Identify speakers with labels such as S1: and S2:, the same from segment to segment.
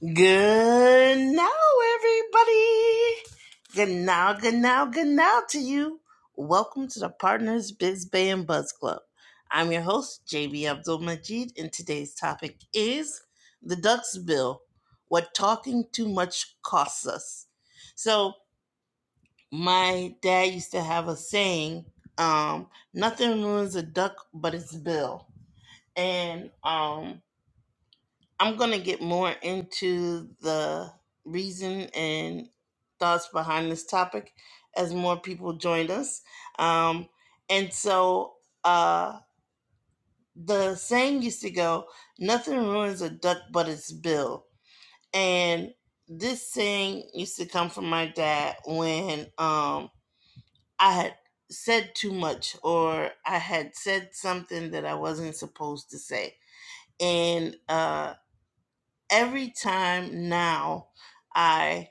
S1: Good now, everybody. Good now, good now, good now to you. Welcome to the Partners Biz Bay and Buzz Club. I'm your host, JB Abdul Majid, and today's topic is the Ducks Bill What Talking Too Much Costs Us. So, my dad used to have a saying um, nothing ruins a duck but its bill. And um, I'm going to get more into the reason and thoughts behind this topic as more people joined us. Um, and so uh, the saying used to go, nothing ruins a duck but its bill. And this saying used to come from my dad when um, I had said too much or I had said something that I wasn't supposed to say. And uh, every time now I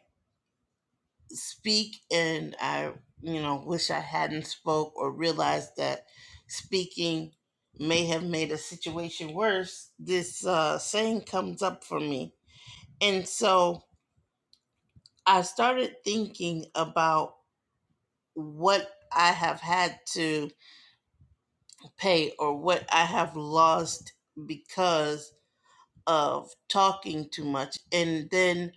S1: speak and I, you know, wish I hadn't spoke or realized that speaking may have made a situation worse, this uh, saying comes up for me. And so I started thinking about what I have had to pay or what I have lost because of talking too much. And then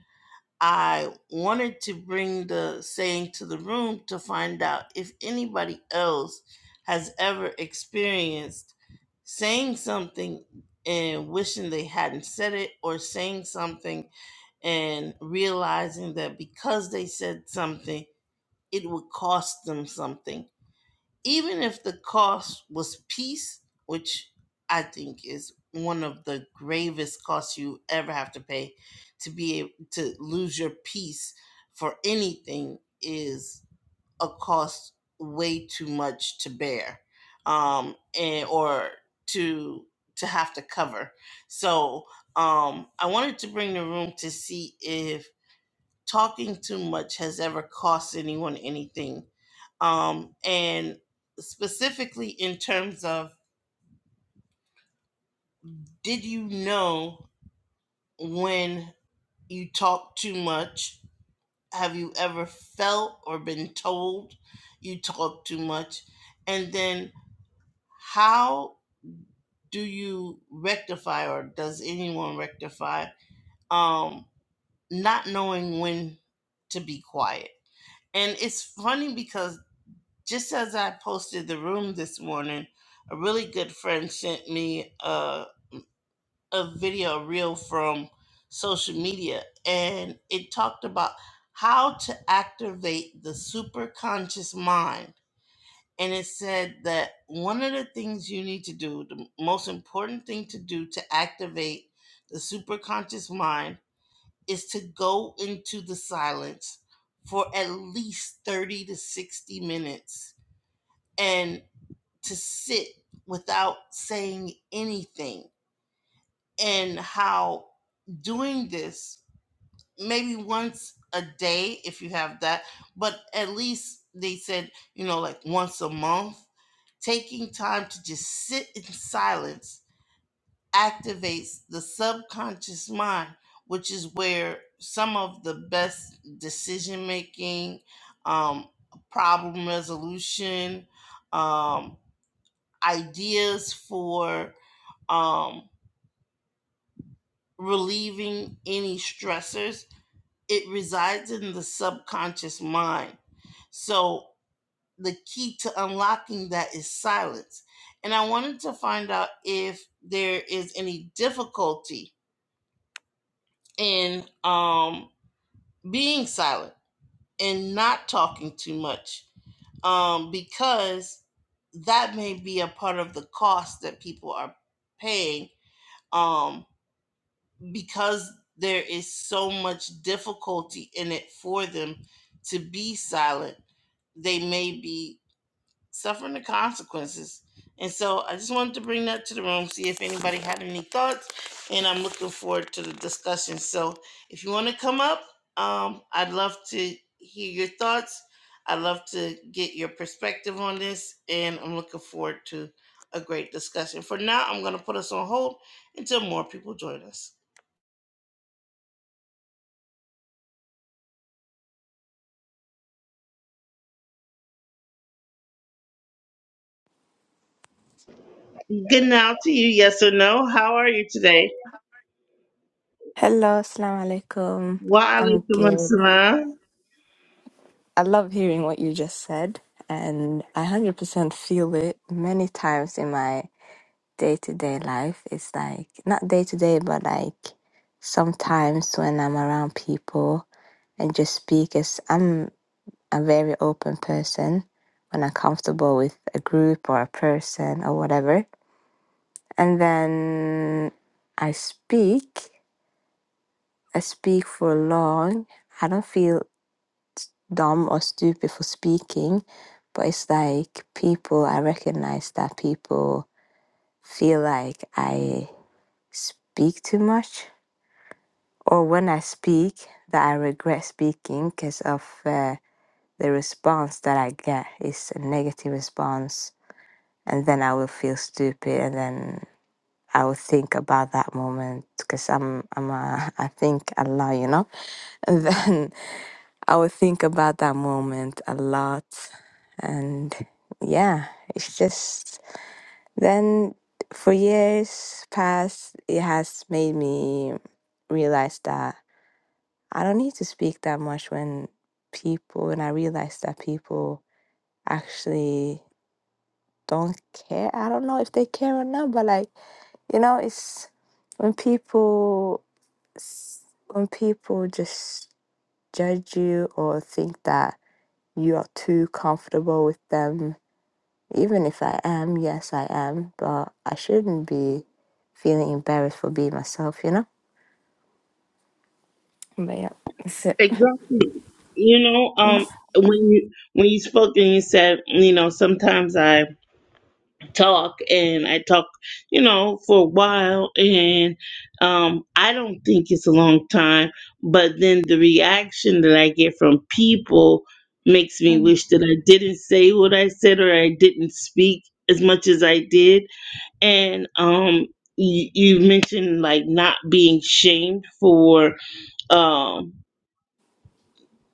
S1: I wanted to bring the saying to the room to find out if anybody else has ever experienced saying something and wishing they hadn't said it, or saying something and realizing that because they said something, it would cost them something even if the cost was peace, which I think is one of the gravest costs you ever have to pay to be able to lose your peace for anything is a cost way too much to bear um and or to to have to cover so um i wanted to bring the room to see if talking too much has ever cost anyone anything. Um, and specifically in terms of, did you know when you talk too much? Have you ever felt or been told you talk too much? And then how do you rectify or does anyone rectify um, not knowing when to be quiet? And it's funny because just as I posted the room this morning, a really good friend sent me a, a video, a reel from social media, and it talked about how to activate the superconscious mind. And it said that one of the things you need to do, the most important thing to do to activate the superconscious mind, is to go into the silence for at least 30 to 60 minutes and to sit without saying anything and how doing this maybe once a day if you have that but at least they said you know like once a month taking time to just sit in silence activates the subconscious mind which is where some of the best decision making um, problem resolution um, ideas for um, relieving any stressors. It resides in the subconscious mind. So the key to unlocking that is silence. And I wanted to find out if there is any difficulty in um, being silent and not talking too much um, because that may be a part of the cost that people are paying. Um, because there is so much difficulty in it for them to be silent, they may be suffering the consequences. And so I just wanted to bring that to the room, see if anybody had any thoughts, and I'm looking forward to the discussion. So if you want to come up, um, I'd love to hear your thoughts. I'd love to get your perspective on this, and I'm looking forward to a great discussion. For now, I'm going to put us on hold until more people join us. Good now to you, yes or no. How are you today?
S2: Hello, Assalamu alaikum.
S1: Wa
S2: I'm
S1: alaikum
S2: good.
S1: assalam.
S2: I love hearing what you just said, and I 100% feel it many times in my day to day life. It's like, not day to day, but like sometimes when I'm around people and just speak, as I'm a very open person when I'm comfortable with a group or a person or whatever. And then I speak, I speak for long. I don't feel dumb or stupid for speaking, but it's like people, I recognize that people feel like I speak too much, or when I speak, that I regret speaking because of uh, the response that I get is a negative response, and then I will feel stupid, and then I will think about that moment because I'm I'm a, I think a lot, you know, and then I would think about that moment a lot. And yeah, it's just then for years past, it has made me realize that I don't need to speak that much when people, and I realize that people actually don't care. I don't know if they care or not, but like, you know, it's when people, s- when people just judge you or think that you are too comfortable with them. Even if I am, yes, I am, but I shouldn't be feeling embarrassed for being myself, you know? But yeah, that's it.
S1: Exactly. You know, um, when you when you spoke and you said, you know, sometimes I talk and I talk, you know, for a while, and um, I don't think it's a long time, but then the reaction that I get from people makes me
S2: Mm,
S1: wish that I didn't say what I said or I didn't speak as much as I did. and um you, you mentioned like not being shamed for um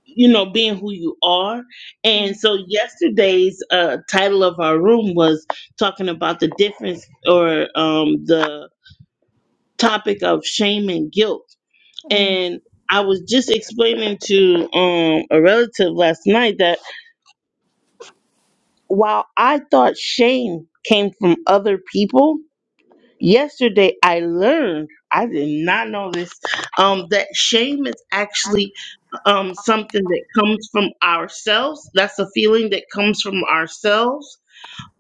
S1: you know being who you are and
S2: mm,
S1: so yesterday's uh title of our room was talking about the difference or um the topic of shame and guilt
S2: mm,
S1: and I was just explaining to um a relative last night that while I thought shame came from other people yesterday I learned I did not know this um that shame is actually um something that comes from ourselves that's a feeling that comes from ourselves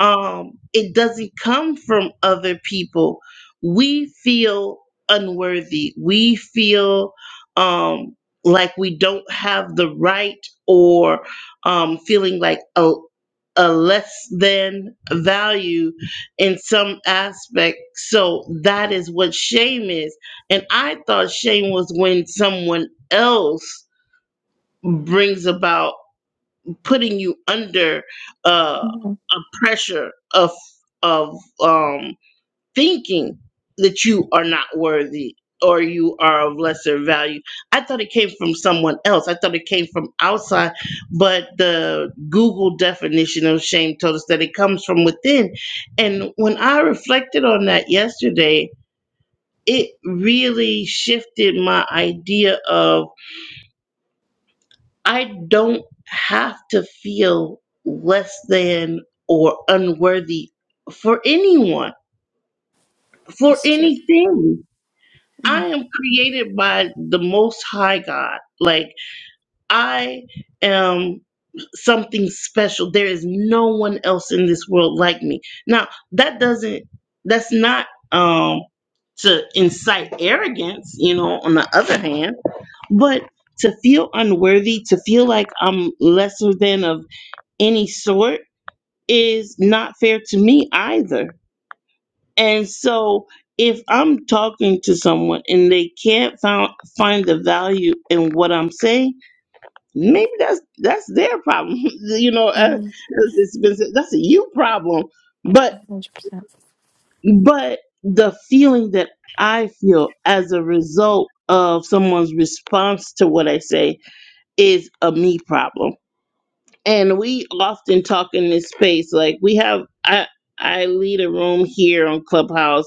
S1: um it doesn't come from other people we feel unworthy we feel um like we don't have the right or um feeling like a a less than value in some aspect. So that is what shame is. And I thought shame was when someone else brings about putting you under uh,
S2: mhm.
S1: a pressure of of um, thinking that you are not worthy or you are of lesser value. I thought it came from someone else. I thought it came from outside, but the Google definition of shame told us that it comes from within. And when I reflected on that yesterday, it really shifted my idea of I don't have to feel less than or unworthy for anyone, for
S2: That's true.
S1: anything. I
S2: Mm,
S1: am created by the Most High God. Like, I am something special. There is no one else in this world like me. Now, that doesn't, that's not um, to incite arrogance, you know, on the other hand, but to feel unworthy, to feel like I'm lesser than of any sort is not fair to me either. And so if I'm talking to someone and they can't found, find the value in what I'm saying, maybe that's that's their problem. you know, uh,
S2: mm,
S1: it's- it's been- that's a you problem. But
S2: 100%.
S1: but the feeling that I feel as a result of someone's response to what I say is a me problem. and we often talk in this space like we have i i lead a room here on clubhouse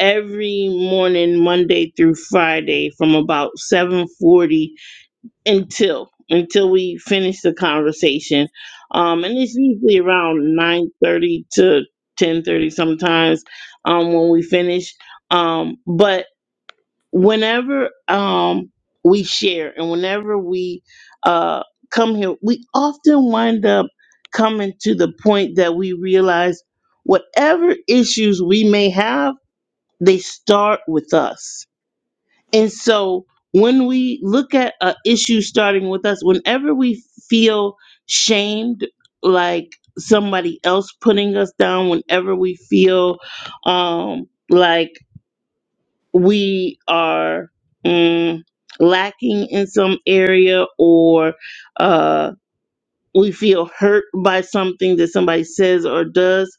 S1: every morning monday through friday from about 7.40 until until we finish the conversation um and it's usually around 9.30 to 10.30 sometimes um when we finish um but whenever um we share and whenever we uh come here we often wind up coming to the point that we realize whatever issues we may have they start with us and so when we look at an issue starting with us whenever we feel shamed like somebody else putting us down whenever we feel um like we are mm, lacking in some area or uh, we feel hurt by something that somebody says or does,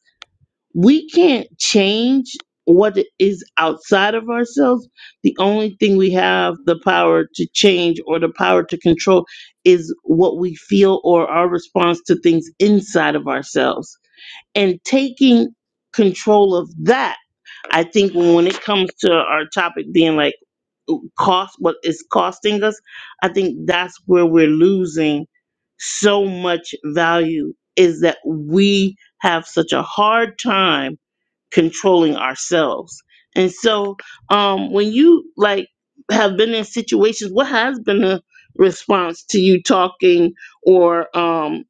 S1: we can't change what is outside of ourselves. The only thing we have the power to change or the power to control is what we feel or our response to things inside of ourselves. And taking control of that, I think when it comes to our topic being like, cost what it's costing us, I think that's where we're losing so much value is that we have such a hard time controlling ourselves. And so um when you like have been in situations what has been the response to you talking or um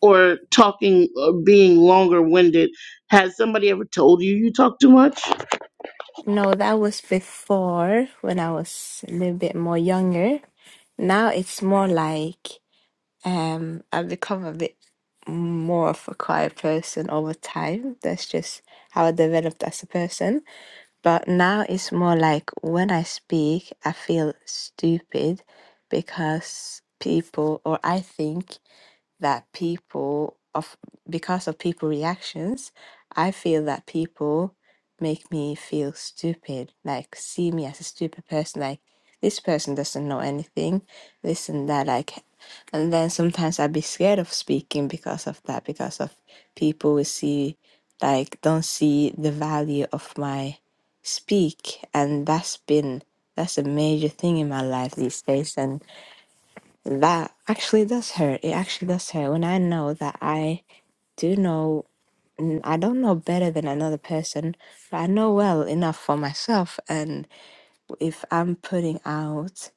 S1: or talking or being longer winded has somebody ever told you you talk too much
S2: No, that was before when I was a little bit more younger. Now it's more like um, I've become a bit more of a quiet person over time. That's just how I developed as a person But now it's more like when I speak, I feel stupid because people, or I think that people of because of people reactions i feel that people make me feel stupid like see me as a stupid person like this person doesn't know anything this and that like and then sometimes i'd be scared of speaking because of that because of people will see like don't see the value of my speak and that's been that's a major thing in my life these days and that actually does hurt. It actually does hurt when I know that I do know, n- I don't know better than another person, but I know well enough for myself. And if I'm putting out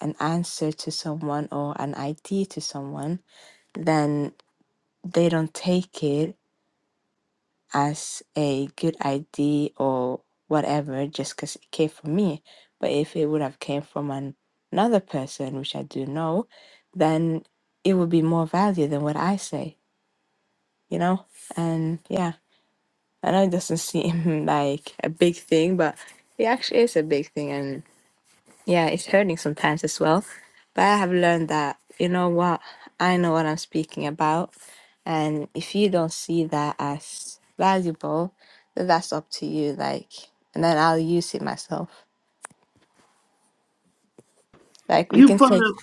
S2: an answer to someone or an idea to someone, then they don't take it. as a good idea or whatever just because it came from me. But if it would have came from an, another person, which I do know, then it would be more value than what I say, you know? And yeah, I know it doesn't seem like a big thing, but it actually is a big thing. and. Yeah, it's hurting sometimes as well. But I have learned that, you know what, I know what I'm speaking about. And if you don't see that as valuable, then that's up to you. Like, and then I'll use it myself. Like, we
S1: You
S2: can
S1: brought
S2: say,
S1: up.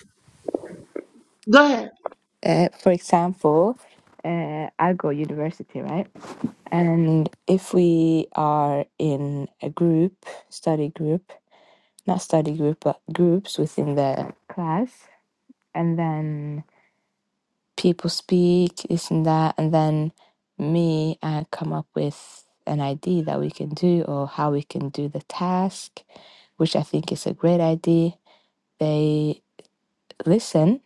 S1: Go ahead.
S2: uh, for example, uh, I go university, right? And if we are in a group, study group, not study group, but groups within the class, and then people speak, this and that, and then me, I come up with an idea that we can do or how we can do the task, which I think is a great idea. They listen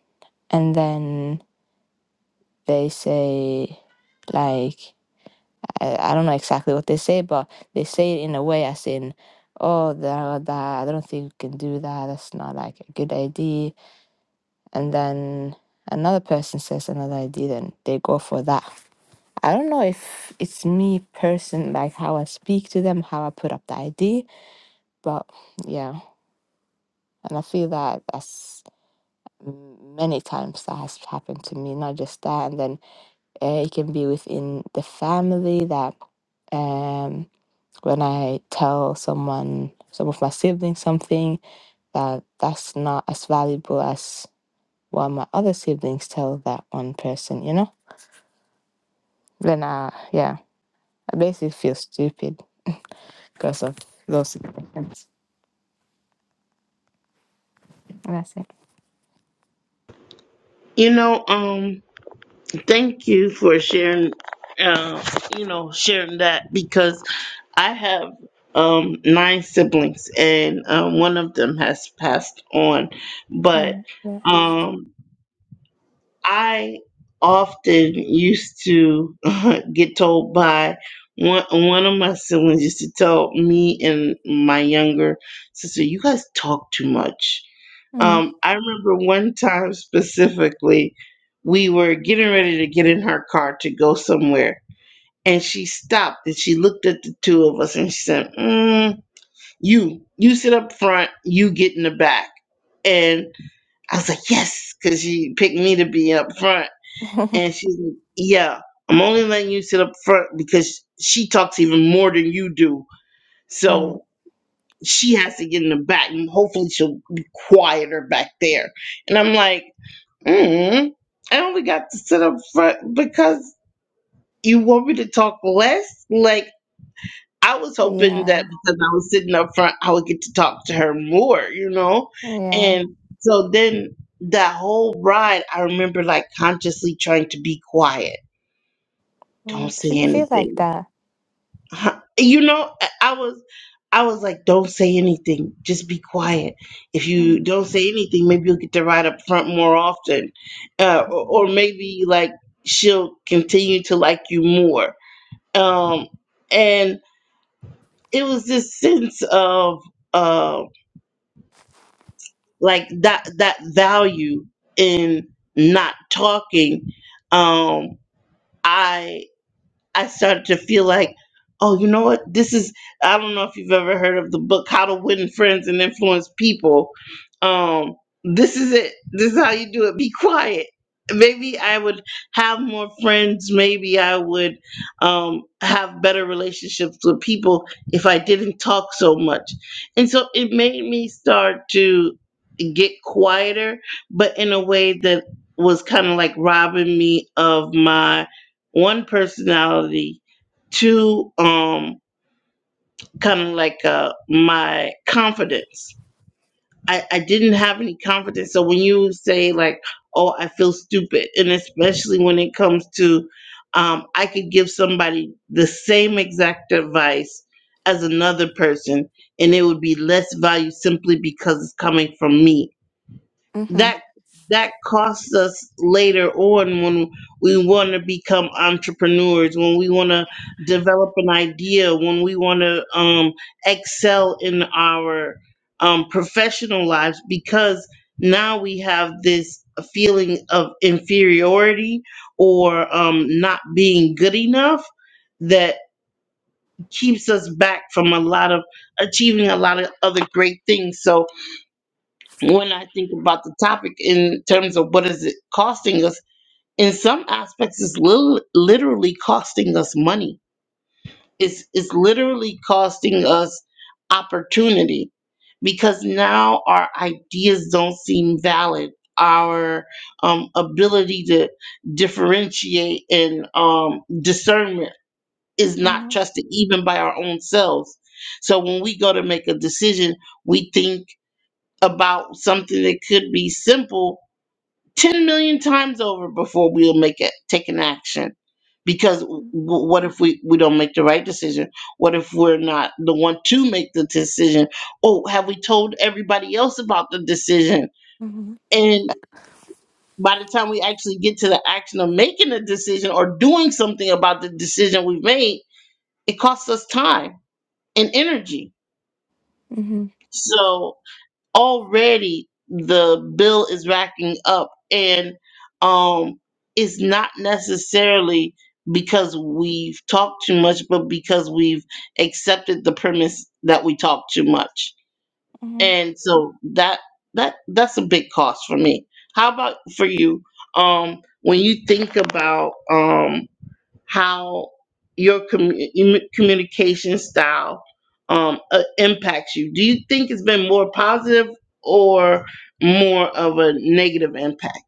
S2: and then they say, like, I, I don't know exactly what they say, but they say it in a way as in, oh, that, that, I don't think we can do that. That's not like a good idea. And then another person says another idea, then they go for that I don't know if it's me person, like how I speak to them, how I put up the idea, but yeah, and I feel that that's m- many times that has happened to me, not just that, and then uh, it can be within the family that um when I tell someone, some of my siblings something that that's not as valuable as what my other siblings tell that one person, you know? Then I, yeah, I basically feel stupid Casa. Those things. That's it.
S1: You know, um, thank you for sharing. Uh, you know, sharing that because I have um nine siblings and um, one of them has passed on, but
S2: Mm, yes.
S1: um, I often used to get told by one one of my siblings used to tell me and my younger sister, "You guys talk too much."
S2: Mm.
S1: Um, I remember one time specifically, we were getting ready to get in her car to go somewhere, and she stopped and she looked at the two of us and she said, mm, "You, you sit up front, you get in the back." And I was like, "Yes," because she picked me to be up front, and she's like, "Yeah, I'm only letting you sit up front because she talks even more than you do,
S2: Mm,
S1: so." She has to get in the back, and hopefully she'll be quieter back there. And I'm like, Mm-hmm. I only got to sit up front because you want me to talk less. Like I was hoping that
S2: yeah.
S1: because I was sitting up front, I would get to talk to her more, you know.
S2: Yeah.
S1: And so then that whole ride, I remember like consciously trying to be quiet. Don't
S2: Mm.
S1: say
S2: Shouldn't feel like
S1: anything.
S2: that.
S1: You know, I I was I was like, don't say anything. Just be quiet. If
S2: Mm.
S1: you don't say anything, maybe you'll get to ride up front more often. Uh,
S2: Mm-hmm.
S1: or, or maybe like she'll continue to like you more. Um, and it was this sense of uh, like that, that value in not talking. Um, I I started to feel like, oh, you know what? This is I don't know if you've ever heard of the book How to Win Friends and Influence People. Um, this is it. This is how you do it. Be quiet. Maybe I would have more friends. Maybe I would um, have better relationships with people if I didn't talk so much. And so it made me start to get quieter, but in a way that was kind of like robbing me of my one personality, two, um, kind of like uh, my confidence. I, I didn't have any confidence. So when you say like, "Oh, I feel stupid," and especially when it comes to, um, I could give somebody the same exact advice as another person, and it would be less value simply because it's coming from me
S2: Mm-hmm.
S1: that that costs us later on when we want to become entrepreneurs when we want to develop an idea when we want to um, excel in our um, professional lives because now we have this feeling of inferiority or um, not being good enough that keeps us back from a lot of achieving a lot of other great things so when I think about the topic in terms of what is it costing us, in some aspects, it's lit- literally costing us money. It's, it's literally costing us opportunity because now our ideas don't seem valid. Our um, ability to differentiate and um, discernment is not trusted even by our own selves. So when we go to make a decision, we think about something that could be simple 10 million times over before we'll make it take an action because w-
S2: Mm-hmm.
S1: w- what if we, we don't make the right decision what if we're not the one to make the decision oh have we told everybody else about the decision and by the time we actually get to the action of making a decision or doing something about the decision we've made it costs us time and energy
S2: Mm-hmm.
S1: so already the bill is racking up and um it's not necessarily because we've talked too much but because we've accepted the premise that we talk too much
S2: hmm
S1: and so that that that's a big cost for me how about for you um when you think about um how your commu- em- communication style um, uh, impacts you. Do you think it's been more positive or more of a negative impact?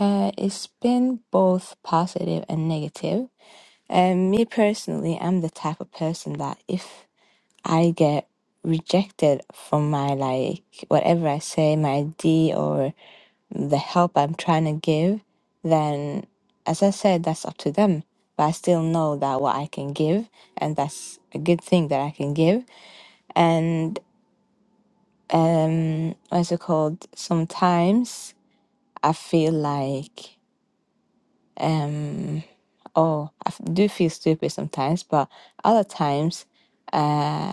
S2: Uh, it's been both positive and negative. And me personally, I'm the type of person that if I get rejected from my like whatever I say, my idea or the help I'm trying to give, then as I said, that's up to them. But I still know that what I can give, and that's a good thing that I can give. And um, what's it called? Sometimes I feel like um, oh, I f- do feel stupid sometimes, but other times uh,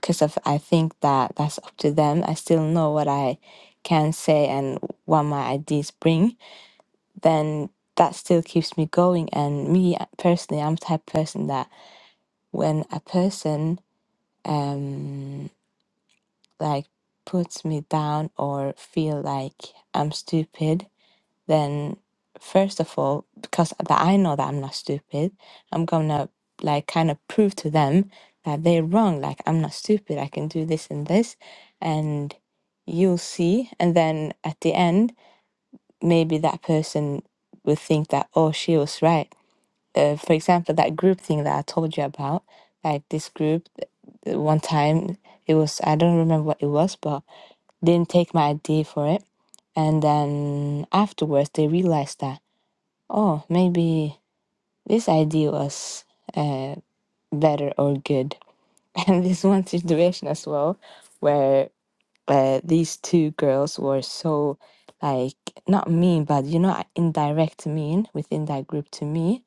S2: because of I think that that's up to them. I still know what I can say and what my ideas bring. Then that still keeps me going. And me uh, personally, I'm the type of person that when a person um like puts me down or feel like I'm stupid, then first of all, because that I know that I'm not stupid, I'm gonna like kind of prove to them that they're wrong. Like I'm not stupid. I can do this and this, and you'll see. And then at the end, maybe that person would think that oh, she was right. Uh, for example, that group thing that I told you about, like this group, uh, one time it was I don't remember what it was, but didn't take my idea for it, and then afterwards they realized that oh, maybe this idea was uh, better or good. And this one situation as well, where uh, these two girls were so, like, not mean, but you know, indirect mean within that group to me.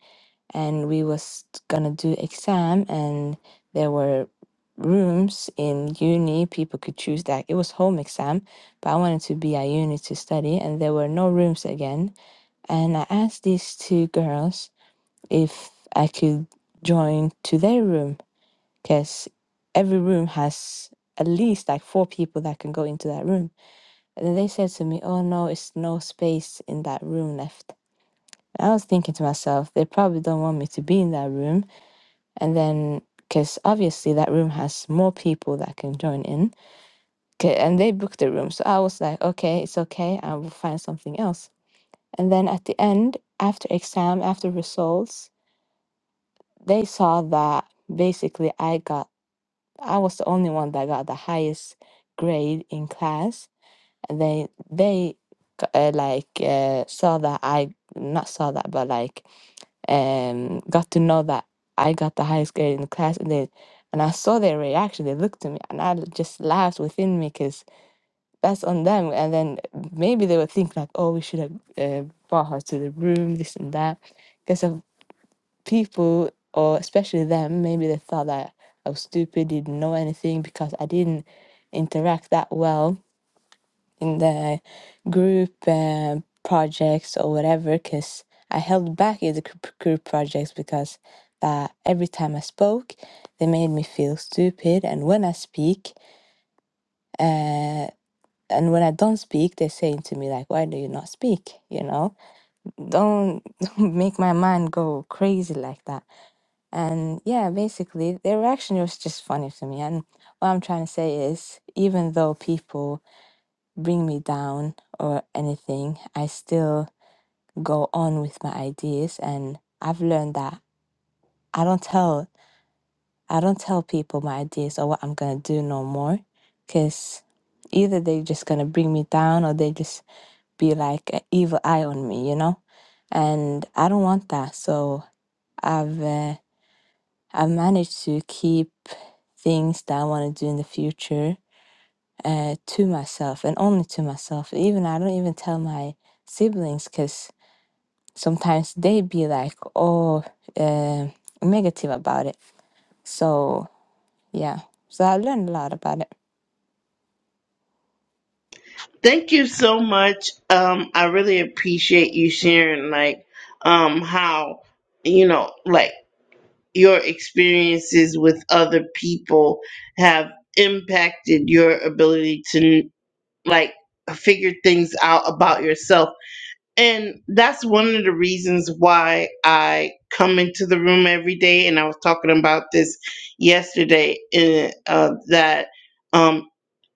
S2: And we was gonna do exam, and there were rooms in uni people could choose that it was home exam but i wanted to be at uni to study and there were no rooms again and i asked these two girls if I could join to their room because every room has at least like four people that can go into that room. And then they said to me, Oh no, it's no space in that room left. And I was thinking to myself, they probably don't want me to be in that room. And then, because obviously that room has more people that can join in. 'Kay, And they booked the room. So I was like, okay, it's okay. I will find something else. And then at the end, after exam, after results, they saw that basically I got I was the only one that got the highest grade in class, and they they g- uh, like uh, saw that I not saw that but like um got to know that I got the highest grade in the class, and they and I saw their reaction. They looked at me, and I just laughed within me because that's on them. And then maybe they would think like, oh, we should have uh, brought her to the room, this and that people, or especially them, maybe they thought that I was stupid, didn't know anything because I didn't interact that well in the group um projects or whatever. Because I held back in the group group projects because that every time I spoke, they made me feel stupid. And when I speak, uh, and when I don't speak, they're saying to me like, "Why do you not speak?" You know, don't, don't make my mind go crazy like that And yeah, basically, their reaction was just funny to me. And what I'm trying to say is, even though people bring me down or anything, I still go on with my ideas. And I've learned that I don't tell I don't tell people my ideas or what I'm gonna do no more, because either they're just gonna bring me down or they just be like an evil eye on me, you know. And I don't want that. So I've uh, I've managed to keep things that I want to do in the future uh, to myself and only to myself. Even I don't even tell my siblings because sometimes they be like, oh, uh, negative about it. So yeah, so I learned a lot about it.
S1: Thank you so much. Um, I really appreciate you sharing, like, um, how you know, like your experiences with other people have impacted your ability to like figure things out about yourself And that's one of the reasons why I come into the room every day. And I was talking about this yesterday in, uh, that um,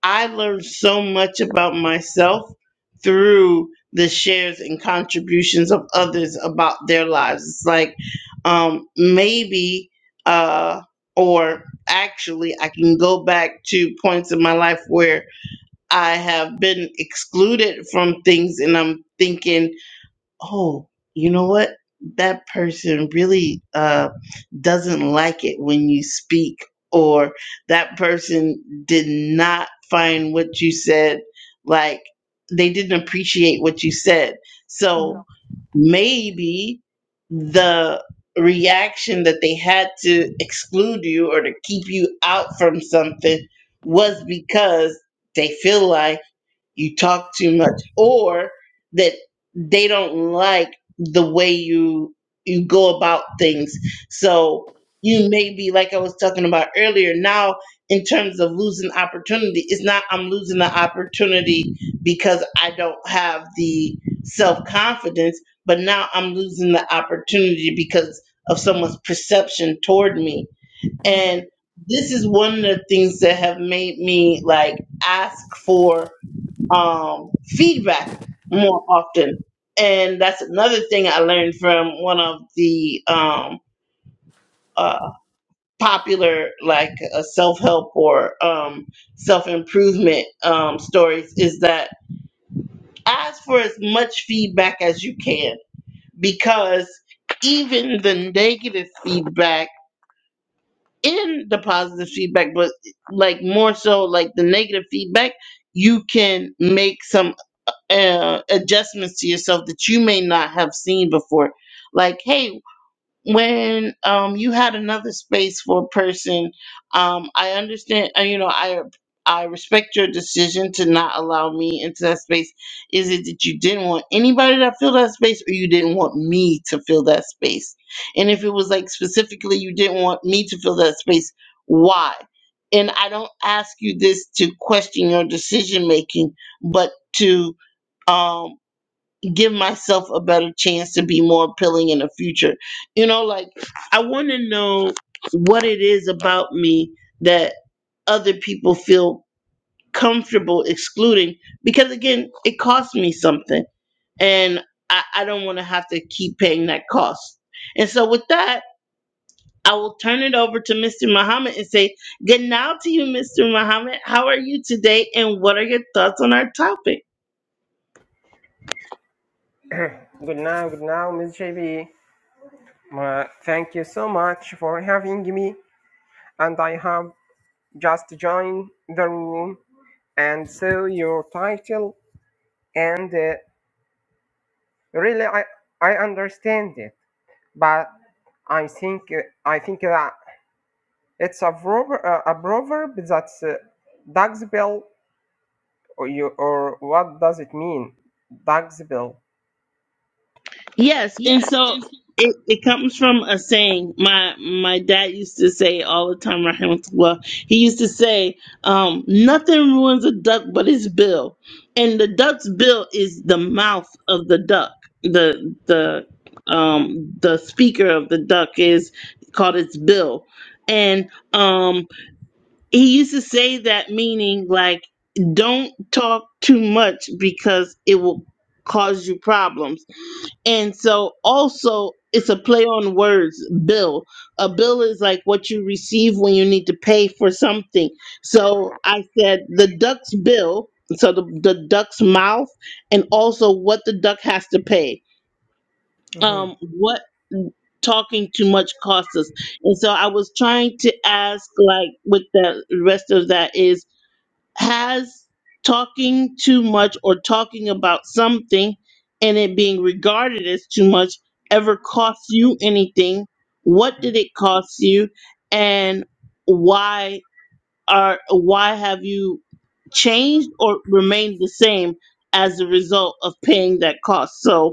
S1: I learned so much about myself through the shares and contributions of others about their lives. It's like um, maybe, uh, or actually, I can go back to points in my life where I have been excluded from things and I'm thinking, oh, you know what? That person really uh, doesn't like it when you speak, or that person did not find what you said, like they didn't appreciate what you said. So maybe the reaction that they had to exclude you or to keep you out from something was because they feel like you talk too much or that they don't like the way you you go about things so you may be like i was talking about earlier now in terms of losing opportunity it's not i'm losing the opportunity because i don't have the self-confidence but now i'm losing the opportunity because of someone's perception toward me
S2: Mhm.
S1: and this is one of the things that have made me like ask for um, feedback more often. And that's another thing I learned from one of the um, uh, popular, like uh, self help or um, self improvement um, stories, is that ask for as much feedback as you can because even the negative feedback in the positive feedback, but like more so like the negative feedback, you can make some. uh, adjustments to yourself that you may not have seen before. Like, hey, when um, you had another space for a person, um, I understand. uh, You know, I I respect your decision to not allow me into that space. Is it that you didn't want anybody to fill that space, or you didn't want me to fill that space? And if it was like specifically you didn't want me to fill that space, why? And I don't ask you this to question your decision making, but to um give myself a better chance to be more appealing in the future you know like i want to know what it is about me that other people feel comfortable excluding because again it costs me something and i, I don't want to have to keep paying that cost and so with that i will turn it over to mr muhammad and say good now to you mr muhammad how are you today and what are your thoughts on our topic
S3: Good now, good now, Miss JB. Ma- Thank you so much for having me. And I have just joined the room and saw your title, and uh, really, I I understand it. But I think uh, I think that it's a proverb, uh, a proverb that's uh, dog's bell, or you, or what does it mean? Dog's bell.
S1: Yes, and
S3: Yes,
S1: so it, it comes from a saying. My my dad used to say all the time, rahimahullah, he used to say, um, nothing ruins a duck but its bill. And the duck's bill is the mouth of the duck. The the um the speaker of the duck is called its bill. And um he used to say that meaning like don't talk too much because it will cause you problems and so also it's a play on words, bill. A bill is like what you receive when you need to pay for something. So I said the duck's bill, so the, the duck's mouth and also what the duck has to pay.
S3: in
S1: Um what talking too much costs us. And so I was trying to ask like with the rest of that is has talking too much or talking about something and it being regarded as too much ever cost you anything? What did it cost you? And why are why have you changed or remained the same as a result of paying that cost? So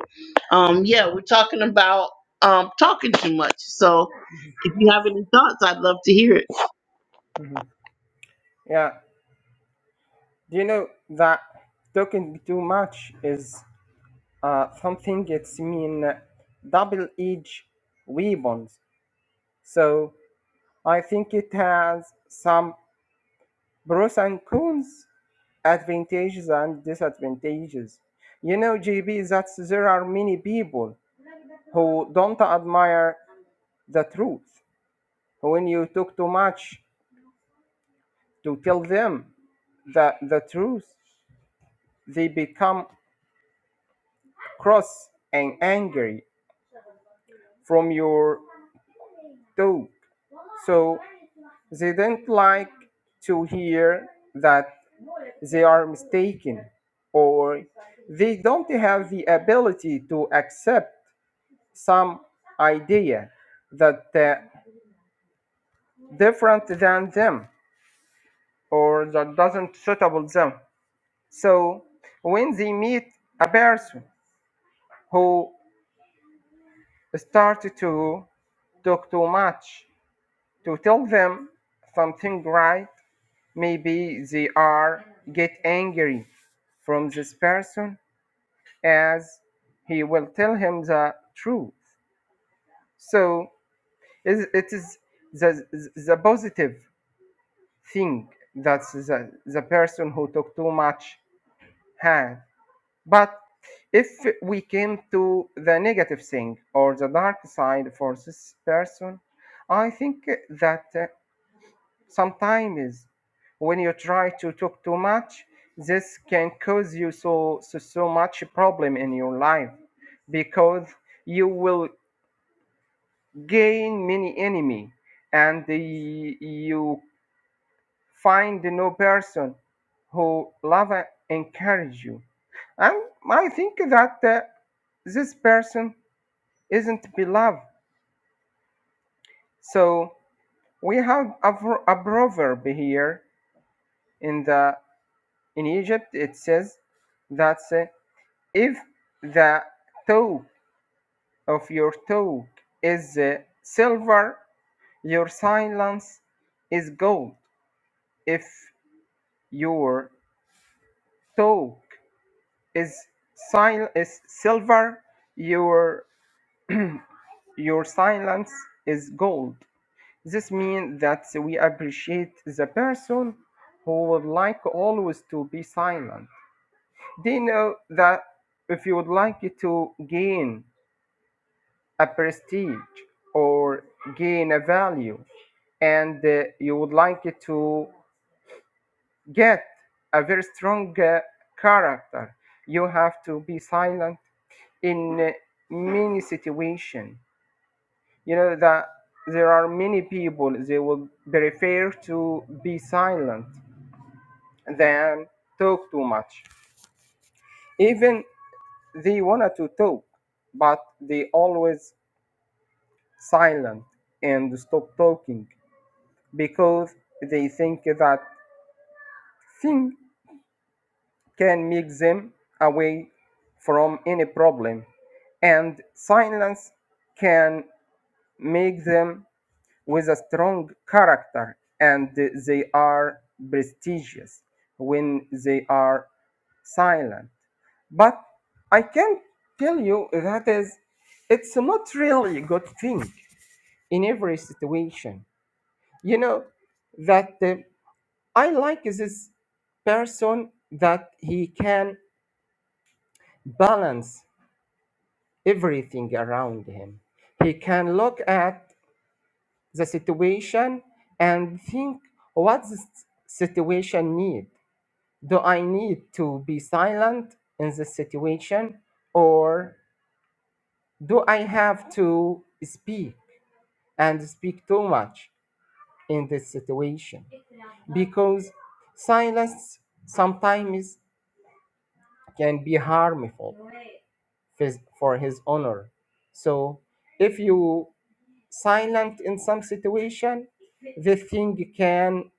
S1: um yeah, we're talking about um talking too much. So if you have any thoughts, I'd love to hear it.
S3: hmm Do you know that talking too much is uh, something it's mean double-edged weapons. So I think it has some pros and cons, advantages and disadvantages. You know, JB, that there are many people who don't admire the truth. When you talk too much to tell them the, the truth, they become cross and angry from your dope. So they don't like to hear that they are mistaken or they don't have the ability to accept some idea that uh, different than them or that doesn't suitable them so when they meet a person who started to talk too much to tell them something right Maybe they are get angry from this person as he will tell him the truth. So it is the, the positive thing that the, the person who talk too much had. But if we came to the negative thing or the dark side for this person, I think that sometimes when you try to talk too much this can cause you so so, so much problem in your life because you will gain many enemy and y- you find no person who love and encourage you and i think that uh, this person isn't beloved so we have a, pro- a proverb here in the In Egypt, it says that uh, if the toe of your toe is uh, silver, your silence is gold. If your toe is, sil- is silver, your your silence is gold. This means that we appreciate the person who would like always to be silent. They know that if you would like to gain a prestige or gain a value and uh, you would like to get a very strong uh, character you have to be silent in uh, many situations you know that there are many people they would prefer to be silent than talk too much even they wanted to talk but they always silent and stop talking because they think that thing can make them away from any problem and silence can make them with a strong character and they are prestigious when they are silent but i can tell you that is it's not really a good thing in every situation you know that uh, I like this person that he can balance everything around him. He can look at the situation and think what this situation need. Do I need to be silent in this situation or do I have to speak and speak too much in this situation? Because silence sometimes can be harmful phys- for his honor. So if you silent in some situation, this thing can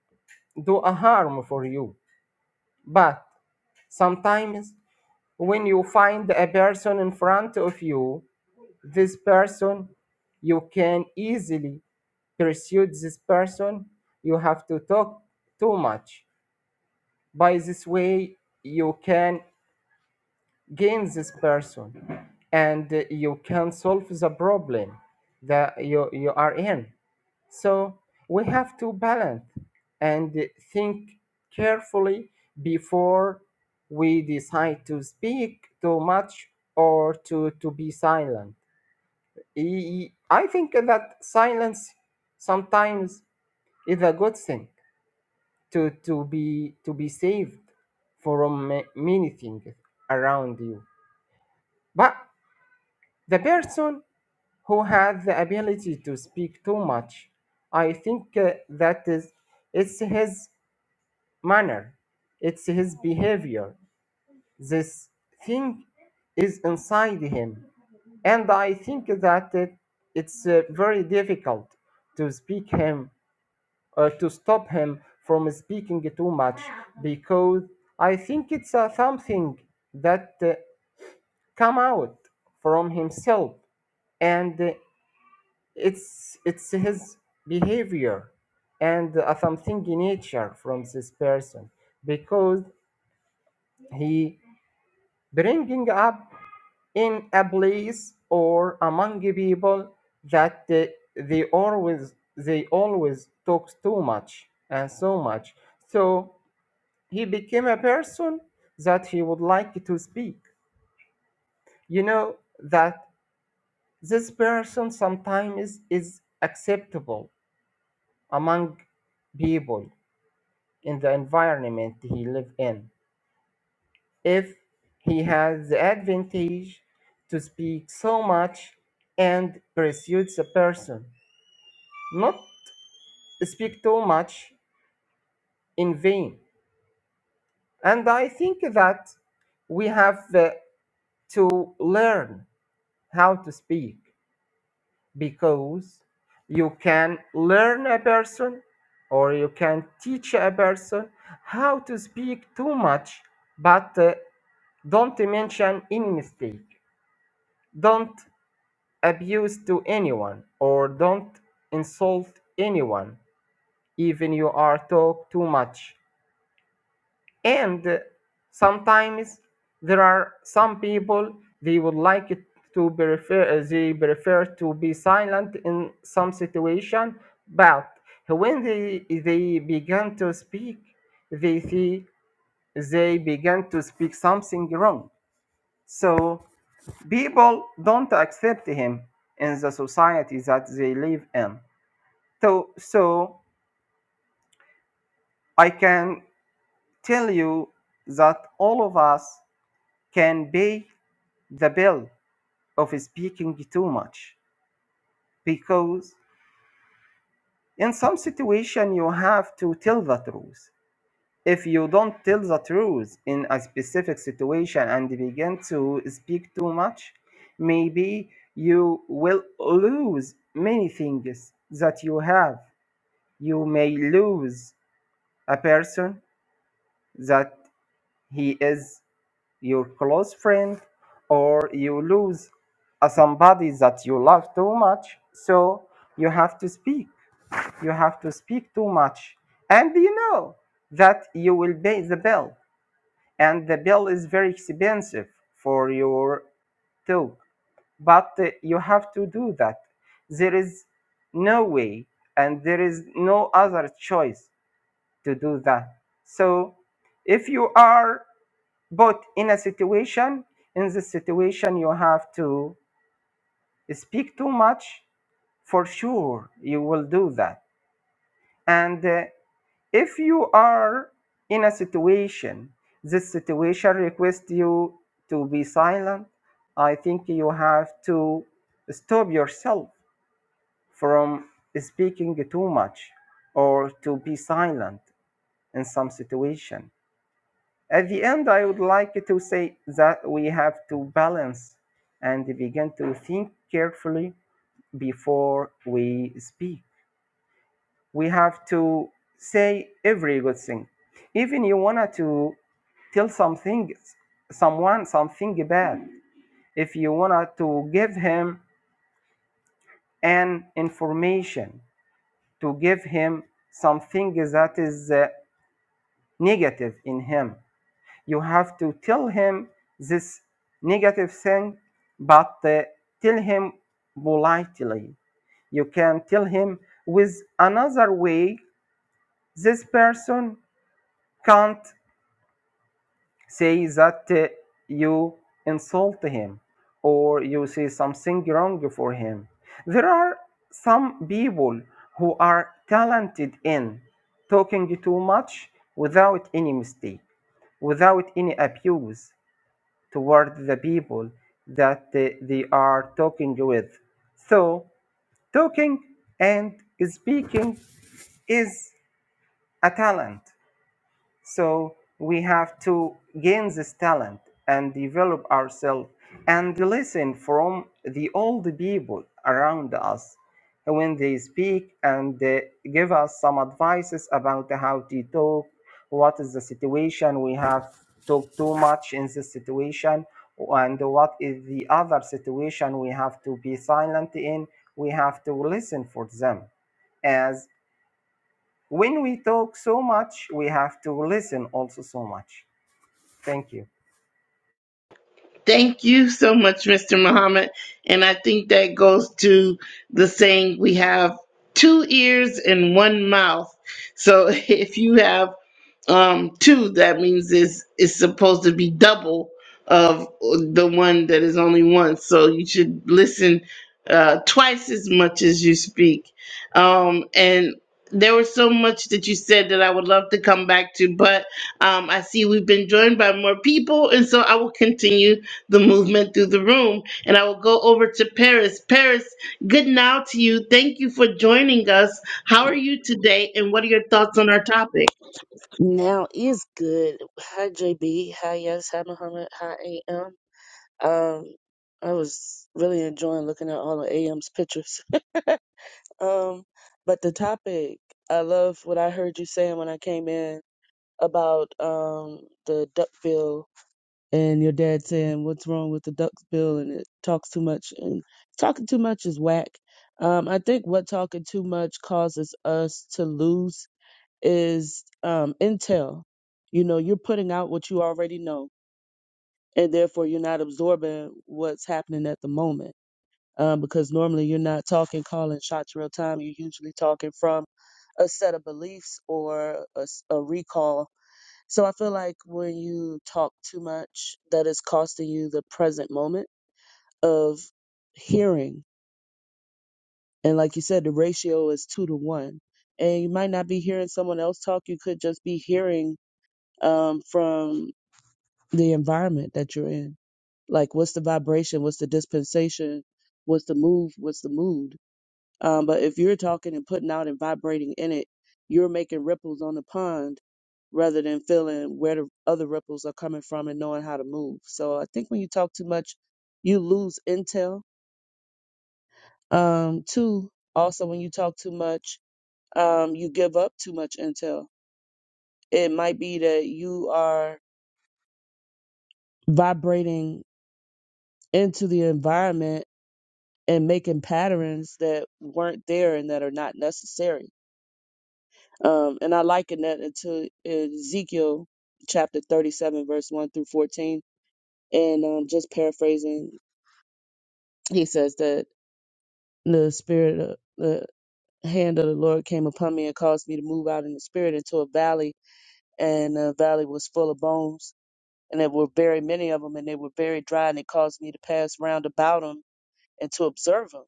S3: do a harm for you. But sometimes when you find a person in front of you, this person, you can easily pursue this person. You have to talk too much. By this way, you can gain this person and uh, you can solve the problem that you, you are in so we have to balance and think carefully before we decide to speak too much or to, to be silent E- i think that silence sometimes is a good thing to, to be to be saved from ma- many things around you but the person who has the ability to speak too much. I think uh, that is it's his manner, it's his behavior. This thing is inside him, and I think that it, it's uh, very difficult to speak him or to stop him from speaking too much because I think it's uh, something that uh, come out from himself and uh, it's it's his behavior and uh, something in nature from this person because he bringing up in a place or among people that uh, they always they always talk too much and so much so he became a person that he would like to speak you know that this person sometimes is acceptable among people in the environment he live in. If he has the advantage to speak so much and pursues the person, not speak too much in vain. And I think that we have uh, to learn how to speak because you can learn a person or you can teach a person how to speak too much but uh, Don't mention any mistake. Don't abuse to anyone or don't insult anyone, even you are talk too much. And uh, sometimes there are some people they would like it to be refer- uh, they prefer to be silent in some situation, but when they they begin to speak, they see they begin to speak something wrong. So People don't accept him in the society that they live in. So, so I can tell you that all of us can pay the bill of speaking too much because in some situation you have to tell the truth. If you don't tell the truth in a specific situation and begin to speak too much, maybe you will lose many things that you have You may lose a person that he is your close friend, or you lose a somebody that you love too much. So you have to speak. You have to speak too much. And you know that you will pay the bill. And the bill is very expensive for your talk. But uh, you have to do that. There is no way and there is no other choice to do that. So if you are both in a situation, in this situation, you have to speak too much, for sure you will do that. And uh, if you are in a situation, this situation requests you to be silent, I think you have to stop yourself from speaking too much or to be silent in some situation At the end, I would like to say that we have to balance and begin to think carefully before we speak. We have to say every good thing. Even you wanna to tell something, someone something bad. If you wanna to give him an information, to give him something that is uh, negative in him, You have to tell him this negative thing, but uh, tell him politely. You can tell him with another way. This person can't say that uh, you insult him or you say something wrong for him. There are some people who are talented in talking too much without any mistake, without any abuse. toward the people that they they are talking with. So, talking and speaking is a talent. So we have to gain this talent and develop ourselves and listen from the old people around us when they speak and uh, give us some advices about how to talk, what is the situation we have talked too much in this situation, and what is the other situation we have to be silent in. We have to listen for them as. When we talk so much, we have to listen also so much. Thank you.
S1: Thank you so much, Mr. Muhammad. And I think that goes to the saying we have two ears and one mouth. So if you have um two that means it's it's supposed to be double of the one that is only one so you should listen uh twice as much as you speak um and there was so much that you said that I would love to come back to, but um, I see we've been joined by more people, and so I will continue the movement through the room. And I will go over to Paris. Paris, good now to you. Thank you for joining us. How are you today, and what are your thoughts on our topic?
S4: Now is good. Hi JB. Hi Yes. Hi Muhammad. Hi AM. Um, I was really enjoying looking at all of AM's pictures. um, but the topic, I love what I heard you saying when I came in about um the duck bill and your dad saying what's wrong with the duck bill and it talks too much and talking too much is whack. Um, I think what talking too much causes us to lose is um, intel. You know, you're putting out what you already know, and therefore you're not absorbing what's happening at the moment. Um, because normally you're not talking, calling shots real time. You're usually talking from a set of beliefs or a, s- a recall. So I feel like when you talk too much, that is costing you the present moment of hearing. And like you said, the ratio is two to one. And you might not be hearing someone else talk. You could just be hearing um, from the environment that you're in. Like, what's the vibration? What's the dispensation? What's the move? What's the mood? Um, but if you're talking and putting out and vibrating in it, you're making ripples on the pond rather than feeling where the other ripples are coming from and knowing how to move. So I think when you talk too much, you lose intel. Um, two, also when you talk too much, um, you give up too much intel. It might be that you are vibrating into the environment and making patterns that weren't there and that are not necessary. Um, and I liken that into Ezekiel chapter 37, verse 1 through 14. And um, just paraphrasing, he says that the spirit, of, the hand of the Lord came upon me and caused me to move out in the spirit into a valley, and the valley was full of bones. And there were very many of them, and they were very dry, and it caused me to pass round about them and to observe them.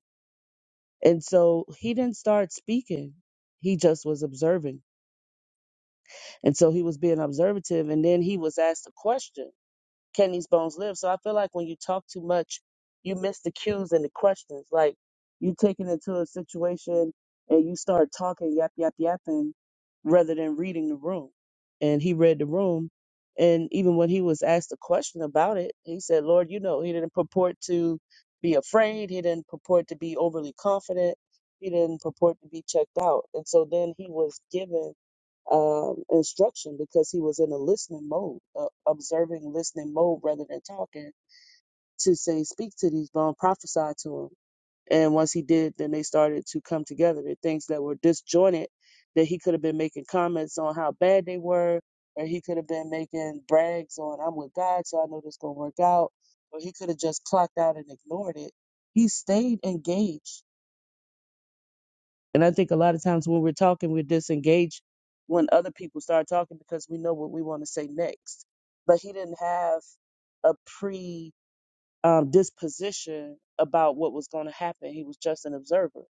S4: And so he didn't start speaking. He just was observing. And so he was being observative. And then he was asked a question can these bones live? So I feel like when you talk too much, you miss the cues and the questions. Like you taking into a situation and you start talking yap yap yapping rather than reading the room. And he read the room, and even when he was asked a question about it, he said, "Lord, you know, he didn't purport to be afraid. He didn't purport to be overly confident. He didn't purport to be checked out." And so then he was given um, instruction because he was in a listening mode, uh, observing, listening mode rather than talking to say, speak to these bones, prophesy to him. And once he did, then they started to come together. The things that were disjointed that he could have been making comments on how bad they were, or he could have been making brags on, I'm with God, so I know this going to work out, or he could have just clocked out and ignored it. He stayed engaged and I think a lot of times when we're talking, we're disengaged when other people start talking because we know what we want to say next. But he didn't have a pre um, disposition about what was going to happen. He was just an observer.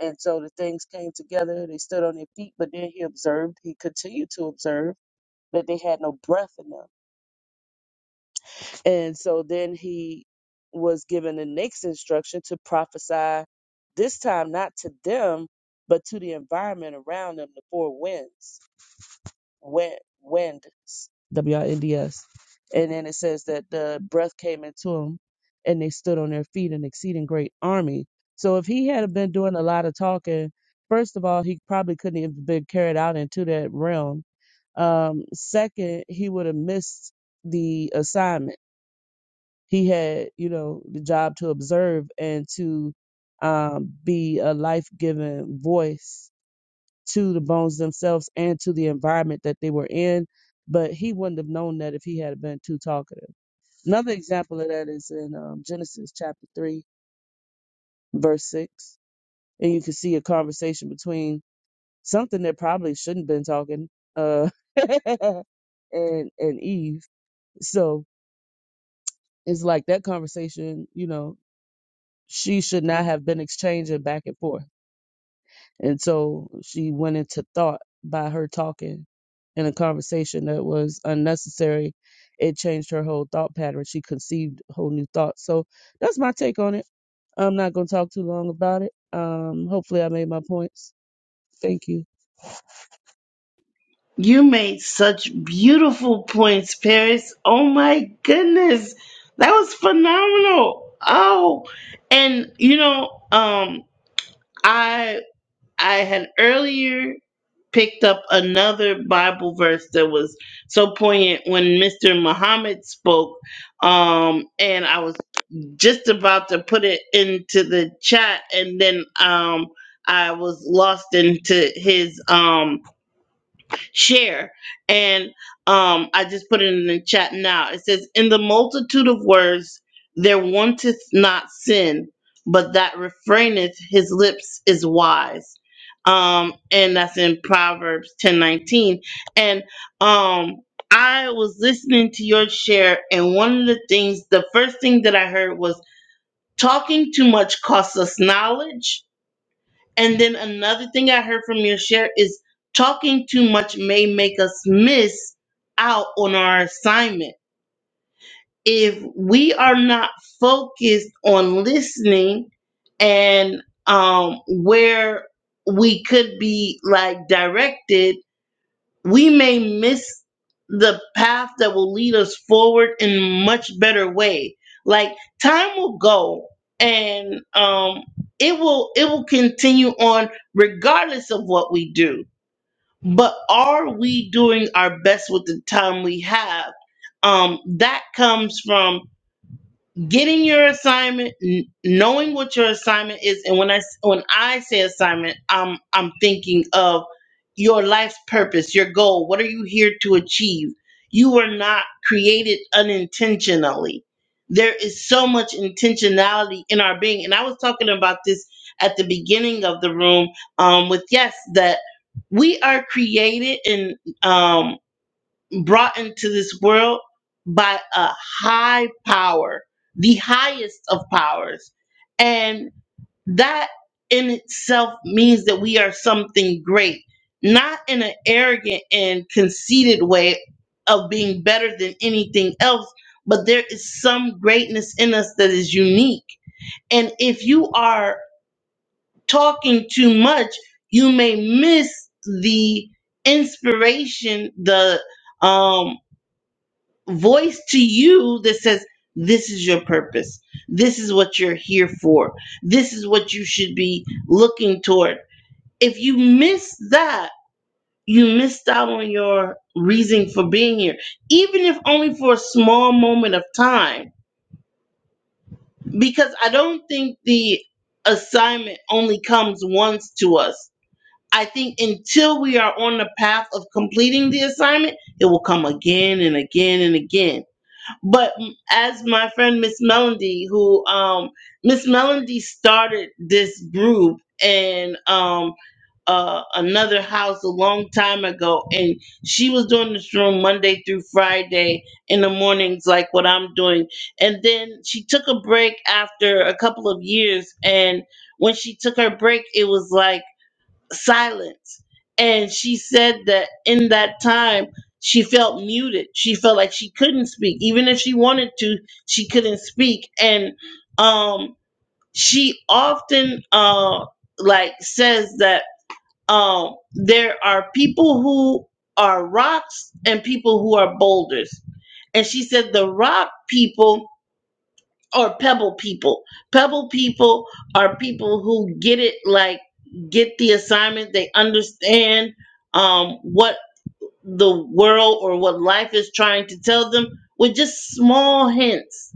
S4: And so the things came together, they stood on their feet, but then he observed, he continued to observe that they had no breath in them. And so then he was given the next instruction to prophesy, this time not to them, but to the environment around them, the four winds, wind, winds, W I N D S. And then it says that the breath came into them and they stood on their feet, an exceeding great army. So if he had been doing a lot of talking, first of all, he probably couldn't even been carried out into that realm. Um, second, he would have missed the assignment he had, you know, the job to observe and to um, be a life giving voice to the bones themselves and to the environment that they were in. But he wouldn't have known that if he had been too talkative. Another example of that is in um, Genesis chapter 3, verse 6. And you can see a conversation between something that probably shouldn't have been talking uh, and, and Eve. So it's like that conversation, you know, she should not have been exchanging back and forth. And so she went into thought by her talking in a conversation that was unnecessary. It changed her whole thought pattern. She conceived whole new thoughts. So that's my take on it. I'm not going to talk too long about it. Um, hopefully, I made my points. Thank you.
S1: You made such beautiful points, Paris. Oh my goodness. That was phenomenal. Oh, and you know, um I I had earlier picked up another Bible verse that was so poignant when Mr. Muhammad spoke um and I was just about to put it into the chat and then um I was lost into his um share. And um, I just put it in the chat now. It says, In the multitude of words, there wanteth not sin, but that refraineth his lips is wise. Um, and that's in Proverbs ten nineteen. And um, I was listening to your share, and one of the things, the first thing that I heard was, Talking too much costs us knowledge and then another thing I heard from your share is talking too much may make us miss out on our assignment. If we are not focused on listening and um, where we could be like directed, we may miss the path that will lead us forward in a much better way like time will go and um it will it will continue on regardless of what we do but are we doing our best with the time we have um that comes from getting your assignment, n- knowing what your assignment is, and when I s- when I say assignment, I'm I'm thinking of your life's purpose, your goal. What are you here to achieve? You were not created unintentionally. There is so much intentionality in our being, and I was talking about this at the beginning of the room um, with yes that we are created and um, brought into this world by a high power, the highest of powers. And that in itself means that we are something great, not in an arrogant and conceited way of being better than anything else, but there is some greatness in us that is unique. And if you are talking too much, you may miss the inspiration, the um voice to you that says, This is your purpose. This is what you're here for. This is what you should be looking toward. If you miss that, you missed out on your reason for being here, even if only for a small moment of time. Because I don't think the assignment only comes once to us. I think until we are on the path of completing the assignment, it will come again and again and again but m- as my friend Miss Melody, who um Miss Melody started this group in um uh, another house a long time ago, and she was doing this room Monday through Friday in the mornings, like what I'm doing. And then she took a break after a couple of years, and when she took her break, it was like silence. And she said that in that time, she felt muted. She felt like she couldn't speak. Even if she wanted to, she couldn't speak. And um, she often uh, like says that um, there are people who are rocks and people who are boulders. And she said the rock people or pebble people. Pebble people are people who get it like get the assignment, they understand um what the world or what life is trying to tell them with just small hints.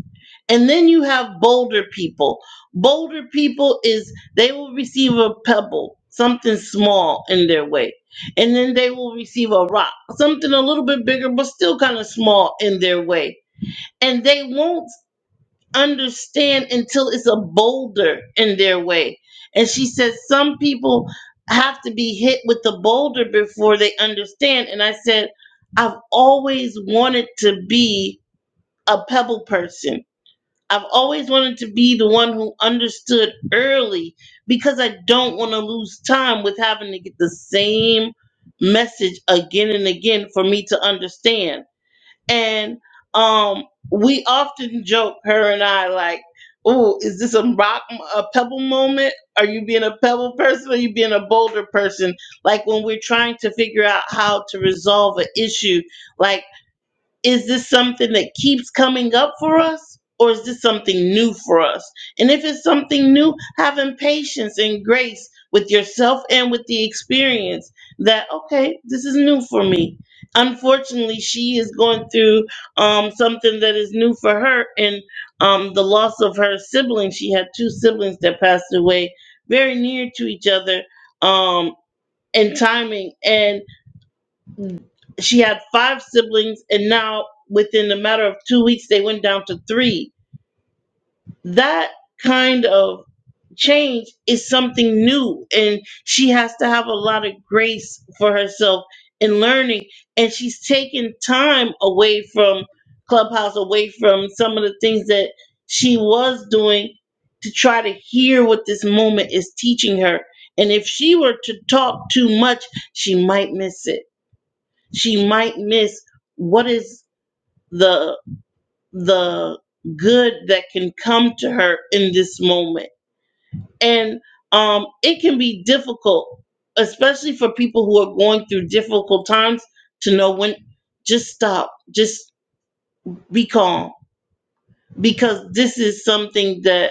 S1: And then you have bolder people. Bolder people is they will receive a pebble, something small in their way. And then they will receive a rock, something a little bit bigger but still kind of small in their way and they won't understand until it's a boulder in their way. And she said, Some people have to be hit with the boulder before they understand. And I said, I've always wanted to be a pebble person. I've always wanted to be the one who understood early because I don't want to lose time with having to get the same message again and again for me to understand and um, we often joke, her and I, like, "Oh, is this a rock, a pebble moment? Are you being a pebble person? Or are you being a boulder person?" Like when we're trying to figure out how to resolve an issue, like is this something that keeps coming up for us or is this something new for us and if it's something new having patience and grace with yourself and with the experience that okay this is new for me unfortunately she is going through um, something that is new for her and um, the loss of her siblings. she had two siblings that passed away very near to each other um, in timing And she had five siblings and now within a matter of two weeks they went down to three that kind of change is something new and she has to have a lot of grace for herself in learning and she's taken time away from clubhouse away from some of the things that she was doing to try to hear what this moment is teaching her and if she were to talk too much she might miss it she might miss what is the the good that can come to her in this moment and um it can be difficult especially for people who are going through difficult times to know when just stop just be calm because this is something that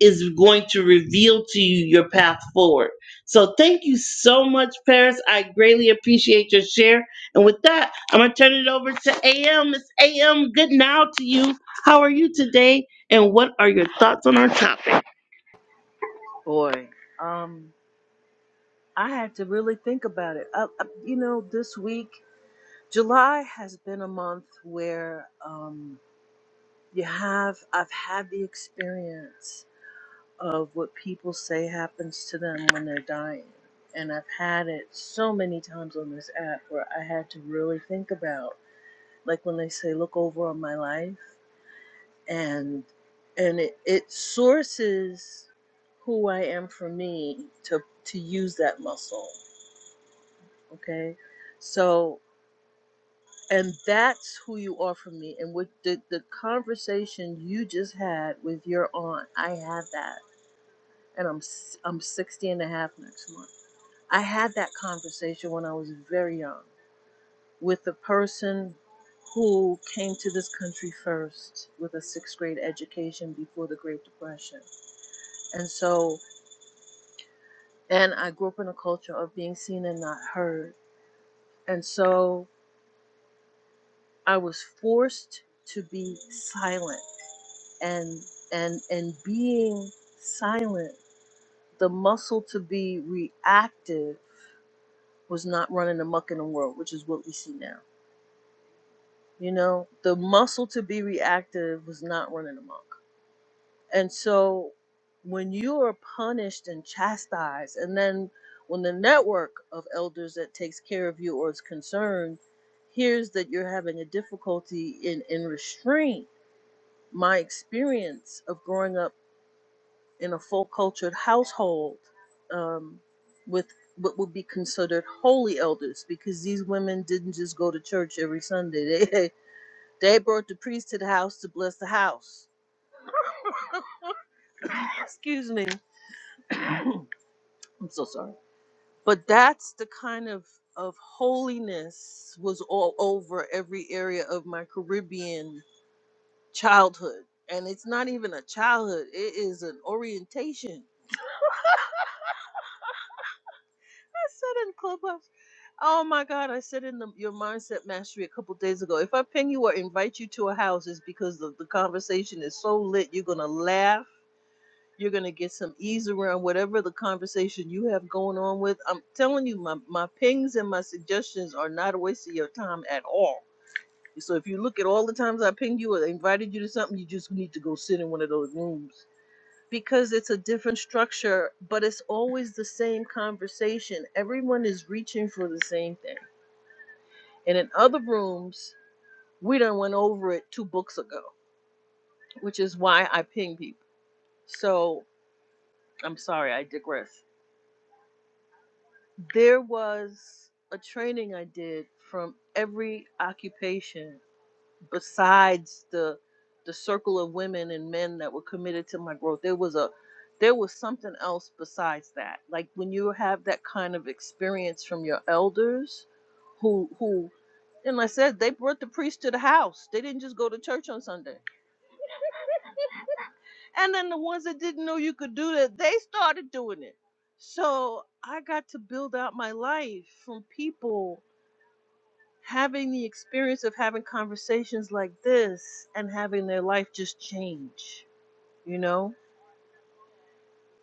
S1: is going to reveal to you your path forward. So thank you so much, Paris. I greatly appreciate your share. And with that, I'm gonna turn it over to AM. It's AM. Good now to you. How are you today? And what are your thoughts on our topic?
S5: Boy, um, I had to really think about it. I, I, you know, this week, July has been a month where um, you have, I've had the experience of what people say happens to them when they're dying. And I've had it so many times on this app where I had to really think about, like when they say, look over on my life and, and it, it sources who I am for me to, to use that muscle okay so and that's who you are for me and with the, the conversation you just had with your aunt i had that and i'm s- i'm sixty and a half next month i had that conversation when i was very young with the person who came to this country first with a sixth grade education before the great depression and so and i grew up in a culture of being seen and not heard and so i was forced to be silent and and and being silent the muscle to be reactive was not running amok in the world which is what we see now you know the muscle to be reactive was not running amok and so when you are punished and chastised and then when the network of elders that takes care of you or is concerned hears that you're having a difficulty in in restraint my experience of growing up in a full cultured household um, with what would be considered holy elders because these women didn't just go to church every Sunday. They they brought the priest to the house to bless the house. Excuse me. I'm so sorry. But that's the kind of of holiness was all over every area of my Caribbean childhood. And it's not even a childhood, it is an orientation. I said in Clubhouse. Oh my God, I said in the, your mindset mastery a couple days ago. If I ping you or invite you to a house, it's because the, the conversation is so lit. You're going to laugh. You're going to get some ease around whatever the conversation you have going on with. I'm telling you, my, my pings and my suggestions are not a waste of your time at all. So if you look at all the times I pinged you or invited you to something, you just need to go sit in one of those rooms because it's a different structure, but it's always the same conversation. Everyone is reaching for the same thing and in other rooms, we done went over it two books ago, which is why I ping people. So I'm sorry, I digress. There was a training I did from every occupation besides the the circle of women and men that were committed to my growth. There was a there was something else besides that. Like when you have that kind of experience from your elders who who and like I said they brought the priest to the house. They didn't just go to church on Sunday And then the ones that didn't know you could do that, they started doing it. So I got to build out my life from people having the experience of having conversations like this and having their life just change, you know?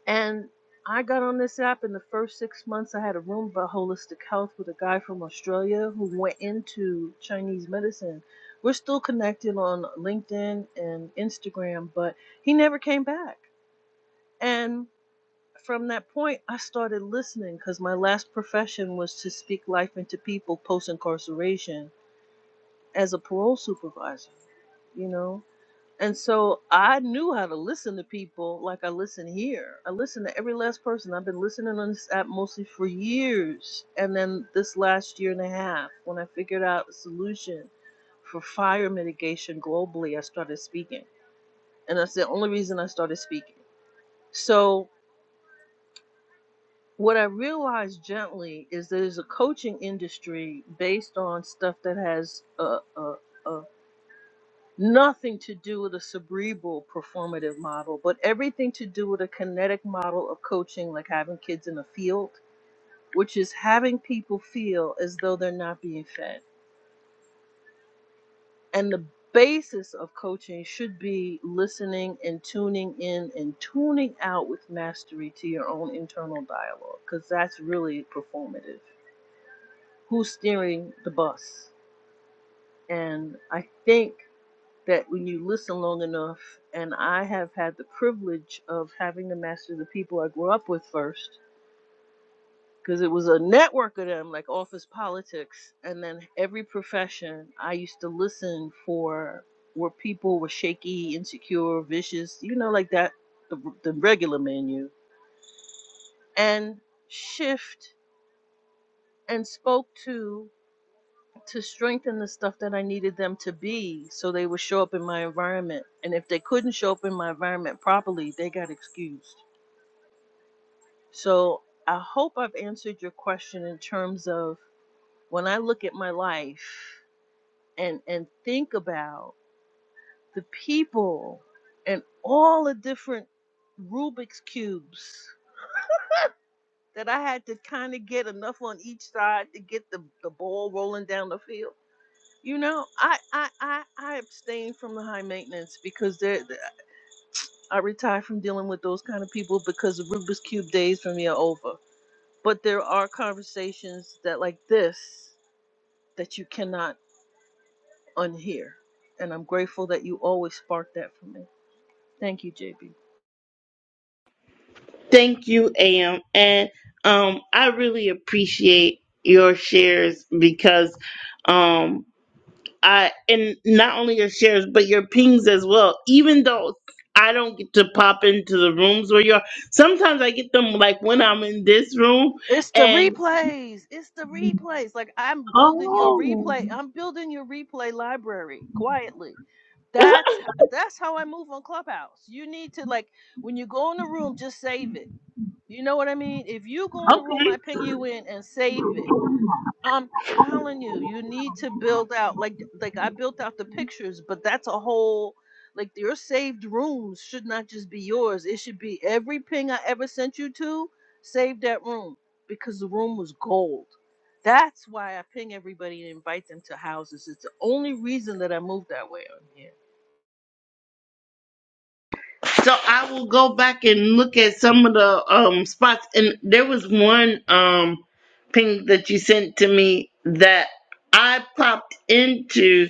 S5: And I got on this app in the first six months. I had a room about holistic health with a guy from Australia who went into Chinese medicine. We're still connected on LinkedIn and Instagram, but he never came back. And From that point, I started listening because my last profession was to speak life into people post incarceration as a parole supervisor, you know? And so I knew how to listen to people like I listen here. I listen to every last person. I've been listening on this app mostly for years. And then this last year and a half, when I figured out a solution for fire mitigation globally, I started speaking. And that's the only reason I started speaking. So what I realized gently is there's a coaching industry based on stuff that has uh, uh, uh, nothing to do with a cerebral performative model, but everything to do with a kinetic model of coaching, like having kids in a field, which is having people feel as though they're not being fed. And the basis of coaching should be listening and tuning in and tuning out with mastery to your own internal dialogue, because that's really performative who's steering the bus. And I think that when you listen long enough, and I have had the privilege of having to master the people I grew up with first, because it was a network of them, like office politics, and then every profession I used to listen for where people were shaky, insecure, vicious, you know, like that, the, the regular menu, and shift and spoke to to strengthen the stuff that I needed them to be so they would show up in my environment. And if they couldn't show up in my environment properly, they got excused. So I hope I've answered your question in terms of when I look at my life and and think about the people and all the different Rubik's cubes that I had to kind of get enough on each side to get the, the ball rolling down the field You know, I I I, I abstain from the high maintenance because they're, they I retire from dealing with those kind of people because the Rubik's cube days for me are over. But there are conversations that like this that you cannot unhear, and I'm grateful that you always spark that for me. Thank you, JB.
S1: Thank you, AM. And um, I really appreciate your shares because um I and not only your shares but your pings as well. Even though I don't get to pop into the rooms where you are, sometimes I get them like when I'm in this room
S5: It's the
S1: and
S5: replays. It's the replays. Like I'm building your
S1: oh
S5: replay. I'm building your replay library quietly.
S1: okay.
S5: That's h- that's how I move on Clubhouse. You need to like when you go in the room, just save it. You know what I mean? If you go in the room, I ping you in and save it. I'm telling you, you need to build out like like I built out the pictures, but that's a whole like your saved rooms should not just be yours. It should be every ping I ever sent you to, save that room because the room was gold. That's why I ping everybody and invite them to houses. It's the only reason that I moved that way on here.
S1: So I will go back and look at some of the um spots and there was one um ping that you sent to me that I popped into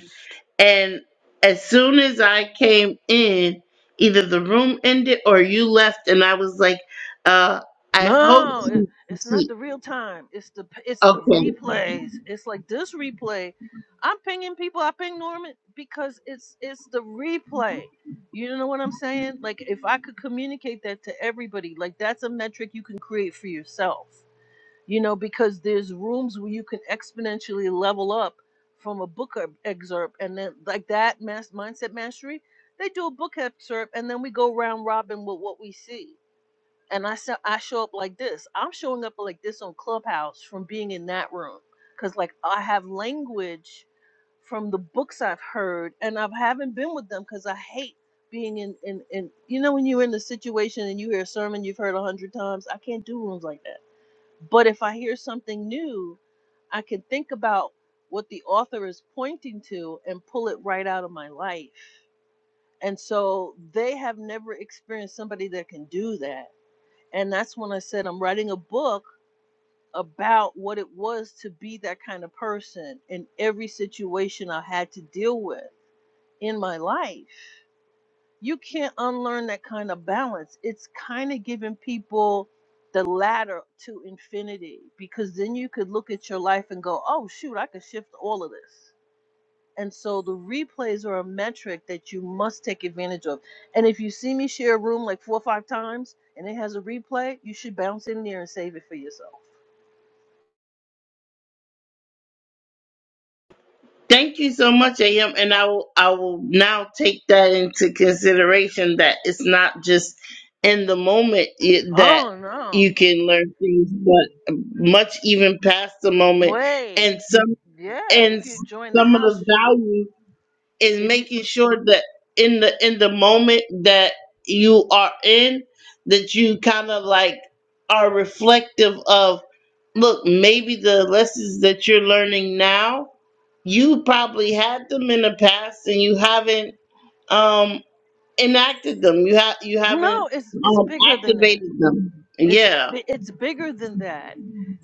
S1: And as soon as I came in, either the room ended or you left, and I was like, uh, I hope
S5: No, it,
S1: she,
S5: it's not
S1: she
S5: the real time. It's the it's the
S1: okay.
S5: replays. It's like this replay. I'm pinging people. I ping Norman because it's it's the replay. You know what I'm saying? Like if I could communicate that to everybody, like that's a metric you can create for yourself. You know, because there's rooms where you can exponentially level up from a book e- excerpt, and then like that mass mindset mastery, they do a book excerpt, and then we go round robin with what we see and I said, I show up like this. I'm showing up like this on Clubhouse from being in that room because like I have language from the books I've heard, and I haven't been with them because I hate being in, in in you know when you're in the situation and you hear a sermon you've heard a hundred times. I can't do rooms like that. But if I hear something new, I can think about what the author is pointing to and pull it right out of my life. And so they have never experienced somebody that can do that and that's when I said I'm writing a book about what it was to be that kind of person in every situation I had to deal with in my life. You can't unlearn that kind of balance. It's kind of giving people the ladder to infinity because then you could look at your life and go, oh, shoot, I could shift all of this. And so the replays are a metric that you must take advantage of. And if you see me share a room like four or five times and it has a replay, you should bounce in there and save it for yourself.
S1: Thank you so much, AM, and I will I will now take that into consideration that it's not just in the moment i- that
S5: Oh no.
S1: you can learn things, but much even past the moment,
S5: Wait.
S1: and some
S5: Yeah, if
S1: and
S5: you join the
S1: some of
S5: house,
S1: the
S5: you
S1: values. is
S5: if you
S1: making sure that in the in the moment that you are in that you kind of like are reflective of look maybe the lessons that you're learning now you probably had them in the past and you haven't um enacted them you have you haven't
S5: no, it's it's
S1: um
S5: bigger than that.
S1: activated them
S5: It's
S1: yeah
S5: bi- it's bigger than that.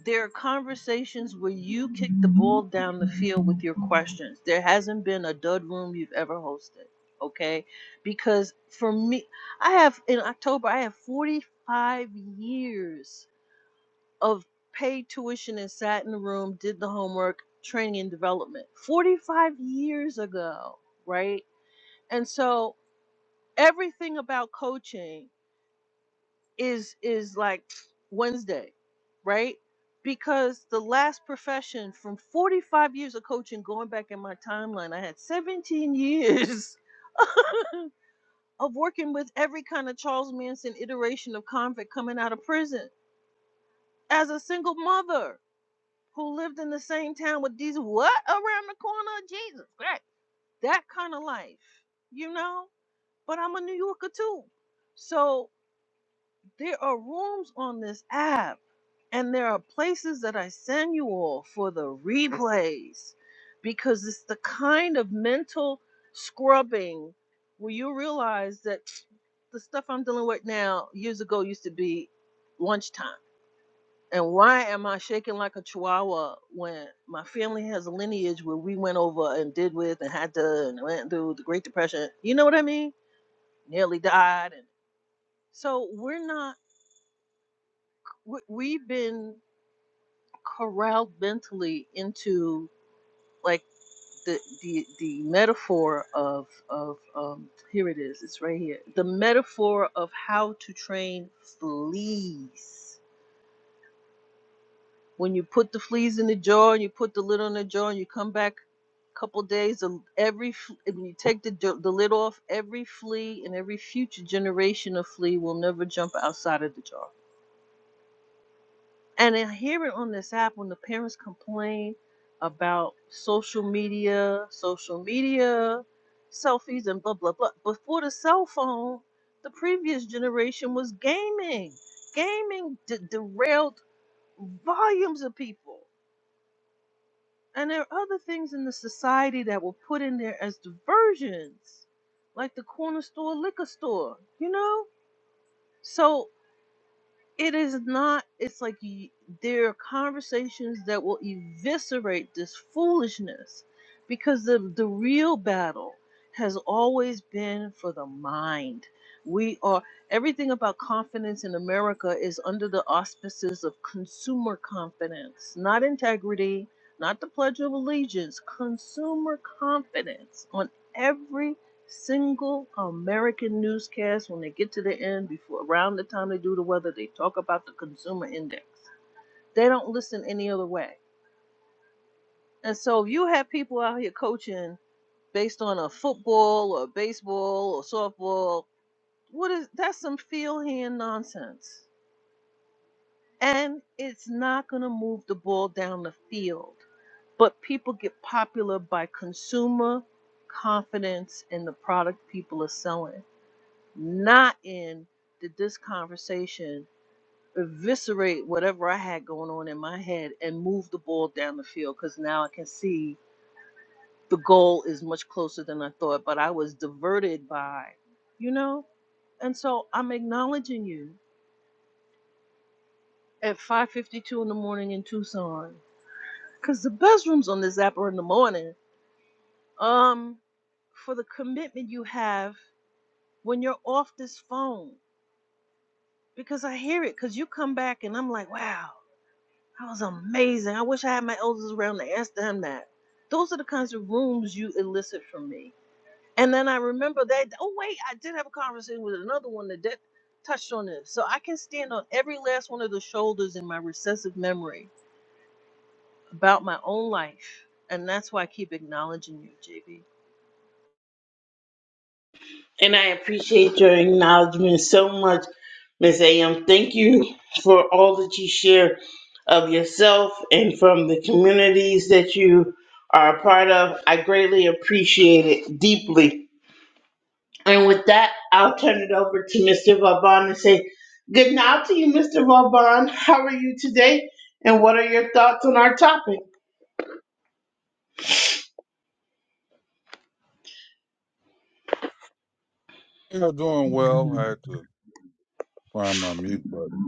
S5: There are conversations where you kick the ball down the field with your questions. There hasn't been a dud room you've ever hosted, okay? Because for me, I have in October I have 45 years of paid tuition and sat in the room, did the homework, training and development. 45 years ago, right? And so everything about coaching is is like Wednesday, right? Because the last profession from 45 years of coaching, going back in my timeline, I had 17 years of working with every kind of Charles Manson iteration of convict coming out of prison as a single mother who lived in the same town with these what around the corner? Jesus Christ. That kind of life, you know? But I'm a New Yorker too. So There are rooms on this app, and there are places that I send you all for the replays because it's the kind of mental scrubbing where you realize that the stuff I'm dealing with now years ago used to be lunchtime. And why am I shaking like a chihuahua when my family has a lineage where we went over and did with and had to and went through the Great Depression? You know what I mean? Nearly died. And so we're not, we- we've been corralled mentally into like the the the metaphor of of um here it is it's right here the metaphor of how to train fleas when you put the fleas in the jar and you put the lid on the jar and you come back a couple days of every f- when you take the jo- the lid off every flea and every future generation of flea will never jump outside of the jar And I hear it on this app when the parents complain about social media, social media, selfies, and blah, blah, blah. Before the cell phone, the previous generation was gaming. Gaming de- derailed volumes of people. And there are other things in the society that were put in there as diversions, like the corner store, liquor store, you know? So It is not, it's like y- there are conversations that will eviscerate this foolishness because the, the real battle has always been for the mind. We are, everything about confidence in America is under the auspices of consumer confidence, not integrity, not the Pledge of Allegiance, consumer confidence on every single American newscast when they get to the end before around the time they do the weather, they talk about the consumer index. They don't listen any other way. And so if you have people out here coaching based on a football or baseball or softball. What is that's some field hand nonsense. And it's not gonna move the ball down the field. But people get popular by consumer confidence in the product people are selling not in did this conversation eviscerate whatever I had going on in my head and move the ball down the field because now I can see the goal is much closer than I thought, but I was diverted by, you know? And so I'm acknowledging you at 5.52 in the morning in Tucson because the best rooms on this app are in the morning um, for the commitment you have when you're off this phone because I hear it because you come back and I'm like, wow, That was amazing. I wish I had my elders around to ask them that. Those are the kinds of rooms you elicit from me. And then I remember that. Oh wait, I did have a conversation with another one that did, touched on this. So I can stand on every last one of the shoulders in my recessive memory about my own life, and that's why I keep acknowledging you, JB.
S1: And I appreciate your acknowledgement so much, Miss AM. Thank you for all that you share of yourself and from the communities that you are a part of. I greatly appreciate it deeply. And with that, I'll turn it over to Mr. Vauban and say good night to you, Mr. Vauban. How are you today? And what are your thoughts on our topic?
S6: Yeah, doing well. I had to find my mute button.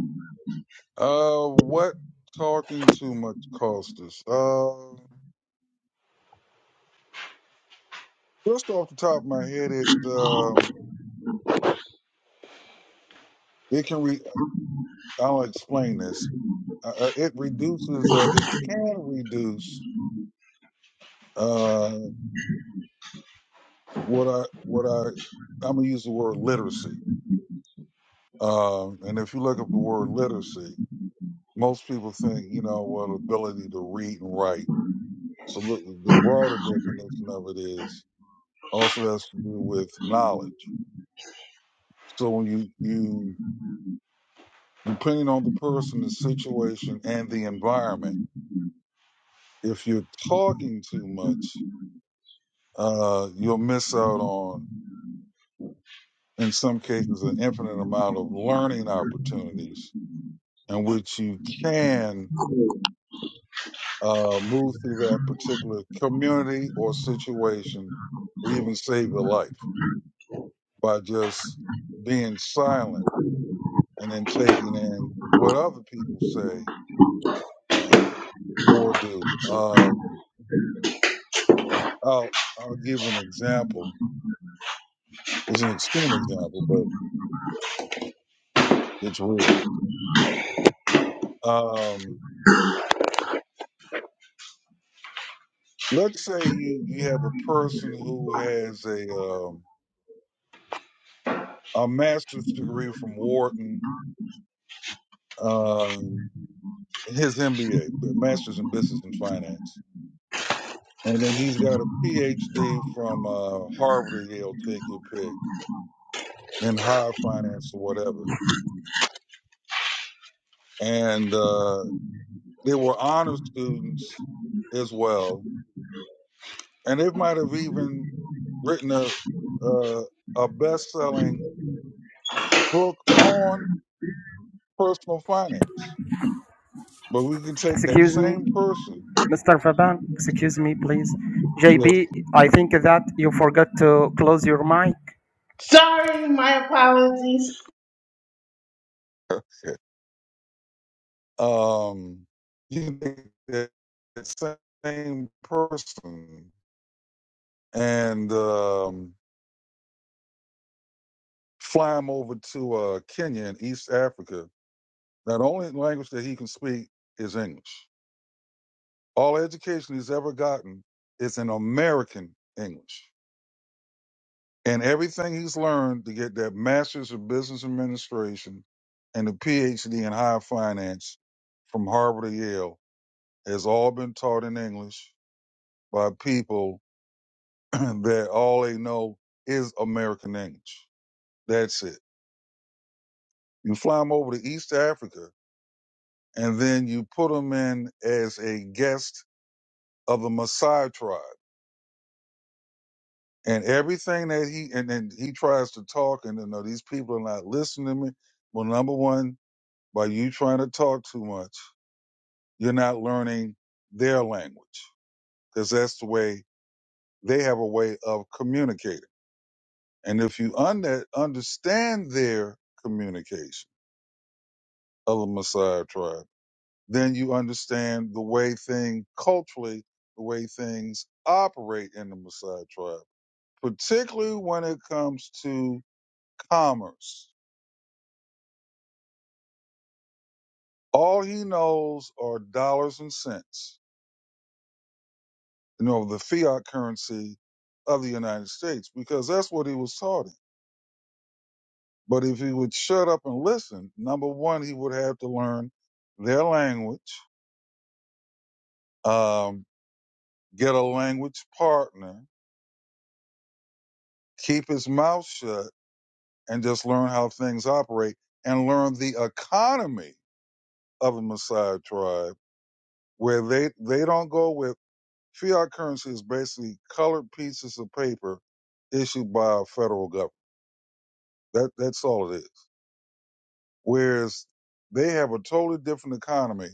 S6: Uh, what talking too much cost us? Uh, just off the top of my head, it um, it can re. I'll explain this. Uh, uh, it reduces. Uh, it can reduce. Uh, what I what I I'm gonna use the word literacy. Um, and if you look up the word literacy, most people think you know well ability to read and write. So look, the broader definition of it is also has to do with knowledge. So when you, you, depending on the person, the situation and the environment, if you're talking too much, uh, you'll miss out on, in some cases, an infinite amount of learning opportunities in which you can, uh, move through that particular community or situation or even save your life by just being silent and then taking in what other people say uh, or do. Um, I'll I'll give an example. It's an extreme example, but it's real. Um, let's say you you have a person who has a um, a master's degree from Wharton, um, his MBA, master's in business and finance, and then he's got a PhD from uh, Harvard or Yale, take your pick, in high finance or whatever. And uh, they were honor students as well, and it might have even written a uh, a best selling book on personal finance. But we can take that
S3: Excuse me,
S6: same person.
S3: Mr. Faban. Excuse me, please.
S6: Yes.
S3: JB, I think that you forgot to close your mic.
S1: Sorry, my apologies.
S6: Okay. um, you can take that that same person and um, fly him over to uh, Kenya in East Africa. Now, the only language that he can speak is English. All education he's ever gotten is in American English and everything he's learned to get that master's of business administration and the phd in higher finance from harvard or yale has all been taught in english by people that all they know is american english that's it you fly them over to east africa and then you put them in as a guest of the Maasai tribe. And everything that he and then he tries to talk, and you know these people are not listening to me. Well, number one, By you trying to talk too much, you're not learning their language because that's the way they have a way of communicating. And if you under, understand their communication of the Messiah tribe, then you understand the way thing culturally, the way things operate in the Messiah tribe, particularly when it comes to commerce. All he knows are dollars and cents you know, the fiat currency of the United States because that's what he was taught. him. But if he would shut up and listen, number one, he would have to learn their language, um, get a language partner, keep his mouth shut, and just learn how things operate and learn the economy of a Maasai tribe where they, they don't go with fiat currency is basically colored pieces of paper issued by a federal government. That, that's all it is. whereas they have a totally different economy.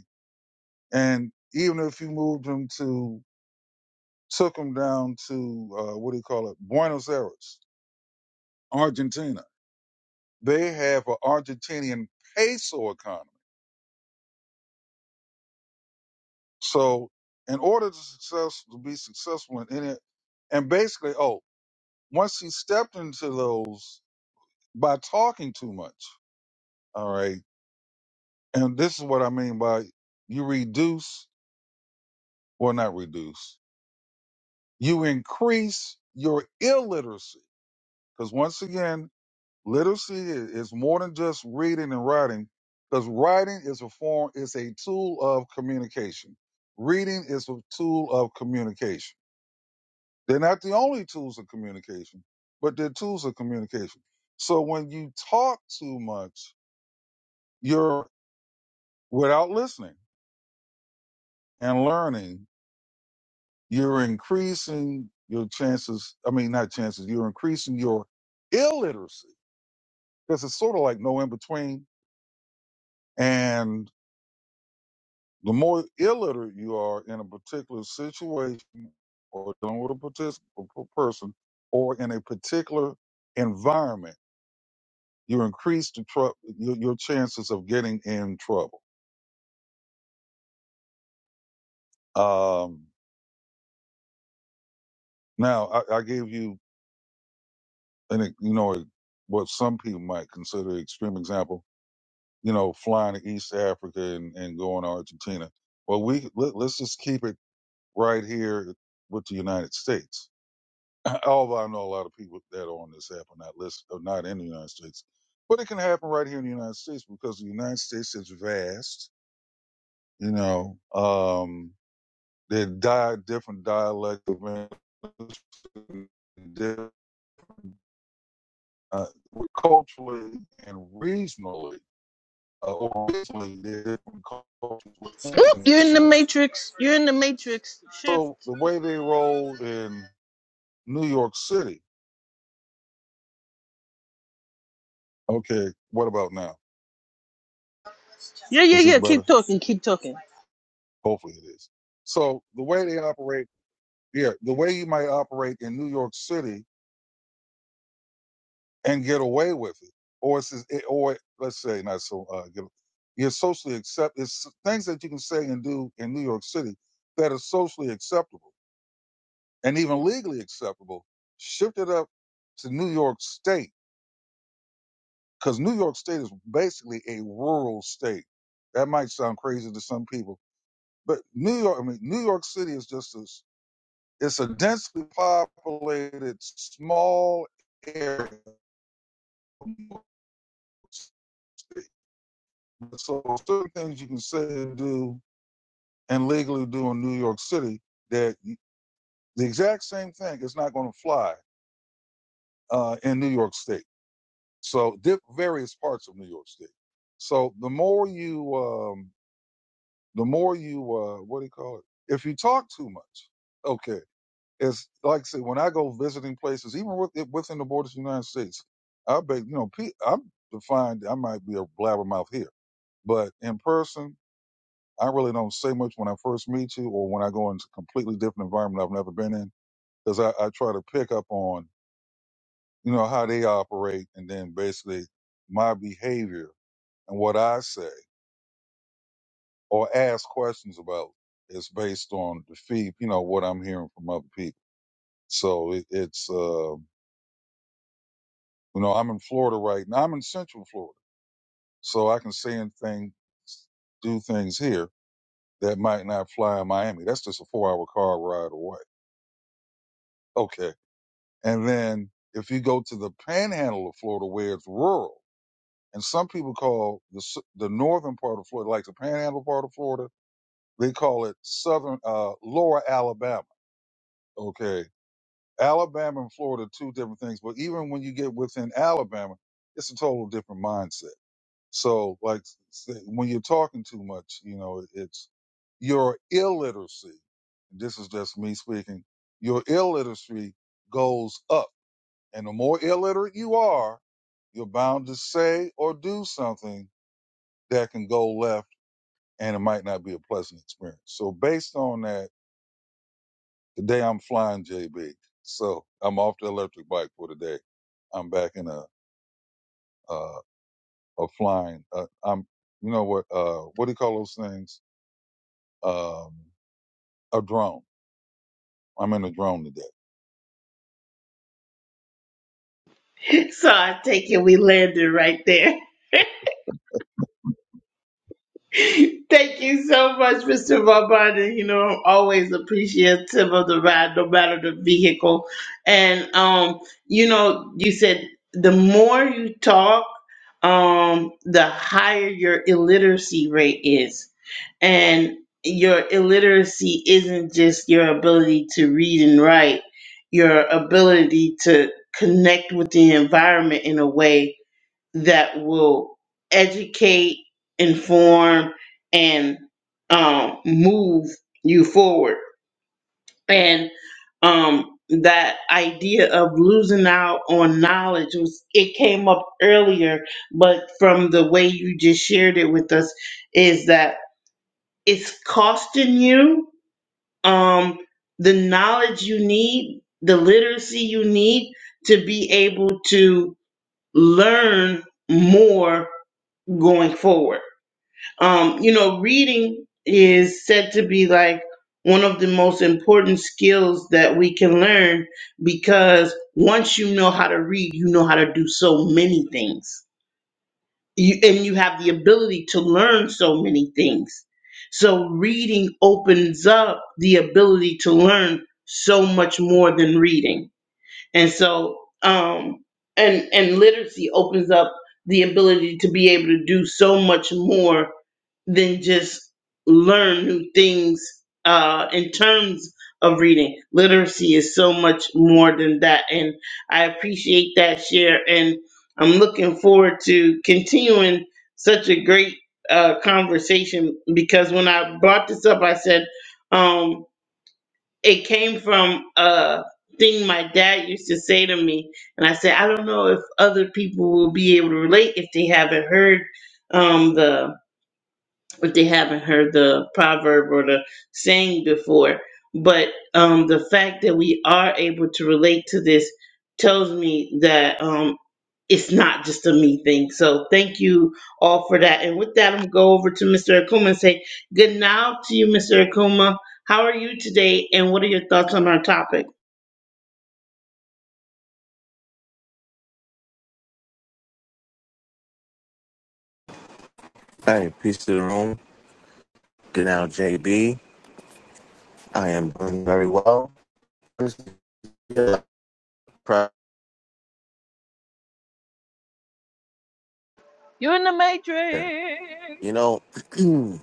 S6: And even if you moved them to, took them down to, uh, what do you call it, Buenos Aires, Argentina, they have an Argentinian peso economy. So, in order to success to be successful in any, and basically, oh, once he stepped into those by talking too much, all right, and this is what I mean by you reduce, well, not reduce. you increase your illiteracy. Because once again, literacy i- is more than just reading and writing, because writing is a form, is a tool of communication. Reading is a tool of communication. They're not the only tools of communication, but they're tools of communication. So when you talk too much, you're without listening and learning, you're increasing your chances. I mean, not chances, you're increasing your illiteracy because it's sort of like no in between. And the more illiterate you are in a particular situation or dealing with a particular person or in a particular environment, you increase the tru- your, your chances of getting in trouble. Um, now, I, I gave you an, e- you know, a, what some people might consider an extreme example, you know, flying to East Africa and, and going to Argentina. Well, we let, let's just keep it right here with the United States Although I know a lot of people that are on this app are not list are not in the United States, but it can happen right here in the United States because the United States is vast. You know, um, they die different dialect of English, different, uh, culturally and regionally, uh, or regionally, they're different cultures
S5: Oop,
S6: within.
S5: you're in the
S6: that.
S5: matrix. You're in the matrix.
S6: So
S5: Shift.
S6: the way they roll in New York City, okay, what about now?
S5: Yeah, yeah,
S6: Is this
S5: yeah.
S6: better?
S5: Keep talking. Keep talking.
S6: Hopefully it is. So the way they operate, yeah, the way you might operate in New York City and get away with it, or it's just- or let's say not so uh, get, you're socially accept. It's things that you can say and do in New York City that are socially acceptable and even legally acceptable. Shift it up to New York State because New York State is basically a rural state. That might sound crazy to some people, but New York, I mean, New York City is just as It's a densely populated small area. So certain things you can say and do and legally do in New York City that the exact same thing is not going to fly uh, in New York State. So di- various parts of New York State. So the more you, um, the more you, uh, what do you call it? If you talk too much, okay. It's like I said, when I go visiting places, even with, within the borders of the United States, I bet you know pe- I'm defined. I might be a blabbermouth here, but in person, I really don't say much when I first meet you, or when I go into a completely different environment I've never been in, because I, I try to pick up on you know how they operate, and then basically my behavior and what I say or ask questions about is based on the feed, you know, what I'm hearing from other people. So it, it's. Uh, You know, I'm in Florida right now. I'm in Central Florida, so I can say and thing, do things here that might not fly in Miami. That's just a four-hour car ride away. Okay, and then if you go to the Panhandle of Florida, where it's rural, and some people call the s- the northern part of Florida, like the Panhandle part of Florida, they call it southern uh, Lower Alabama. Okay, Alabama and Florida, two different things. But even when you get within Alabama, it's a total different mindset So, like, s- when you're talking too much, you know, it's your illiteracy. This is just me speaking. Your illiteracy goes up, and the more illiterate you are, you're bound to say or do something that can go left, and it might not be a pleasant experience. So, based on that, today I'm flying JB. So I'm off the electric bike for today. I'm back in a uh, a flying. Uh, I'm you know what uh, what do you call those things? Um, a drone. I'm in a drone today.
S1: So I take it we landed right there. Thank you so much, Mr. Vabana. You know, I'm always appreciative of the ride, no matter the vehicle. And um, you know, you said the more you talk, um, the higher your illiteracy rate is. And your illiteracy isn't just your ability to read and write, your ability to connect with the environment in a way that will educate, inform, and um, move you forward. And um, that idea of losing out on knowledge was it came up earlier, but from the way you just shared it with us, is that it's costing you um, the knowledge you need, the literacy you need to be able to learn more going forward um, you know, reading is said to be like one of the most important skills that we can learn because once you know how to read, you know how to do so many things. You, and you have the ability to learn so many things. So, reading opens up the ability to learn so much more than reading. And so, um, and and literacy opens up the ability to be able to do so much more than just learn new things uh, in terms of reading. Literacy is so much more than that, and I appreciate that share. And I'm looking forward to continuing such a great uh, conversation because when I brought this up, I said. Um, it came from a thing my dad used to say to me and i said i don't know if other people will be able to relate if they haven't heard um the if they haven't heard the proverb or the saying before but um the fact that we are able to relate to this tells me that um it's not just a me thing. So thank you all for that. And with that, I'm going to go over to Mr. Akuma and say good now to you, Mr. Akuma. How are you today? And what are your thoughts on our topic?
S7: Hey, peace to the room. Good now, JB. I am doing very well. This is a Prayer.
S5: You're in the matrix.
S7: You know,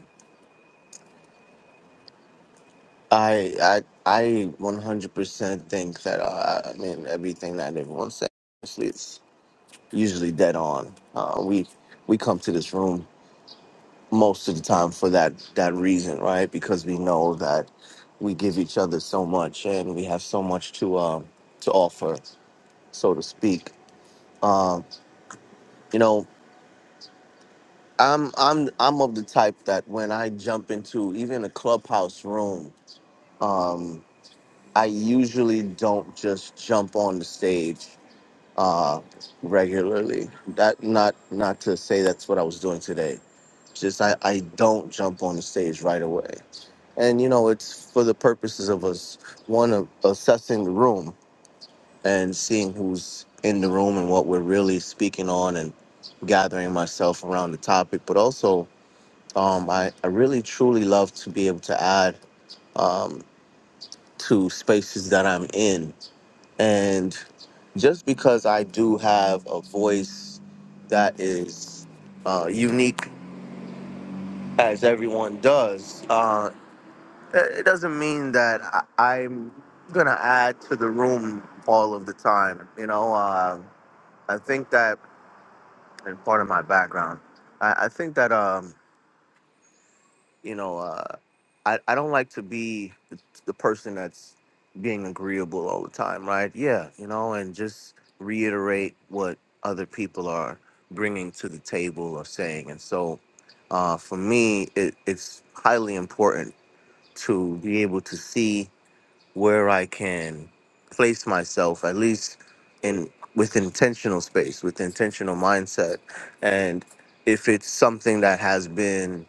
S7: I I I 100% think that uh, I mean everything that everyone says is usually dead on. Uh, we we come to this room most of the time for that that reason, right? Because we know that we give each other so much and we have so much to um to offer, so to speak. Um, you know. I'm I'm I'm of the type that when I jump into even a clubhouse room, um, I usually don't just jump on the stage uh, regularly. That not not to say that's what I was doing today. Just I, I don't jump on the stage right away. And you know, it's for the purposes of us one of assessing the room and seeing who's in the room and what we're really speaking on and gathering myself around the topic, but also um, I, I really truly love to be able to add um, to spaces that I'm in. And just because I do have a voice that is uh, unique, as everyone does, uh, it it doesn't mean that I, I'm going to add to the room all of the time. You know, uh, I think that, and part of my background, I, I think that. Um, you know, uh, I, I don't like to be the, the person that's being agreeable all the time, right? Yeah, you know, and just reiterate what other people are bringing to the table or saying. And so uh, for me, it, it's highly important to be able to see where I can place myself, at least in with intentional space, with intentional mindset. And if it's something that has been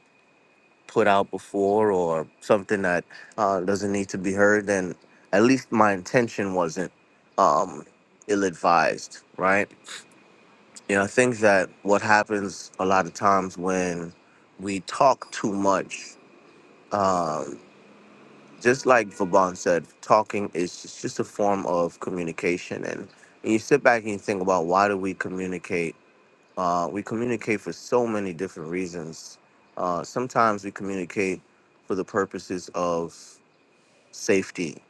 S7: put out before or something that uh, doesn't need to be heard, then at least my intention wasn't um, ill advised, right? You know, I think that what happens a lot of times when we talk too much, um, just like Vaban said, talking is just, just a form of communication. And when you sit back and you think about why do we communicate uh, we communicate for so many different reasons. Uh, sometimes we communicate for the purposes of safety.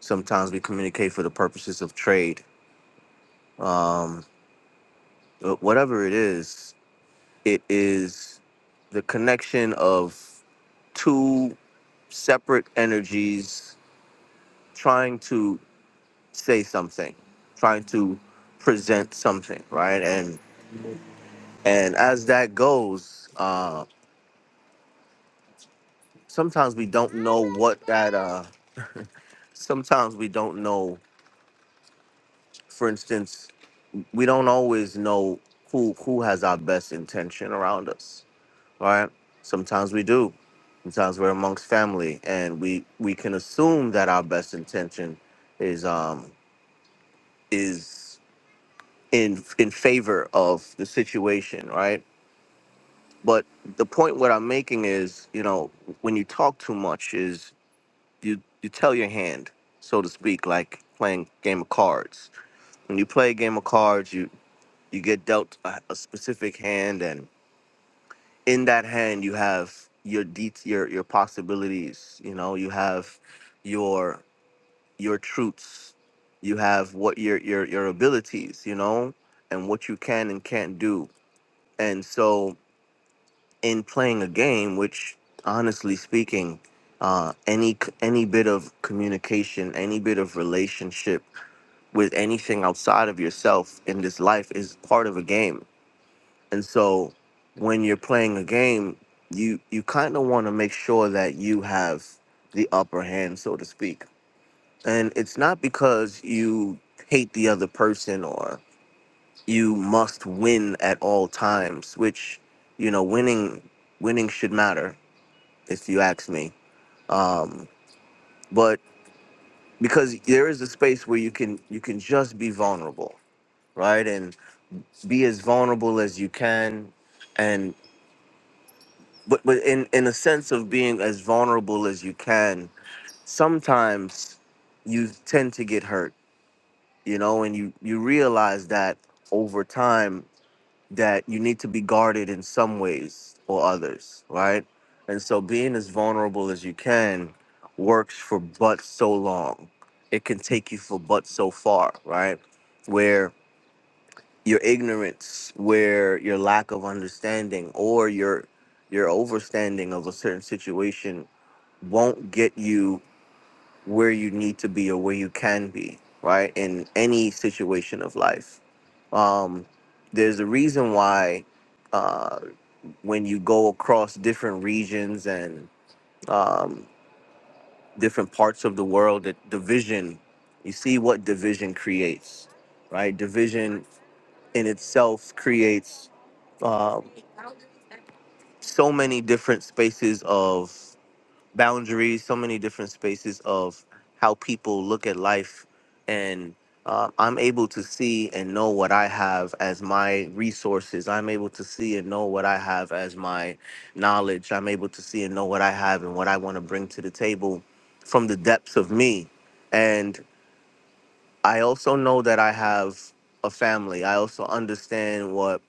S7: Sometimes we communicate for the purposes of trade. Um, wh- whatever it is, it is the connection of two separate energies trying to say something, trying to present something, right? And and as that goes, uh, sometimes we don't know what that. Uh, sometimes we don't know. For instance, we don't always know who who has our best intention around us. All right. Sometimes we do. Sometimes we're amongst family, and we we can assume that our best intention is um is in in favor of the situation, right? But the point what I'm making is, you know, when you talk too much, is you you tell your hand, so to speak, like playing game of cards when you play a game of cards, you you get dealt a, a specific hand and in that hand you have your de- your your possibilities you know you have your your truths you have what your your your abilities you know and what you can and can't do and so in playing a game which honestly speaking uh, any c- any bit of communication any bit of relationship with anything outside of yourself in this life is part of a game And so when you're playing a game, you you kind of want to make sure that you have the upper hand, so to speak. And it's not because you hate the other person or you must win at all times, which you know, winning winning should matter if you ask me. Um, but because there is a space where you can you can just be vulnerable, right? And be as vulnerable as you can but but in in a sense of being as vulnerable as you can sometimes you tend to get hurt you know and you you realize that over time that you need to be guarded in some ways or others right and so being as vulnerable as you can works for but so long it can take you for but so far right where your ignorance where your lack of understanding or your your overstanding of a certain situation won't get you where you need to be or where you can be right in any situation of life um there's a reason why uh when you go across different regions and um different parts of the world that division you see what division creates right division in itself creates um, so many different spaces of boundaries, so many different spaces of how people look at life. And uh, I'm able to see and know what I have as my resources. I'm able to see and know what I have as my knowledge. I'm able to see and know what I have and what I want to bring to the table from the depths of me. and. I also know that I have a family. I also understand what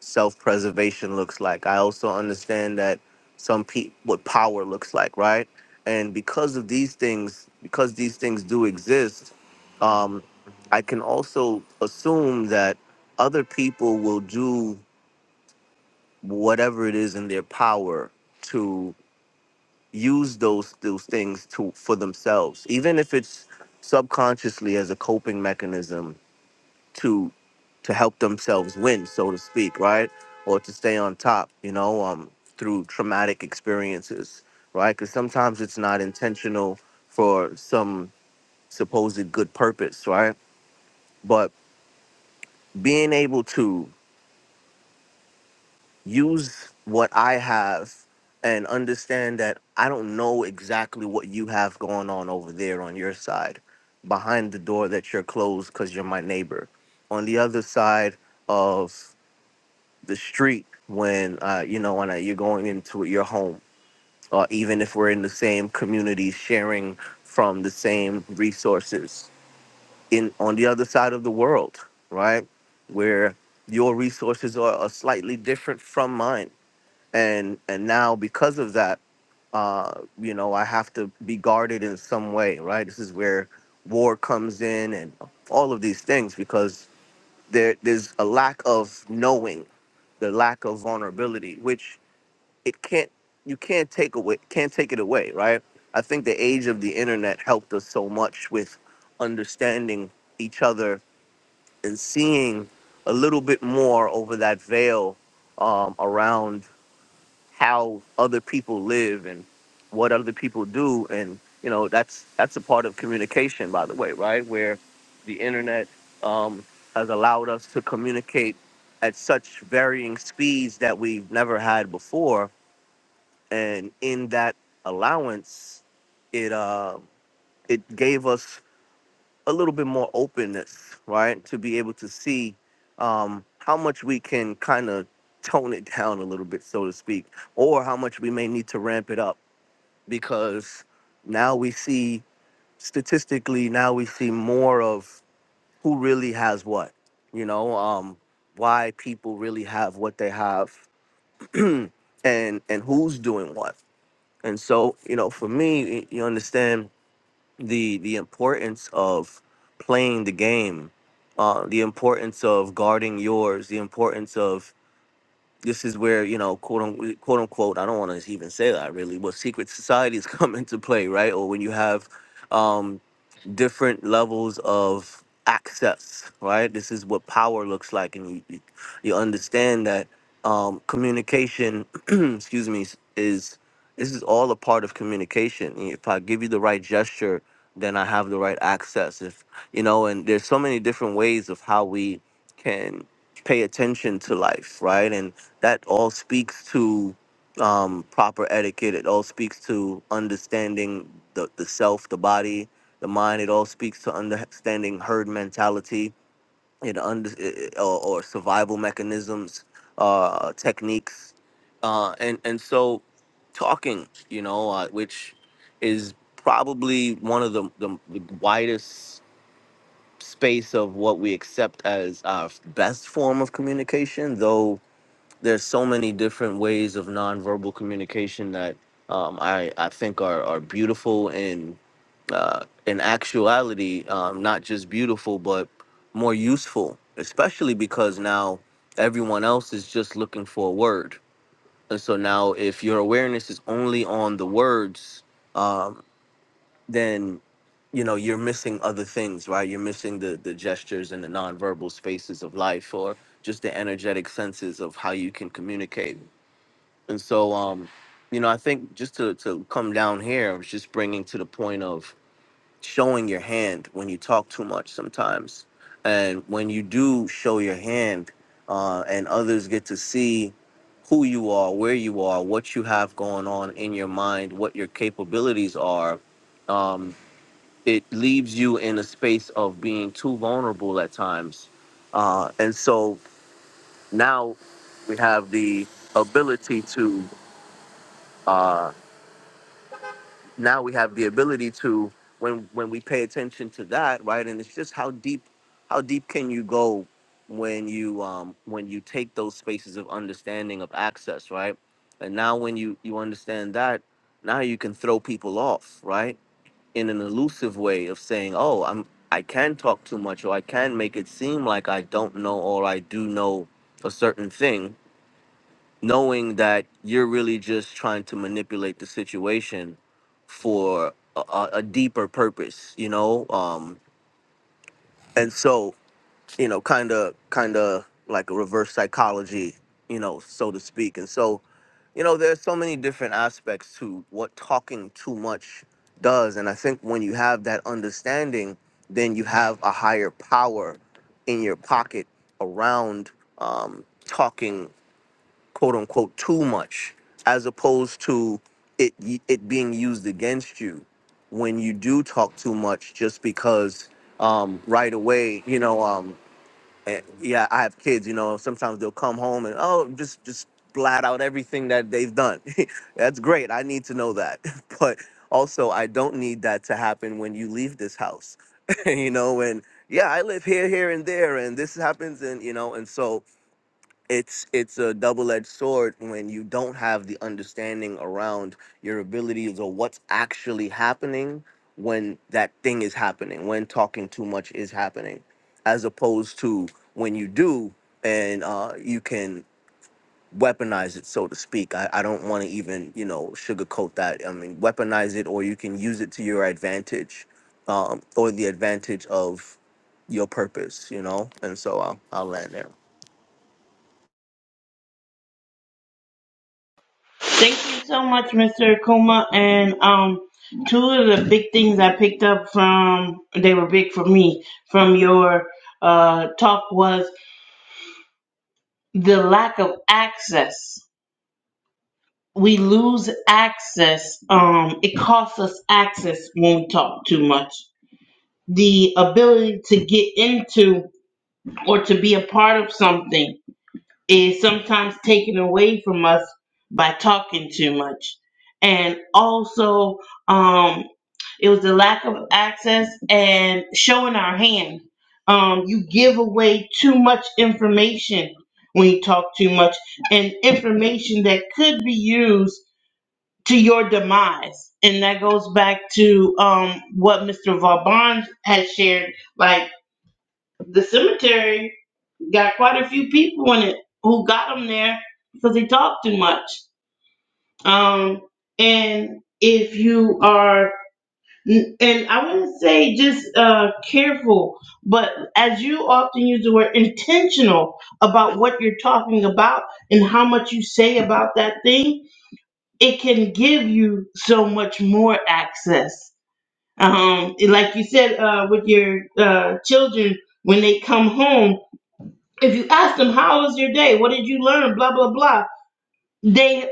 S7: self-preservation looks like. I also understand that some pe what power looks like, right? And because of these things, because these things do exist, um, I can also assume that other people will do whatever it is in their power to use those those things to for themselves, even if it's subconsciously as a coping mechanism to to help themselves win, so to speak, right? Or to stay on top, you know, um, through traumatic experiences, right? Because sometimes it's not intentional for some supposed good purpose, right? But being able to use what I have and understand that I don't know exactly what you have going on over there on your side, behind the door that you're closed because you're my neighbor, on the other side of the street when uh, you know when uh, you're going into your home, or even if we're in the same community, sharing from the same resources in on the other side of the world, right? Where your resources are, are slightly different from mine, and and now because of that, uh, you know I have to be guarded in some way, right? This is where war comes in and all of these things because there there's a lack of knowing the lack of vulnerability which it can't you can't take away can't take it away right i think the age of the internet helped us so much with understanding each other and seeing a little bit more over that veil um, around how other people live and what other people do and you know that's that's a part of communication by the way right where the internet um, has allowed us to communicate at such varying speeds that we've never had before and in that allowance it uh, it gave us a little bit more openness, right? To be able to see um, how much we can kind of tone it down a little bit, so to speak, or how much we may need to ramp it up because now we see statistically, now we see more of who really has what, you know, um, why people really have what they have and and who's doing what. And so, you know, for me, you understand the the importance of playing the game, uh, the importance of guarding yours, the importance of this is where you know quote unquote, quote unquote I don't want to even say that really, but secret societies come into play, right? Or when you have um, different levels of access, right? This is what power looks like, and you you you understand that um, communication, excuse me, is this is all a part of communication. If I give you the right gesture, then I have the right access. If you know, and there's so many different ways of how we can pay attention to life, right? And that all speaks to um, proper etiquette. It all speaks to understanding the, the self, the body, the mind. It all speaks to understanding herd mentality, it under it, or, or survival mechanisms, uh, techniques, uh, and and so talking, you know, uh, which is probably one of the, the, the widest space of what we accept as our best form of communication, though there's so many different ways of nonverbal communication that um, I I think are are beautiful and uh, in actuality um, not just beautiful but more useful, especially because now everyone else is just looking for a word, and so now if your awareness is only on the words, um, then you know you're missing other things right you're missing the the gestures and the nonverbal spaces of life or just the energetic senses of how you can communicate and so, um, you know, I think just to, to come down here, I was just bringing to the point of showing your hand when you talk too much sometimes. And when you do show your hand uh, and others get to see who you are, where you are, what you have going on in your mind, what your capabilities are, um, it leaves you in a space of being too vulnerable at times. Uh, and so now we have the ability to. Uh, now we have the ability to when when we pay attention to that right and it's just how deep how deep can you go when you um when you take those spaces of understanding of access right and now when you you understand that now you can throw people off right in an elusive way of saying oh i'm i can talk too much or i can make it seem like i don't know or i do know a certain thing knowing that you're really just trying to manipulate the situation for a, a a deeper purpose, you know? Um, and so, you know, kind of, kind of like a reverse psychology, you know, so to speak. And so, you know, there's so many different aspects to what talking too much does. And I think when you have that understanding, then you have a higher power in your pocket around um, talking quote unquote too much as opposed to it it being used against you when you do talk too much just because um right away you know um eh, yeah i have kids you know sometimes they'll come home and oh just just blat out everything that they've done that's great i need to know that but also i don't need that to happen when you leave this house you know and yeah i live here here and there and this happens and you know and so it's it's a double-edged sword when you don't have the understanding around your abilities or what's actually happening when that thing is happening when talking too much is happening as opposed to when you do and uh, you can weaponize it so to speak i, I don't want to even you know sugarcoat that i mean weaponize it or you can use it to your advantage um, or the advantage of your purpose you know and so i'll, I'll land there
S1: Thank you so much, Mr. Akuma. And um, two of the big things I picked up from, they were big for me, from your uh, talk was the lack of access. We lose access. Um, it costs us access when we talk too much the ability to get into or to be a part of something is sometimes taken away from us by talking too much. And also, um, it was the lack of access and showing our hand. Um, you give away too much information when you talk too much, and information that could be used to your demise. And that goes back to um, what Mr. Vauban had shared. Like, the cemetery got quite a few people in it who got them there because they talk too much. Um, and if you are, and I wouldn't say just uh, careful, but as you often use the word intentional about what you're talking about and how much you say about that thing, it can give you so much more access. Um, like you said, uh, with your uh, children, when they come home If you ask them, how was your day? What did you learn? Blah, blah, blah. They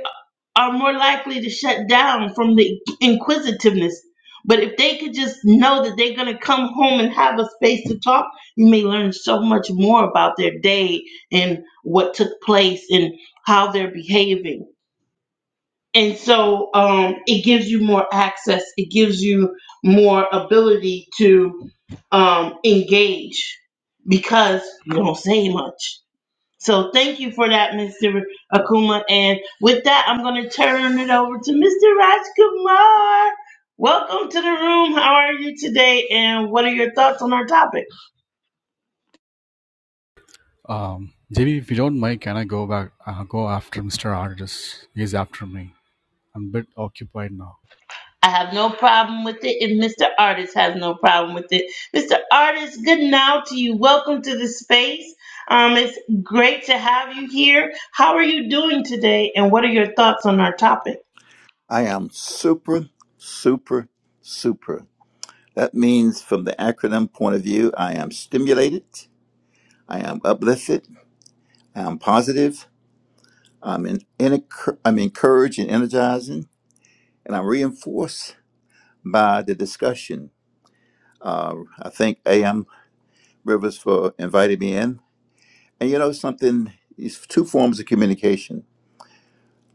S1: are more likely to shut down from the inquisitiveness. But if they could just know that they're going to come home and have a space to talk, you may learn so much more about their day and what took place and how they're behaving. And so um, it gives you more access, it gives you more ability to um, engage because you don't say much so thank you for that, Mr. Akuma. And with that, I'm going to turn it over to Mr. Rajkumar. Welcome to the room. How are you today? And what are your thoughts on our topic?
S8: Um, JB, if you don't mind, can I go back, uh, go after Mr. Artis? He's after me. I'm a bit occupied now.
S1: I have no problem with it, and Mr. Artist has no problem with it. Mr. Artist, good now to you. Welcome to the space. Um, it's great to have you here. How are you doing today, and what are your thoughts on our topic?
S9: I am super, super, super. That means, from the acronym point of view, I am stimulated, I am uplifted, I am positive, I'm, in, in, I'm encouraged and energizing, and I'm reinforced by the discussion. Uh, I thank AM Rivers for inviting me in. And you know something, it's two forms of communication.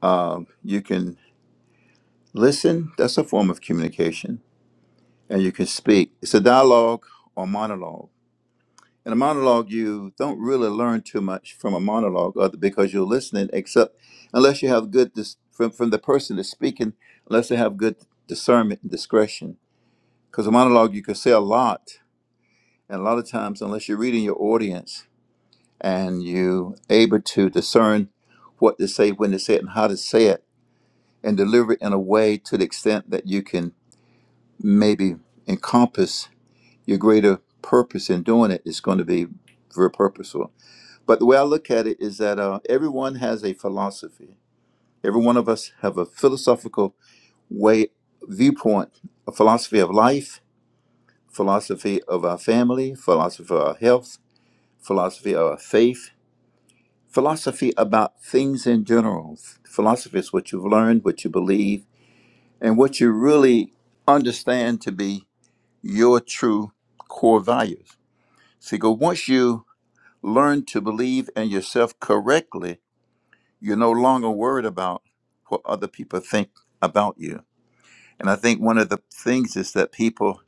S9: Uh, you can listen, that's a form of communication, and you can speak. It's a dialogue or monologue in a monologue you don't really learn too much from a monologue other because you're listening except unless you have good dis- from, from the person that's speaking unless they have good discernment and discretion because a monologue you can say a lot and a lot of times unless you're reading your audience and you able to discern what to say when to say it and how to say it and deliver it in a way to the extent that you can maybe encompass your greater purpose in doing it is going to be very purposeful But the way I look at it is that uh, everyone has a philosophy. Every one of us have a philosophical way, viewpoint, a philosophy of life, philosophy of our family, philosophy of our health, philosophy of our faith, philosophy about things in general. Philosophy is what you've learned, what you believe, and what you really understand to be your true core values. See, go once you learn to believe in yourself correctly, You're no longer worried about what other people think about you. And I think one of the things is that people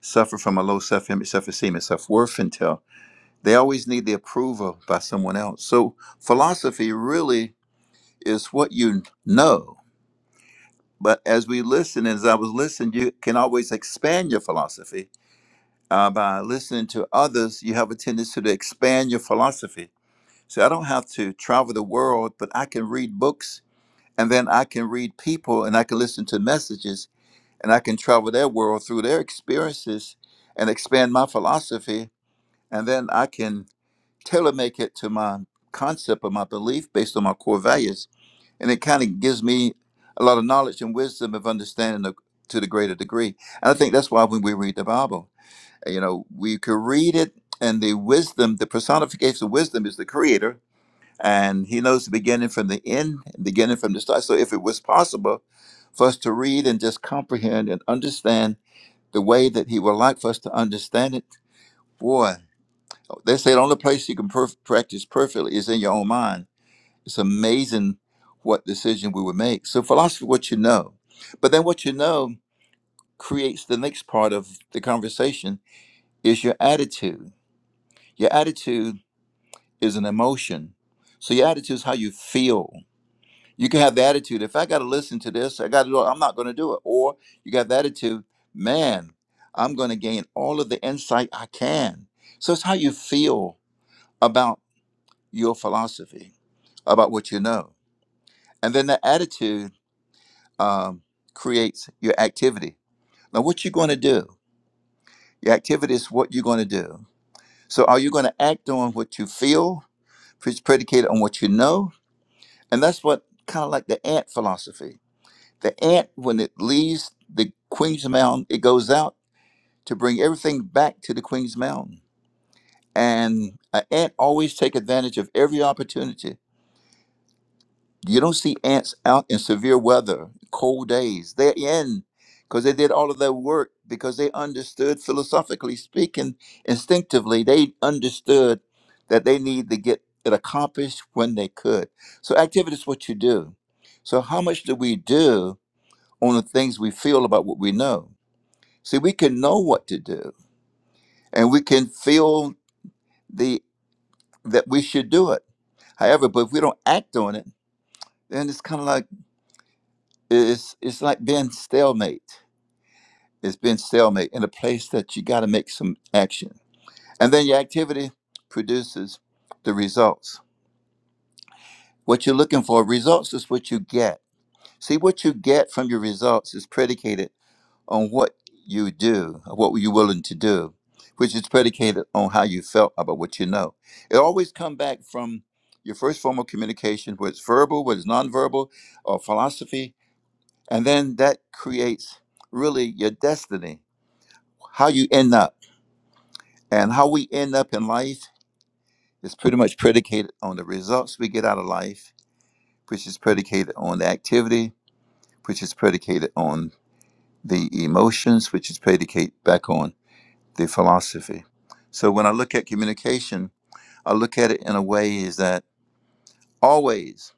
S9: suffer from a low self image, self esteem, and self worth until they always need the approval by someone else. So philosophy really is what you know. But as we listen, as I was listening, you can always expand your philosophy. Uh, by listening to others, you have a tendency to expand your philosophy. So I don't have to travel the world, but I can read books and then I can read people and I can listen to messages and I can travel their world through their experiences and expand my philosophy. And then I can tailor make it to my concept of my belief based on my core values. And it kind of gives me a lot of knowledge and wisdom of understanding the, to the greater degree. And I think that's why when we read the Bible, you know, we could read it and the wisdom, the personification of wisdom is the creator and he knows the beginning from the end beginning from the start so if it was possible for us to read and just comprehend and understand the way that he would like for us to understand it boy they say the only place you can perf- practice perfectly is in your own mind it's amazing what decision we would make so philosophy what you know but then what you know creates the next part of the conversation is your attitude your attitude is an emotion so your attitude is how you feel You can have the attitude, if I got to listen to this, I got to do it, I'm not going to do it. Or you got the attitude, man, I'm going to gain all of the insight I can. So it's how you feel about your philosophy, about what you know. And then the attitude um, creates your activity. Now, what you're going to do, your activity is what you're going to do. So are you going to act on what you feel, which is predicated on what you know? And that's what kind of like the ant philosophy. The ant, when it leaves the queen's mound, it goes out to bring everything back to the queen's mound. And an ant always take advantage of every opportunity. You don't see ants out in severe weather, cold days. They're in because they did all of their work because they understood philosophically speaking, instinctively, they understood that they need to get it accomplished when they could. So activity is what you do. So how much do we do on the things we feel about what we know? See, we can know what to do and we can feel the that we should do it. However, but if we don't act on it, then it's kind of like it's it's like being stalemate. It's being stalemate in a place that you got to make some action. And then your activity produces the results. What you're looking for, results is what you get. See, what you get from your results is predicated on what you do, what were you willing to do, which is predicated on how you felt about what you know. It always come back from your first form of communication, whether it's verbal, whether it's nonverbal, or philosophy, and then that creates really your destiny, how you end up. And how we end up in life is pretty much predicated on the results we get out of life, which is predicated on the activity, which is predicated on the emotions, which is predicated back on the philosophy. So when I look at communication, I look at it in a way is that always,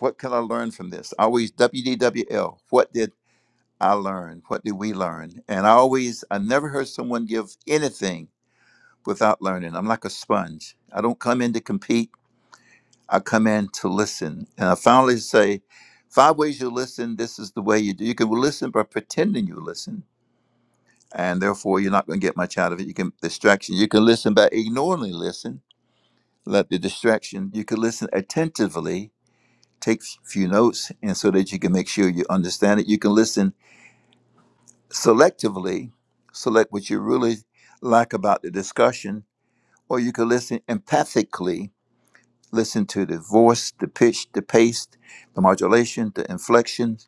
S9: what can I learn from this? Always WDWL. What did I learn? What did we learn? And I always, I never heard someone give anything without learning. I'm like a sponge. I don't come in to compete. I come in to listen. And I finally say, five ways you listen. This is the way you do. You can listen by pretending you listen. And therefore, you're not going to get much out of it. You can distraction. You can listen by ignorantly listen let the distraction you can listen attentively take s- few notes and so that you can make sure you understand it you can listen selectively select what you really like about the discussion or you can listen empathically listen to the voice the pitch the pace the modulation the inflection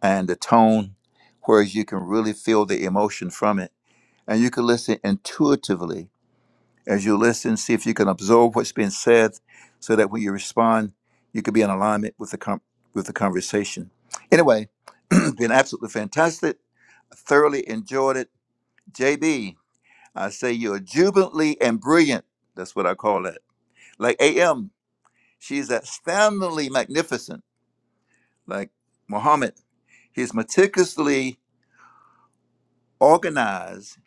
S9: and the tone whereas you can really feel the emotion from it and you can listen intuitively As you listen, see if you can absorb what's being said so that when you respond, you can be in alignment with the, com- with the conversation. Anyway, been absolutely fantastic. Thoroughly enjoyed it. JB, I say you're jubilantly and brilliant. That's what I call that. Like AM, she's astoundingly magnificent. Like Muhammad, he's meticulously organized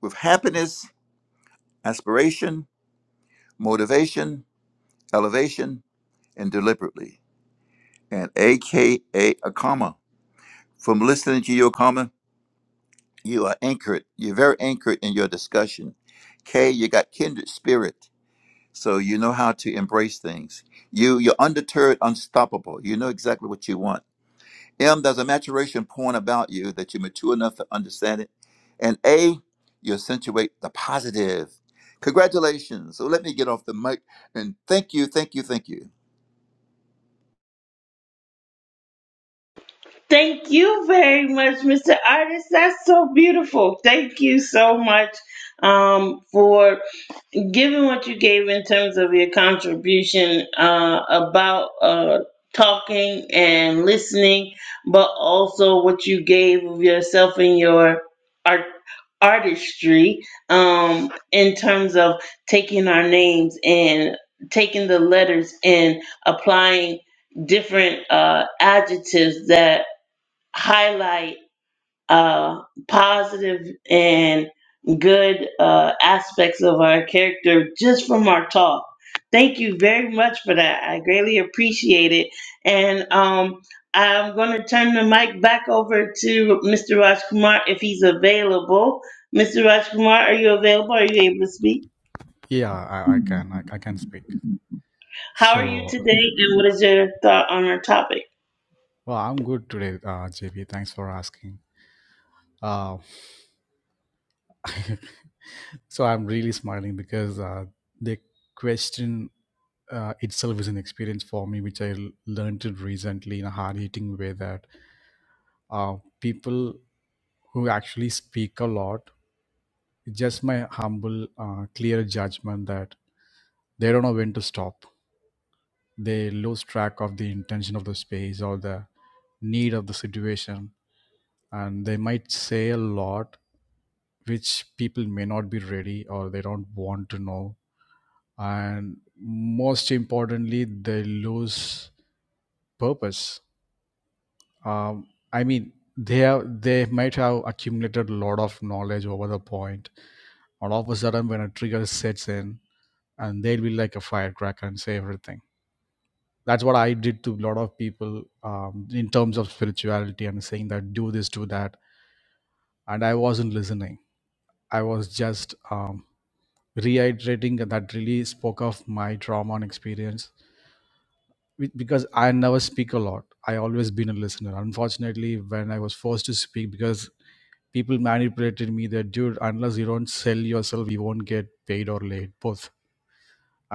S9: with happiness, aspiration, motivation, elevation, and deliberately. and aka a comma. From listening to your comma, you are anchored. You're very anchored in your discussion. K, you got kindred spirit, so you know how to embrace things. You, you're undeterred, unstoppable. You know exactly what you want. M, there's a maturation point about you that you're mature enough to understand it. And A, you accentuate the positive. Congratulations. So let me get off the mic and thank you, thank you, thank you.
S1: Thank you very much, Mr. Artist. That's so beautiful. Thank you so much um, for given what you gave in terms of your contribution uh, about uh, talking and listening, but also what you gave of yourself in your art artistry um, in terms of taking our names and taking the letters and applying different uh, adjectives that highlight uh, positive and good uh, aspects of our character just from our talk. Thank you very much for that. I greatly appreciate it. And um, I'm going to turn the mic back over to Mr. Rajkumar if he's available. Mr. Rajkumar, are you available? Are you able to speak?
S8: Yeah, I, I can, I, I can speak.
S1: How are you
S8: So,
S1: today? And what is your thought on our topic?
S8: well, I'm good today, uh, JB. Thanks for asking. Uh, so I'm really smiling because uh, the question uh, itself is an experience for me, which I l- learned it recently in a hard-hitting way that uh, people who actually speak a lot, just my humble, uh, clear judgment that they don't know when to stop they lose track of the intention of the space or the need of the situation and they might say a lot which people may not be ready or they don't want to know and most importantly they lose purpose um, i mean they have, they might have accumulated a lot of knowledge over the point all of a sudden when a trigger sets in and they'll be like a firecracker and say everything that's what i did to a lot of people um, in terms of spirituality and saying that do this do that and i wasn't listening i was just um, reiterating that that really spoke of my trauma and experience Be- because i never speak a lot i always been a listener unfortunately when i was forced to speak because people manipulated me that dude unless you don't sell yourself you won't get paid or laid both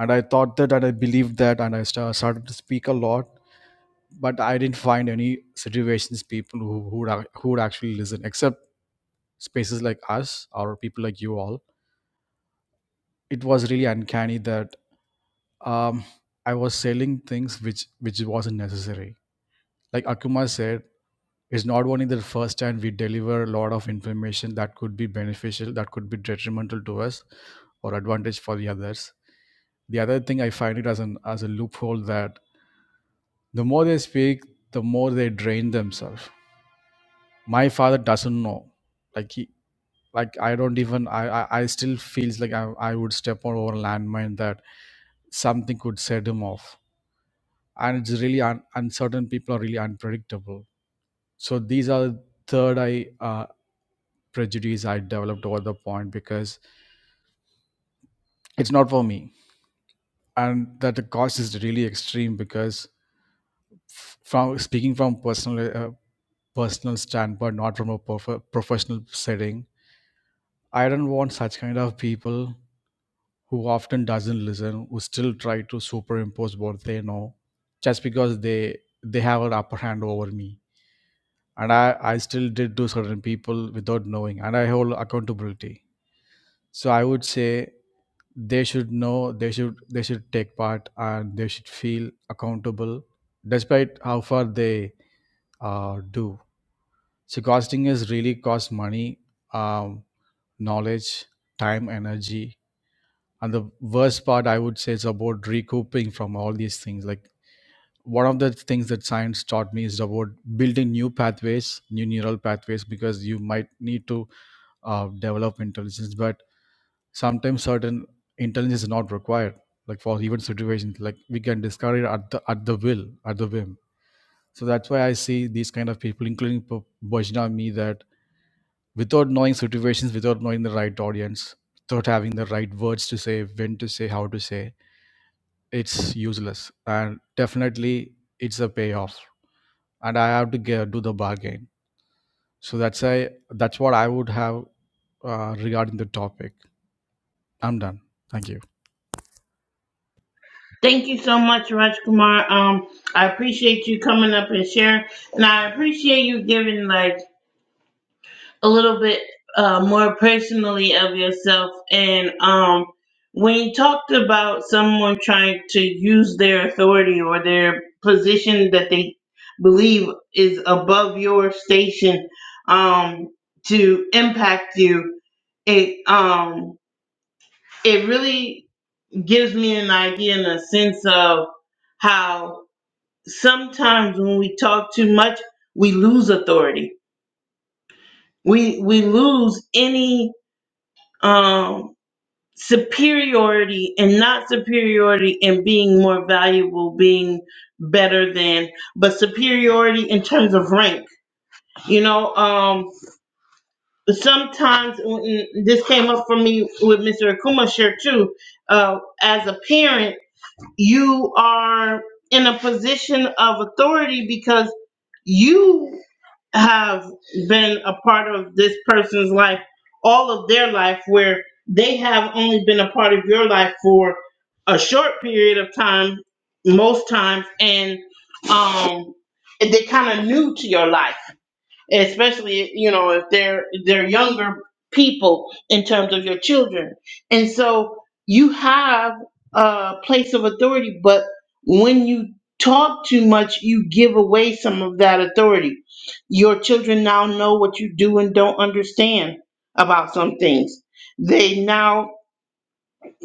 S8: and i thought that and i believed that and i sta- started to speak a lot but I didn't find any situations people who who would, ac- who would actually listen, except spaces like us or people like you all. It was really uncanny that um, I was selling things which which wasn't necessary. Like Akuma said, it's not only the first time we deliver a lot of information that could be beneficial, that could be detrimental to us, or advantage for the others. The other thing I find it as an as a loophole that the more they speak, the more they drain themselves. My father doesn't know like he, like i don't even i i, I still feels like I, I would step on over a landmine that something could set him off and it's really un- uncertain people are really unpredictable so these are third eye uh, prejudice i developed over the point because it's not for me and that the cost is really extreme because f- from speaking from personal uh, personal standpoint not from a prof- professional setting i don't want such kind of people who often doesn't listen who still try to superimpose what they know just because they they have an upper hand over me and i i still did to certain people without knowing and i hold accountability so i would say they should know they should they should take part and they should feel accountable despite how far they uh, do so costing is really cost money um, knowledge time energy and the worst part i would say is about recouping from all these things like one of the things that science taught me is about building new pathways new neural pathways because you might need to uh, develop intelligence but sometimes certain intelligence is not required like for even situations like we can discover it at the at the will at the whim so that's why i see these kind of people including P- Bajna me that without knowing situations without knowing the right audience without having the right words to say when to say how to say it's useless and definitely it's a payoff and i have to get, do the bargain so that's i that's what i would have uh, regarding the topic i'm done thank you
S1: Thank you so much, Rajkumar. Um, I appreciate you coming up and sharing, and I appreciate you giving like a little bit uh, more personally of yourself. And um, when you talked about someone trying to use their authority or their position that they believe is above your station um, to impact you, it um, it really gives me an idea and a sense of how sometimes when we talk too much, we lose authority. We we lose any um, superiority and not superiority and being more valuable, being better than, but superiority in terms of rank. You know, um, sometimes when- this came up for me with Mr. Akuma share too. Uh, as a parent, you are in a position of authority because. You have been a part of this person's life all of their life where they have only been a part of your life for a short period of time most times and um they kind of new to your life especially you know if they're they're younger people in terms of your children and so you have a place of authority but when you talk too much you give away some of that authority your children now know what you do and don't understand about some things they now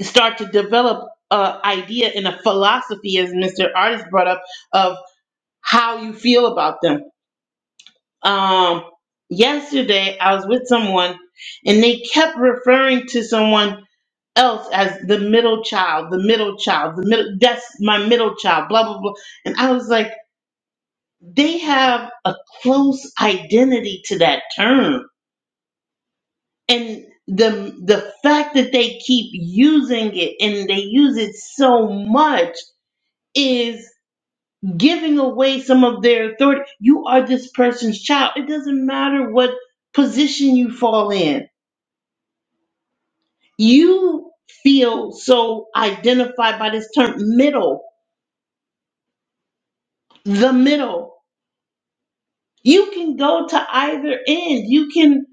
S1: start to develop an idea and a philosophy as mr artist brought up of how you feel about them um yesterday I was with someone and they kept referring to someone else as the middle child, the middle child, the middle that's my middle child, blah blah blah. And I was like, they have a close identity to that term. And the the fact that they keep using it and they use it so much is giving away some of their authority. You are this person's child. It doesn't matter what position you fall in you feel so identified by this term middle, the middle. You can go to either end. You can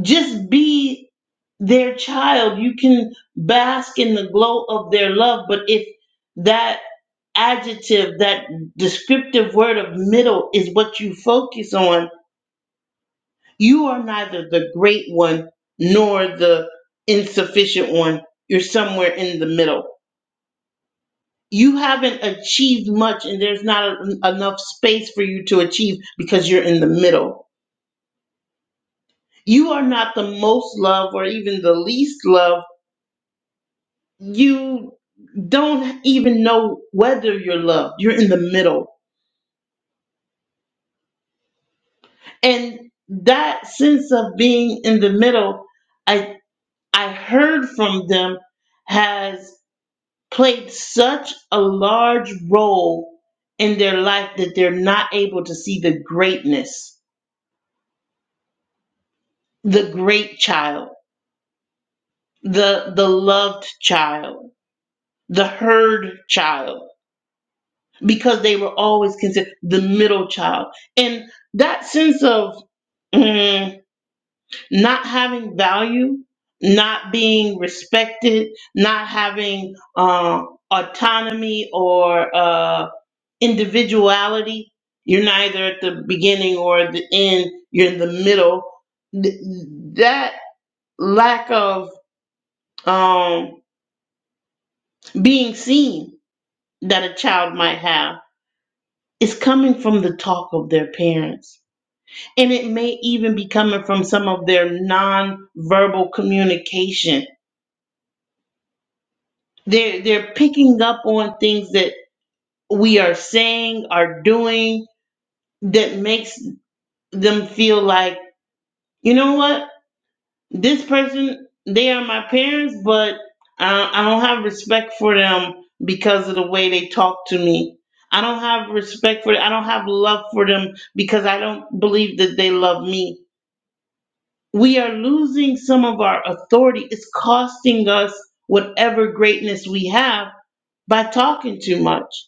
S1: just be their child. You can bask in the glow of their love. But if that adjective, that descriptive word of middle is what you focus on, you are neither the great one nor the insufficient one. You're somewhere in the middle. you haven't achieved much and there's not a, enough space for you to achieve because you're in the middle. You are not the most loved or even the least loved. You don't even know whether you're loved. You're in the middle. And that sense of being in the middle, I I heard from them has played such a large role in their life that they're not able to see the greatness, the great child the the loved child, the herd child, because they were always considered the middle child, and that sense of mm, not having value, not being respected, not having uh, autonomy or uh, individuality. You're neither at the beginning or at the end. You're in the middle. Th- that lack of um, being seen that a child might have is coming from the talk of their parents. And it may even be coming from some of their nonverbal communication. They're, they're picking up on things that we are saying, are doing, that makes them feel like, you know what? this person they are my parents but I, I don't have respect for them because of the way they talk to me i don't have respect for i don't have love for them because i don't believe that they love me we are losing some of our authority it's costing us whatever greatness we have by talking too much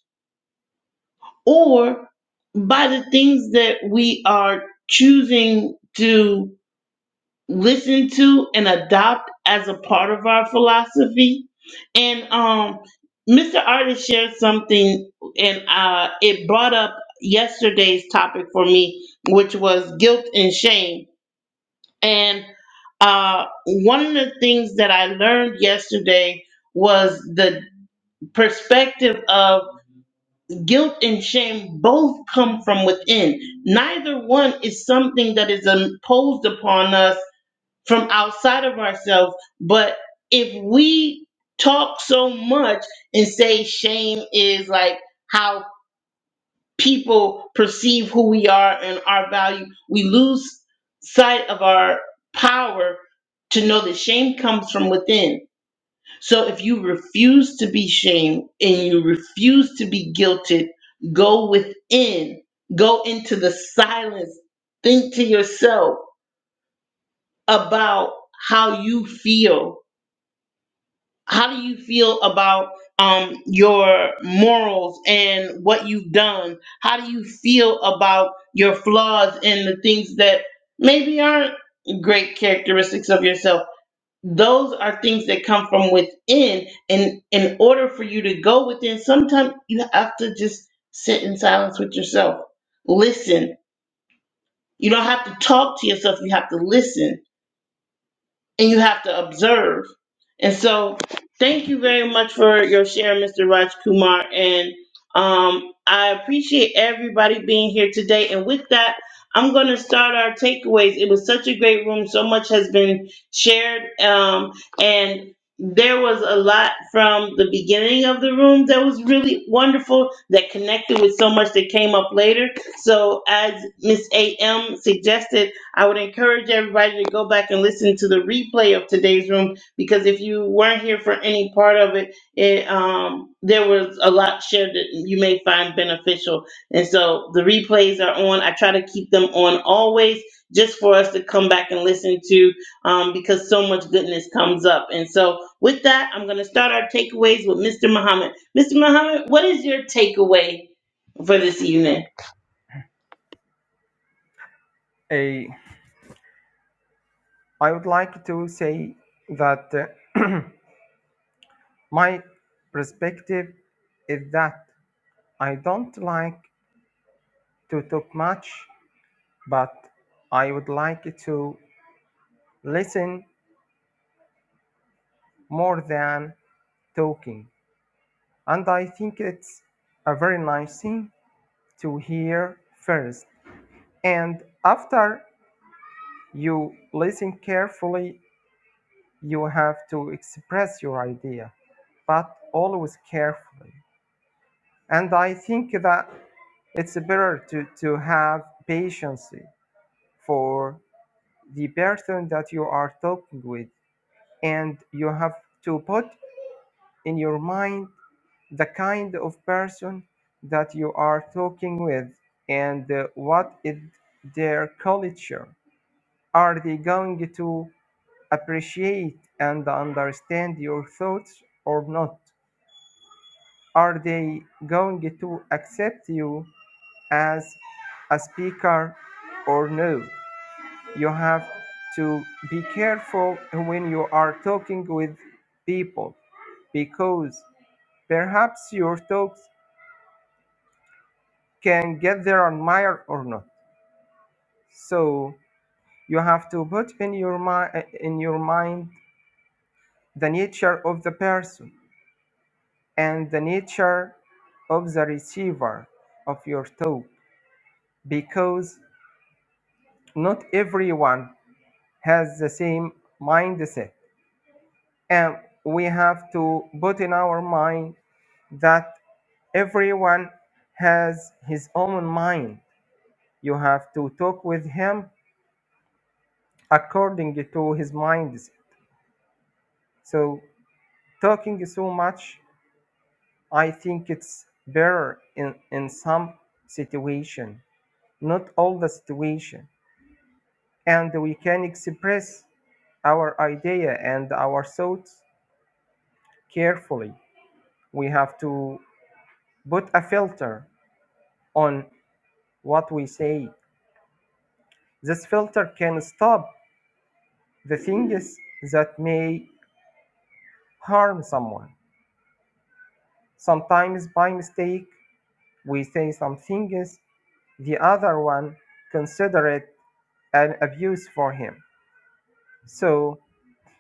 S1: or by the things that we are choosing to listen to and adopt as a part of our philosophy. And um, Mr. Artist shared something, and uh, it brought up yesterday's topic for me, which was guilt and shame. And uh, one of the things that I learned yesterday was the perspective of guilt and shame both come from within. Neither one is something that is imposed upon us from outside of ourselves. But if we talk so much and say shame is like how people perceive who we are and our value, we lose sight of our power to know that shame comes from within. So if you refuse to be shamed and you refuse to be guilted, go within, go into the silence, think to yourself about how you feel how do you feel about um your morals and what you've done how do you feel about your flaws and the things that maybe aren't great characteristics of yourself those are things that come from within and in order for you to go within sometimes you have to just sit in silence with yourself listen you don't have to talk to yourself you have to listen and you have to observe. And so, thank you very much for your share, Mr. Raj Kumar. And um, I appreciate everybody being here today. And with that, I'm going to start our takeaways. It was such a great room. So much has been shared. Um, and there was a lot from the beginning of the room that was really wonderful that connected with so much that came up later. So, as Miss AM suggested, I would encourage everybody to go back and listen to the replay of today's room because if you weren't here for any part of it, it um, there was a lot shared that you may find beneficial. And so the replays are on. I try to keep them on always just for us to come back and listen to um, because so much goodness comes up. And so with that, I'm going to start our takeaways with Mr. Muhammad. Mr. Muhammad, what is your takeaway for this evening?
S3: Eh, I would like to say that uh, my perspective is that I don't like to talk much, but I would like to listen more than talking. And I think it's a very nice thing to hear first. And after you listen carefully, you have to express your idea, but always carefully. And I think that it's better to, to have patience for the person that you are talking with. And you have to put in your mind the kind of person that you are talking with and uh, what is their culture Are they going to appreciate and understand your thoughts or not? Are they going to accept you as a speaker or no? You have to be careful when you are talking with people because perhaps your talks can get their admire or not. So you have to put in your mind in your mind the nature of the person and the nature of the receiver of your talk because not everyone has the same mindset and we have to put in our mind that everyone has his own mind you have to talk with him according to his mindset so talking so much i think it's better in in some situation not all the situation and we can express our idea and our thoughts carefully. We have to put a filter on what we say. This filter can stop the things that may harm someone. Sometimes by mistake, we say some things the other one consider it an abuse for him. So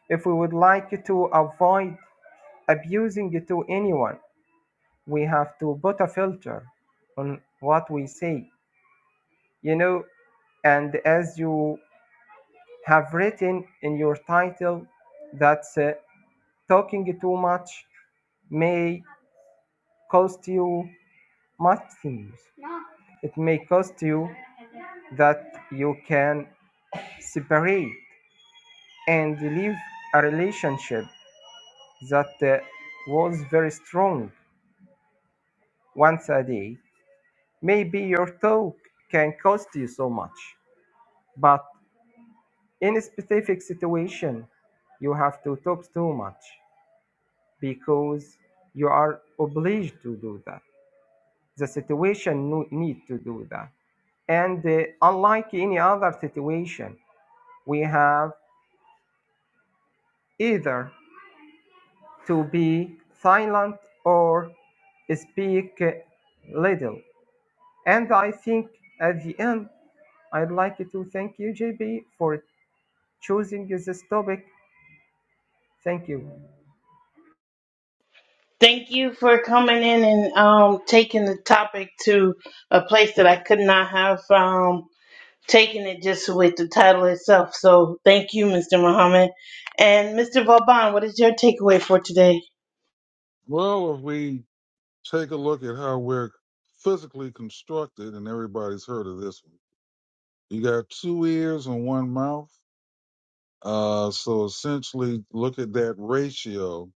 S3: if we would like to avoid abusing to anyone, we have to put a filter on what we say you know and as you have written in your title that uh, talking too much may cost you much things it may cost you that you can separate and leave a relationship that uh, was very strong once a day maybe your talk can cost you so much but In a specific situation, you have to talk too much because you are obliged to do that. The situation no- need to do that. And uh, unlike any other situation, we have either to be silent or speak uh, little. And I think at the end, I'd like to thank you, JB, for choosing this topic. Thank you.
S1: Thank you for coming in and um, taking the topic to a place that I could not have um, taken it just with the title itself. So thank you, Mr. Muhammad. And Mr. Vauban, what is your takeaway for today?
S6: Well, if we take a look at how we're physically constructed, and everybody's heard of this one, you got two ears and one mouth. Uh, so essentially, look at that ratio.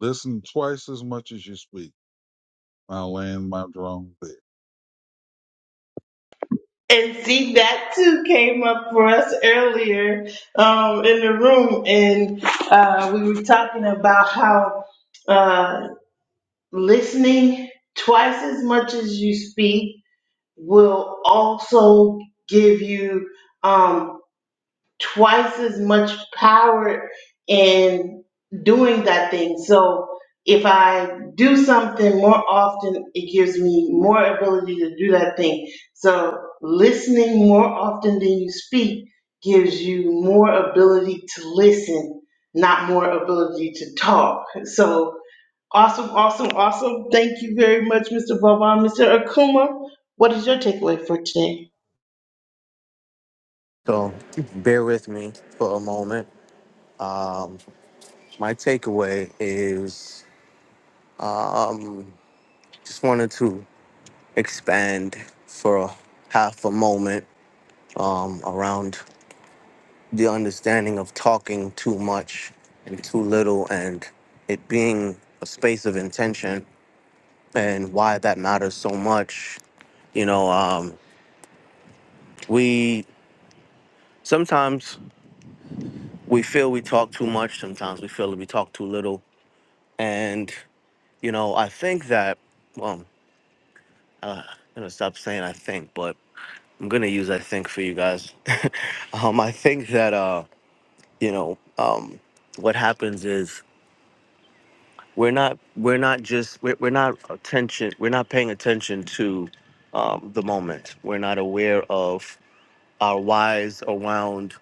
S6: Listen twice as much as you speak. My land, my drone. There.
S1: And see, that too came up for us earlier um, in the room. And uh, we were talking about how uh, listening twice as much as you speak will also give you um, twice as much power in doing that thing. So if I do something more often, it gives me more ability to do that thing. So listening more often than you speak gives you more ability to listen, not more ability to talk. So Awesome, awesome, awesome. Thank you very much, Mr. Vaughn. Mr. Akuma, what is your takeaway for today?
S7: So bear with me for a moment. My takeaway is just wanted to expand for a half a moment um, around the understanding of talking too much and too little and it being a space of intention and why that matters so much. You know, um, we sometimes we feel we talk too much, sometimes we feel that we talk too little. And, you know, I think that. um, uh, I'm gonna stop saying I think, but I'm gonna use I think for you guys. um, I think that uh, you know, um, what happens is we're not we're not just we're, we're not attention we're not paying attention to um, the moment. We're not aware of our whys around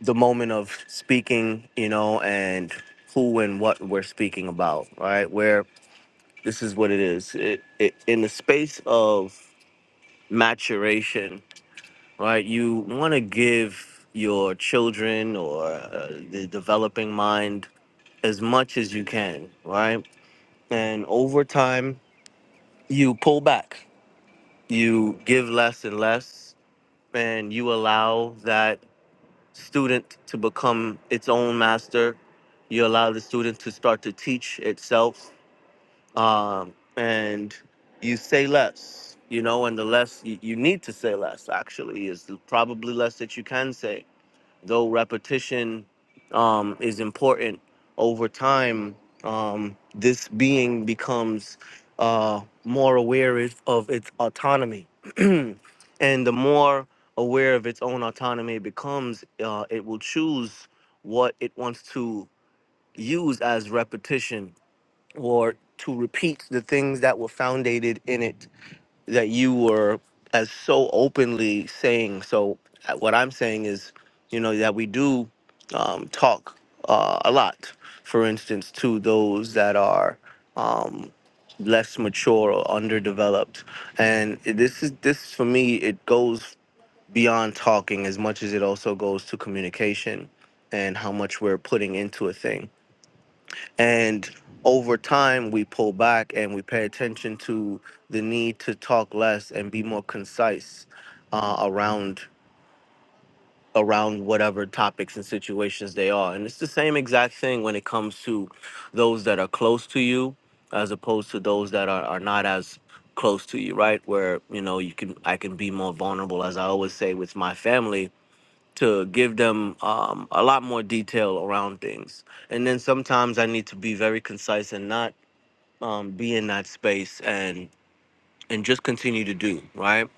S7: the moment of speaking, you know, and who and what we're speaking about. Right? Where this is what it is. It, it in the space of maturation right? You want to give your children or uh, the developing mind as much as you can, right? And over time, you pull back, you give less and less, and you allow that student to become its own master. You allow the student to start to teach itself, um, and you say less. You know, and the less you, you need to say less, actually, is probably less that you can say though repetition um, is important over time, um, this being becomes uh, more aware is- of its autonomy. and the more aware of its own autonomy it becomes, uh, it will choose what it wants to use as repetition or to repeat the things that were founded in it that you were as so openly saying. So uh, what I'm saying is, you know, that we do um, talk uh, a lot. For instance, to those that are um, less mature or underdeveloped, and this is this for me. It goes beyond talking as much as it also goes to communication and how much we're putting into a thing. And over time, we pull back and we pay attention to the need to talk less and be more concise uh, around around whatever topics and situations they are. And it's the same exact thing when it comes to those that are close to you, as opposed to those that are, are not as close to you, right? Where you know you can I can be more vulnerable, as I always say with my family, to give them um, a lot more detail around things. And then sometimes I need to be very concise and not um, be in that space and and just continue to do right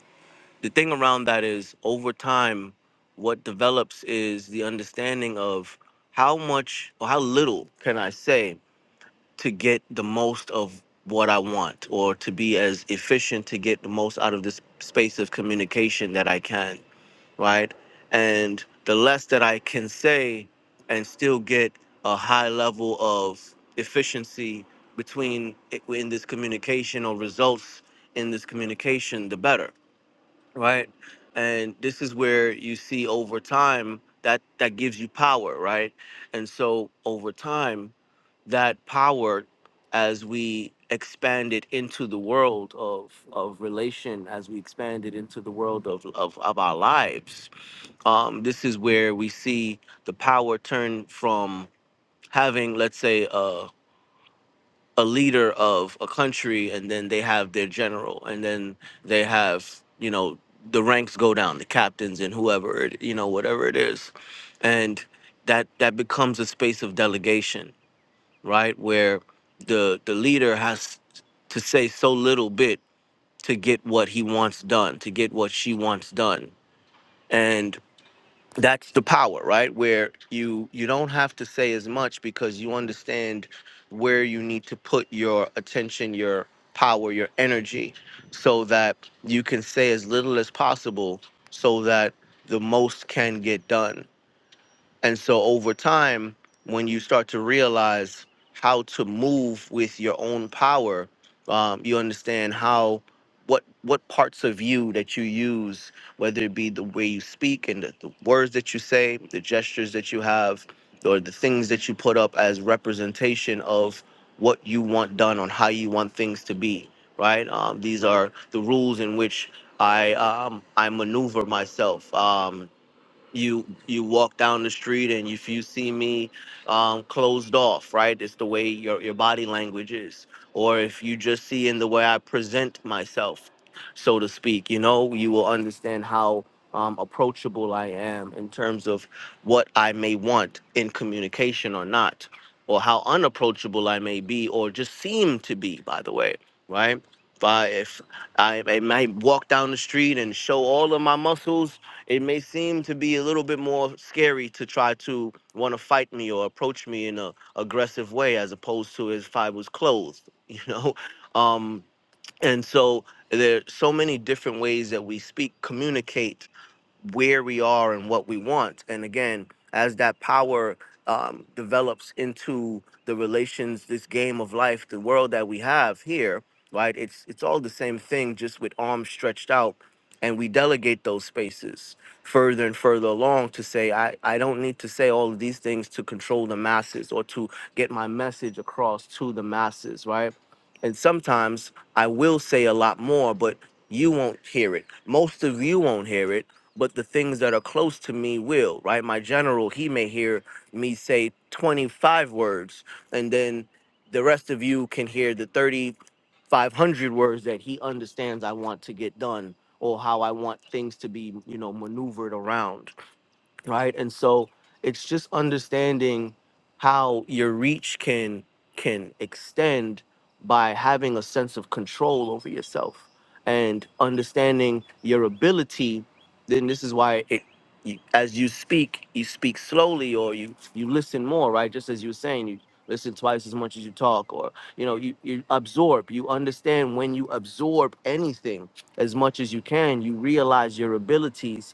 S7: the thing around that is over time what develops is the understanding of how much or how little can i say to get the most of what i want or to be as efficient to get the most out of this space of communication that i can right? And the less that I can say and still get a high level of efficiency between in this communication or results in this communication, the better, right? And this is where you see over time that that gives you power, right? And so over time, that power as we expand it into the world of of relation as we expand it into the world of of, of our lives um, this is where we see the power turn from having, let's say, a, a leader of a country, and then they have their general, and then they have, you know, the ranks go down, the captains and whoever, it, you know, whatever it is, and that that becomes a space of delegation, right, where the the leader has to say so little bit to get what he wants done, to get what she wants done, that's the power right where you you don't have to say as much because you understand where you need to put your attention your power your energy so that you can say as little as possible so that the most can get done and so over time, when you start to realize how to move with your own power, um, you understand how what what parts of you that you use, whether it be the way you speak and the, the words that you say, the gestures that you have, or the things that you put up as representation of what you want done on how you want things to be. Right? Um, these are the rules in which I um, I maneuver myself. Um, you you walk down the street and if you see me um, closed off right it's the way your, your body language is or if you just see in the way i present myself so to speak you know you will understand how um, approachable i am in terms of what i may want in communication or not or how unapproachable i may be or just seem to be by the way right if I, if I, I might walk down the street and show all of my muscles it may seem to be a little bit more scary to try to want to fight me or approach me in a aggressive way as opposed to if I was clothed, you know. Um, and so there are so many different ways that we speak, communicate where we are and what we want. And again, as that power um, develops into the relations, this game of life, the world that we have here, right? It's it's all the same thing, just with arms stretched out, and we delegate those spaces further and further along to say, I, I don't need to say all of these things to control the masses or to get my message across to the masses, right? And sometimes I will say a lot more, but you won't hear it. Most of you won't hear it but the things that are close to me will, right? My general, he may hear me say 25 words, and then the rest of you can hear the 3,500 words that he understands I want to get done or how I want things to be, you know, maneuvered around right and so it's just understanding how your reach can can extend by having a sense of control over yourself and understanding your ability then this is why it you, as you speak you speak slowly or you you listen more right just as you were saying you listen twice as much as you talk or you know you, you absorb you understand when you absorb anything as much as you can you realize your abilities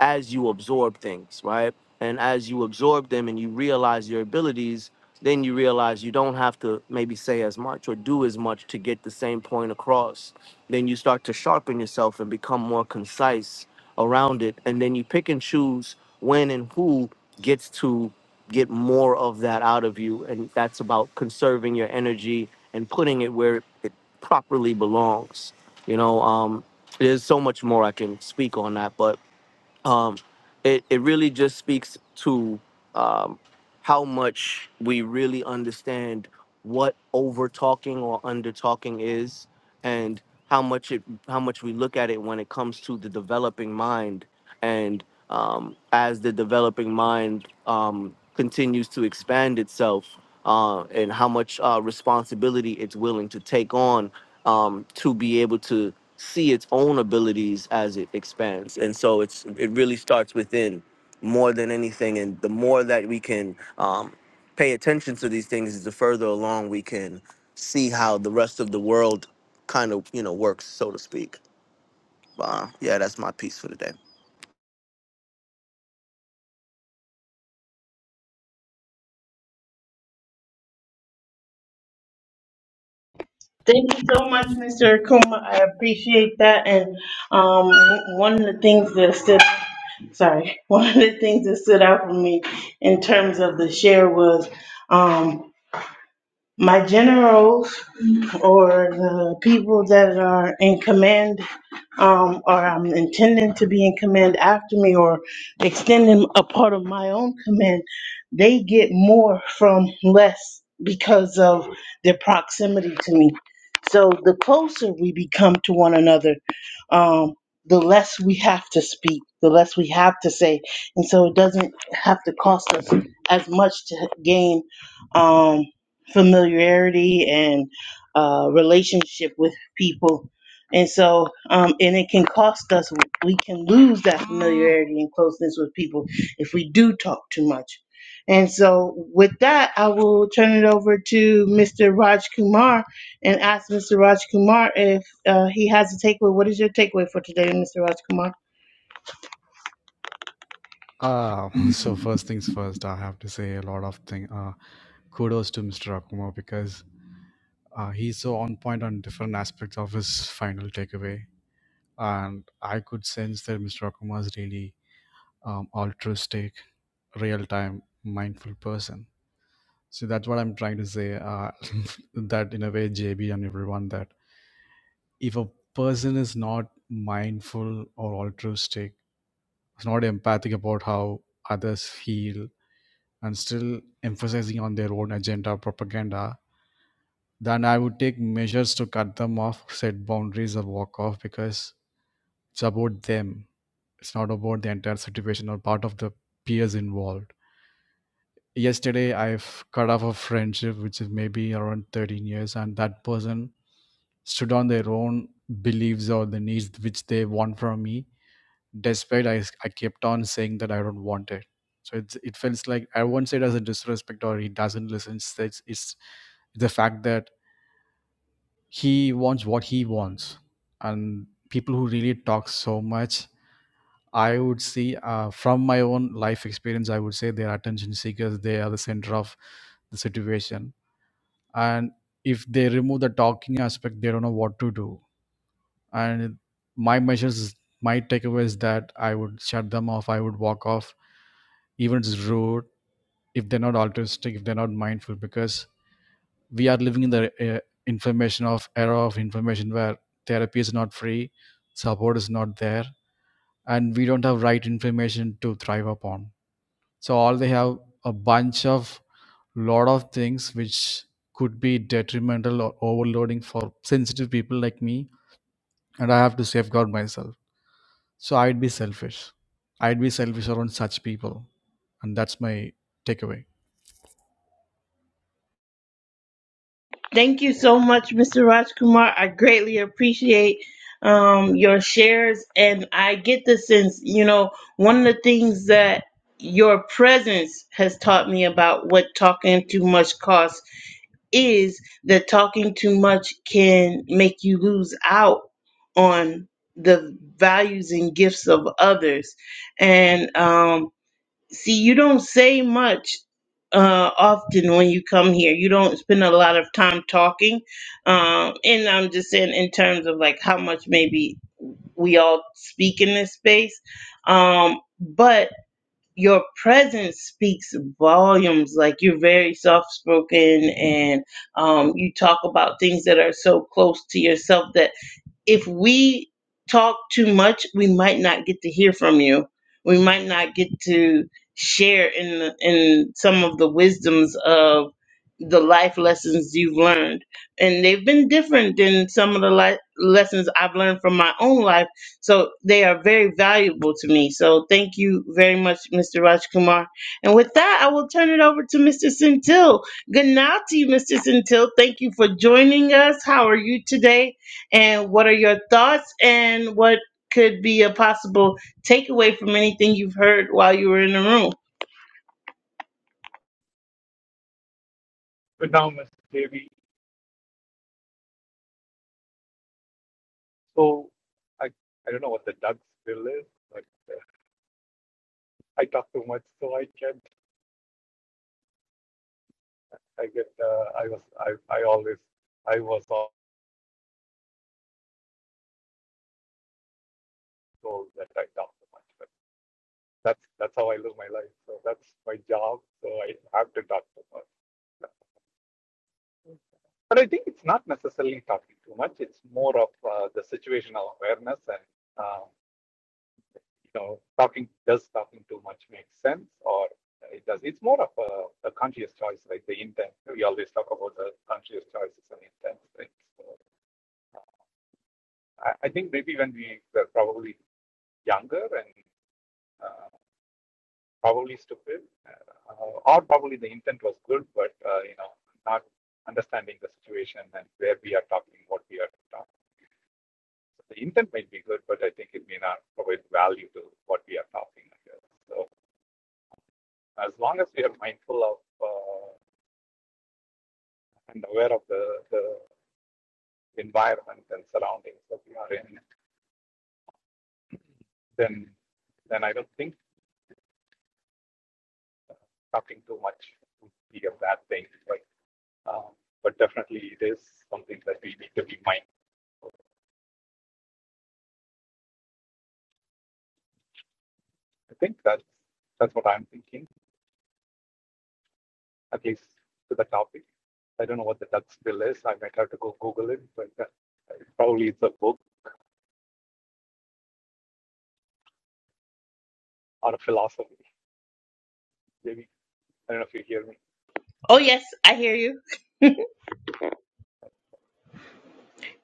S7: as you absorb things, right? And as you absorb them and you realize your abilities, then you realize you don't have to maybe say as much or do as much to get the same point across. Then you start to sharpen yourself and become more concise around it. And then you pick and choose when and who gets to get more of that out of you. And that's about conserving your energy and putting it where it properly belongs. You know, um, there's so much more I can speak on that, but um, it, it really just speaks to um, how much we really understand what over talking or under talking is and how much it how much we look at it when it comes to the developing mind and um, as the developing mind um, continues to expand itself uh, and how much uh, responsibility it's willing to take on um, to be able to see its own abilities as it expands. And so it's it really starts within more than anything. And the more that we can um, pay attention to these things, the further along we can see how the rest of the world kind of you know works, so to speak. Uh, yeah, that's my piece for today.
S1: Thank you so much, Mr. Akuma. I appreciate that. And um, one of the things that stood, sorry, one of the things that stood out for me in terms of the share was um, my generals or the people that are in command um, or I'm intending to be in command after me or extending a part of my own command, they get more from less because of their proximity to me. So the closer we become to one another, um, the less we have to speak, the less we have to say. And so it doesn't have to cost us as much to gain. Um, familiarity and uh, relationship with people. And so, um, and it can cost us, we can lose that familiarity and closeness with people if we do talk too much. And so, with that, I will turn it over to Mr. Raj Kumar and ask Mr. Raj Kumar if uh, he has a takeaway. What is your takeaway for today, Mr. Raj Kumar?
S8: uh, so first things first i have to say a lot of thing uh, kudos to mr akuma because uh, he's so on point on different aspects of his final takeaway and i could sense that mr akuma is really um, altruistic real-time mindful person So that's what I'm trying to say. Uh, that in a way, JB and everyone, that if a person is not mindful or altruistic, is not empathic about how others feel, and still emphasizing on their own agenda propaganda, then I would take measures to cut them off, set boundaries, or walk off because it's about them. It's not about the entire situation or part of the peers involved yesterday i've cut off a friendship which is maybe around 13 years and that person stood on their own beliefs or the needs which they want from me despite i, I kept on saying that i don't want it so it's, it feels like i won't say it as a disrespect or he doesn't listen it's, it's it's the fact that he wants what he wants and people who really talk so much i would see uh, from my own life experience i would say they're attention seekers they are the center of the situation and if they remove the talking aspect they don't know what to do and my measures my takeaway is that i would shut them off i would walk off even if it's rude if they're not altruistic if they're not mindful because we are living in the uh, information of era of information where therapy is not free support is not there and we don't have right information to thrive upon so all they have a bunch of lot of things which could be detrimental or overloading for sensitive people like me and i have to safeguard myself So I'd be selfish. I'd be selfish around such people. And that's my takeaway.
S1: Thank you so much, Mr. Rajkumar. I greatly appreciate um, your shares. And I get the sense, you know, one of the things that your presence has taught me about what talking too much costs is that talking too much can make you lose out on the values and gifts of others. And um, see you don't say much uh often when you come here you don't spend a lot of time talking um and i'm just saying in terms of like how much maybe we all speak in this space um but your presence speaks volumes like you're very soft spoken and um you talk about things that are so close to yourself that if we talk too much, we might not get to hear from you. We might not get to share in the, in some of the wisdoms of the life lessons you've learned. And they've been different than some of the life lessons I've learned from my own life. So they are very valuable to me. So thank you very much, Mr. Rajkumar. And with that, I will turn it over to Mr. Centil. Good night to you, Mr. Centil. Thank you for joining us. How are you today? and what are your thoughts and what could be a possible takeaway from anything you've heard while you were in the room?
S10: Good now, Ms. Devi. So I I don't know what the Doug's bill is, but uh, I talk too much, so I can't. I get. Uh, I was. I. I always. I was al- told that I talk too much, but that's that's how I live my life. So that's my job. So I have to talk too much. But I think it's not necessarily talking too much. It's more of uh, the situational awareness and. um, you know, talking does talking too much make sense or it does. It's more of a, a conscious choice, like the intent. We always talk about the conscious choices and intent, right? So I, I think maybe when we were probably younger and uh, probably stupid, uh, or probably the intent was good, but uh, you know, not understanding the situation and where we are talking, what we are talking. So the intent might be good, but I think it may not provide value to what we are talking. I So as long as we are mindful of uh, and aware of the, the environment and surroundings that we are in, then then I don't think talking too much would be a bad thing. Right? Um, but definitely, it is something that we need to be mindful. I think that's that's what I'm thinking, at least to the topic. I don't know what the Dutch bill is. I might have to go Google it, but that, probably it's a book or a philosophy. Maybe I don't know if you hear me.
S1: Oh, yes, I hear you.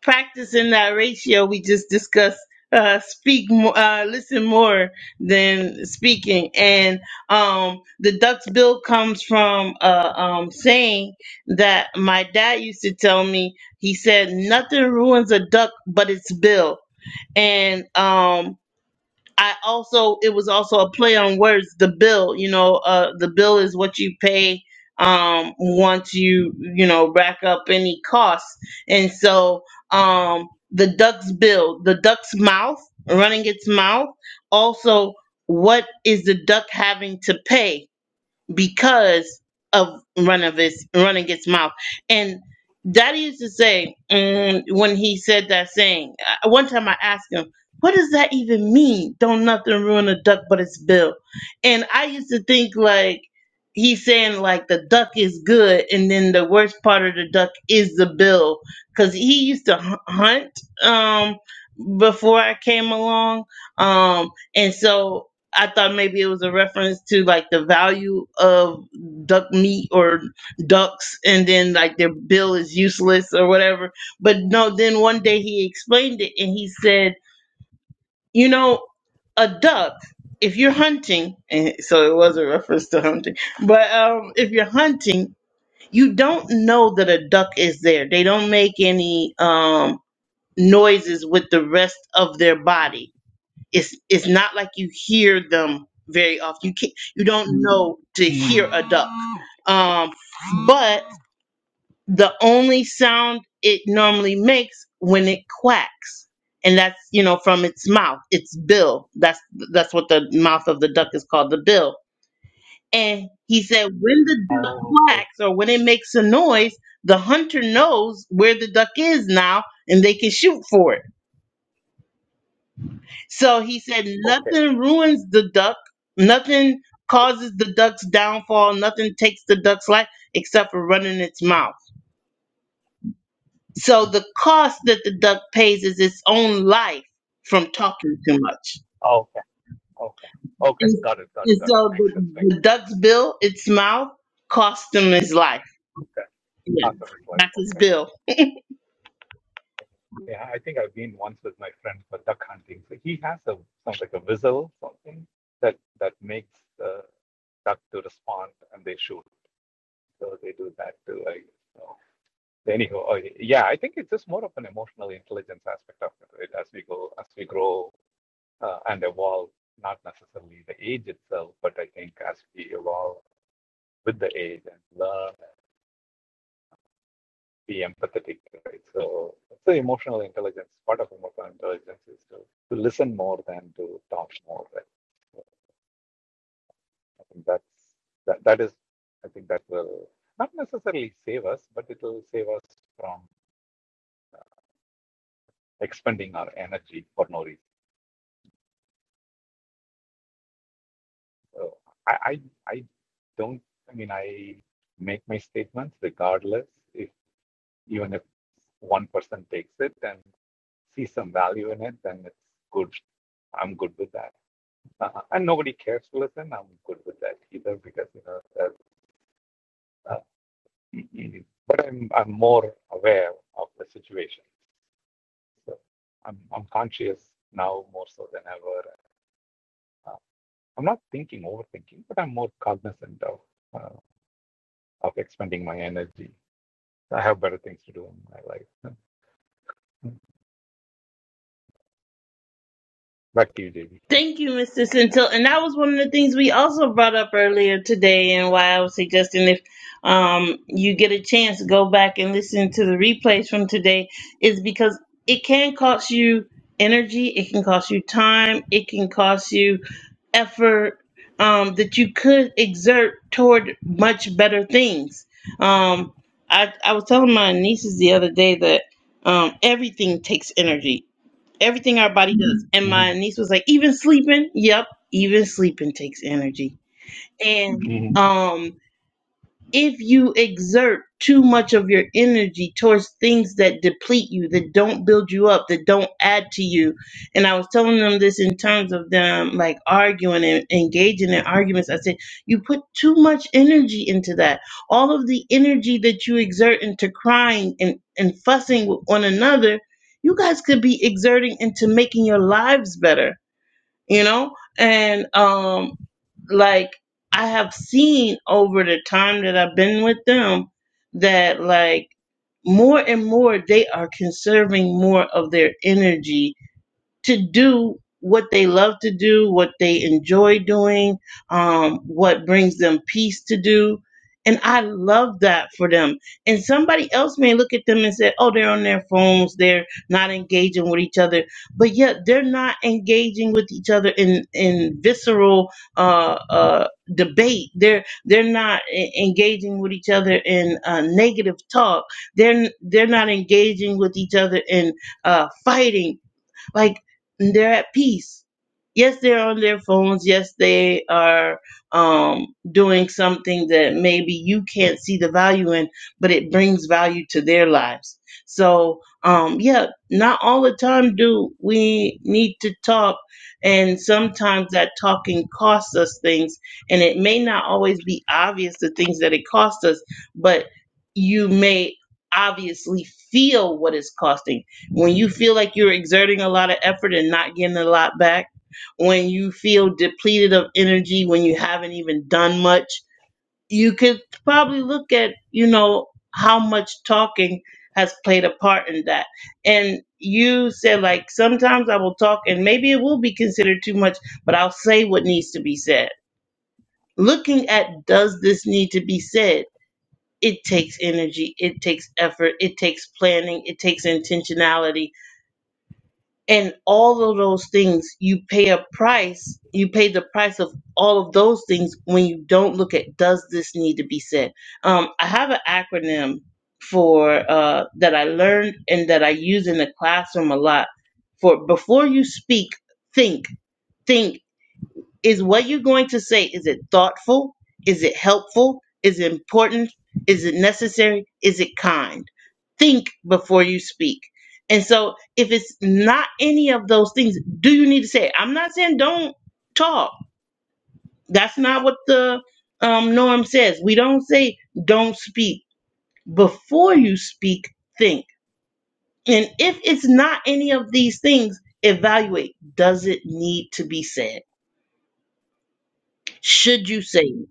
S1: Practicing that ratio we just discussed. Uh, speak more, uh, listen more than speaking. And, um, the duck's bill comes from, a um, saying that my dad used to tell me, he said, nothing ruins a duck but its bill. And, um, I also it was also a play on words. The bill, you know, uh, the bill is what you pay um once you you know rack up any costs, and so um the duck's bill, the duck's mouth running its mouth. Also, what is the duck having to pay? because of run of his running its mouth. And Daddy used to say mm, when he said that saying. uh, One time I asked him, "What does that even mean? Don't nothing ruin a duck but its bill." And I used to think like he's saying like the duck is good, and then the worst part of the duck is the bill, because he used to hu- hunt um, before I came along, um, and so. I thought maybe it was a reference to like the value of duck meat or ducks, and then like their bill is useless or whatever. But no, then one day he explained it and he said, you know, a duck, if you're hunting, and so it was a reference to hunting, but um, if you're hunting, you don't know that a duck is there. They don't make any um, noises with the rest of their body it's it's not like you hear them very often. You can't, you don't know to hear
S10: Mm.
S1: a duck. Um, but the only sound it normally makes when it quacks, and that's you know from its mouth, its bill. That's that's what the mouth of the duck is called, the bill. And he said when the duck
S10: Oh, okay.
S1: quacks or when it makes a noise, the hunter knows where the duck is now, and they can shoot for it So he said,
S10: Okay.
S1: nothing ruins the duck, nothing causes the duck's downfall, nothing takes the duck's life except for running its mouth. So
S10: Mm.
S1: the cost that the duck pays is its own life from talking too much.
S10: Okay. Okay. Okay.
S1: And,
S10: Got it. Got it.
S1: and
S10: Got it.
S1: so
S10: Makes
S1: the,
S10: sense. Makes
S1: the
S10: sense.
S1: duck's bill, its mouth, cost him his life.
S10: Okay.
S1: Yeah,
S10: Assam's like
S1: that's his
S10: okay.
S1: bill.
S10: Yeah, I think I've been once with my friend for duck hunting. So he has a sounds like a whistle, something that that makes the duck to respond and they shoot. So they do that too. I guess. so anyhow, uh, yeah, I think it's just more of an emotional intelligence aspect of it right? as we go, as we grow uh, and evolve. Not necessarily the age itself, but I think as we evolve with the age and learn be empathetic, right? So, so emotional intelligence, part of emotional intelligence is to, to listen more than to talk more, right? So I think that's that, that is, I think that will not necessarily save us, but it will save us from expending our energy for no reason. So I, I, I don't, I mean, I make my statements regardless if even if one person takes it and sees some value in it, then it's good. I'm good with that. Uh, and nobody cares. Listen, I'm good with that either because you know that. Uh, mm, mm. but I'm I'm more aware of the situation, so I'm I'm conscious now more so than ever. Uh, I'm not thinking overthinking, but I'm more cognizant of uh, of expending my energy. I have better things to do in my life. Mm, mm. Back to you, JB.
S1: Thank you, Mr. Centil. And that was one of the things we also brought up earlier today, and why I was suggesting if um, you get a chance, go back and listen to the replays from today, is because it can cost you energy, it can cost you time, it can cost you effort um, that you could exert toward much better things. Um, I, I was telling my nieces the other day that um, everything takes energy. Everything our body does. And
S10: Mm-hmm.
S1: my niece was like, even sleeping? Yep, even sleeping takes energy. And
S10: Mm-hmm.
S1: um if you exert too much of your energy towards things that deplete you, that don't build you up, that don't add to you. And I was telling them this in terms of them like arguing and engaging in arguments. I said, you put too much energy into that. All of the energy that you exert into crying and, and fussing with one another, you guys could be exerting into making your lives better you know and um like i have seen over the time that i've been with them that like more and more they are conserving more of their energy to do what they love to do, what they enjoy doing, um, what brings them peace to do. And I love that for them. And somebody else may look at them and say, oh, they're on their phones, they're not engaging with each other. But yet they're not engaging with each other in, in visceral uh, uh, debate. They're they're not e- engaging with each other in uh, negative talk. They're they're not engaging with each other in uh, fighting like they're at peace. Yes, they're on their phones. Yes, they are um, doing something that maybe you can't see the value in, but it brings value to their lives. So, um, yeah, not all the time do we need to talk. And sometimes that talking costs us things. And it may not always be obvious the things that it costs us, but you may obviously feel what it's costing when you feel like you're exerting a lot of effort and not getting a lot back, when you feel depleted of energy, when you haven't even done much, you could probably look at, you know, how much talking has played a part in that. And you said, like, sometimes I will talk and maybe it will be considered too much, but I'll say what needs to be said. Looking at does this need to be said? It takes energy, it takes effort, it takes planning, it takes intentionality and all of those things you pay a price you pay the price of all of those things when you don't look at does this need to be said um, i have an acronym for uh, that i learned and that i use in the classroom a lot for before you speak think think is what you're going to say is it thoughtful is it helpful is it important is it necessary is it kind think before you speak and so if it's not any of those things do you need to say it? i'm not saying don't talk that's not what the um, norm says we don't say don't speak before you speak think and if it's not any of these things evaluate does it need to be said should you say it?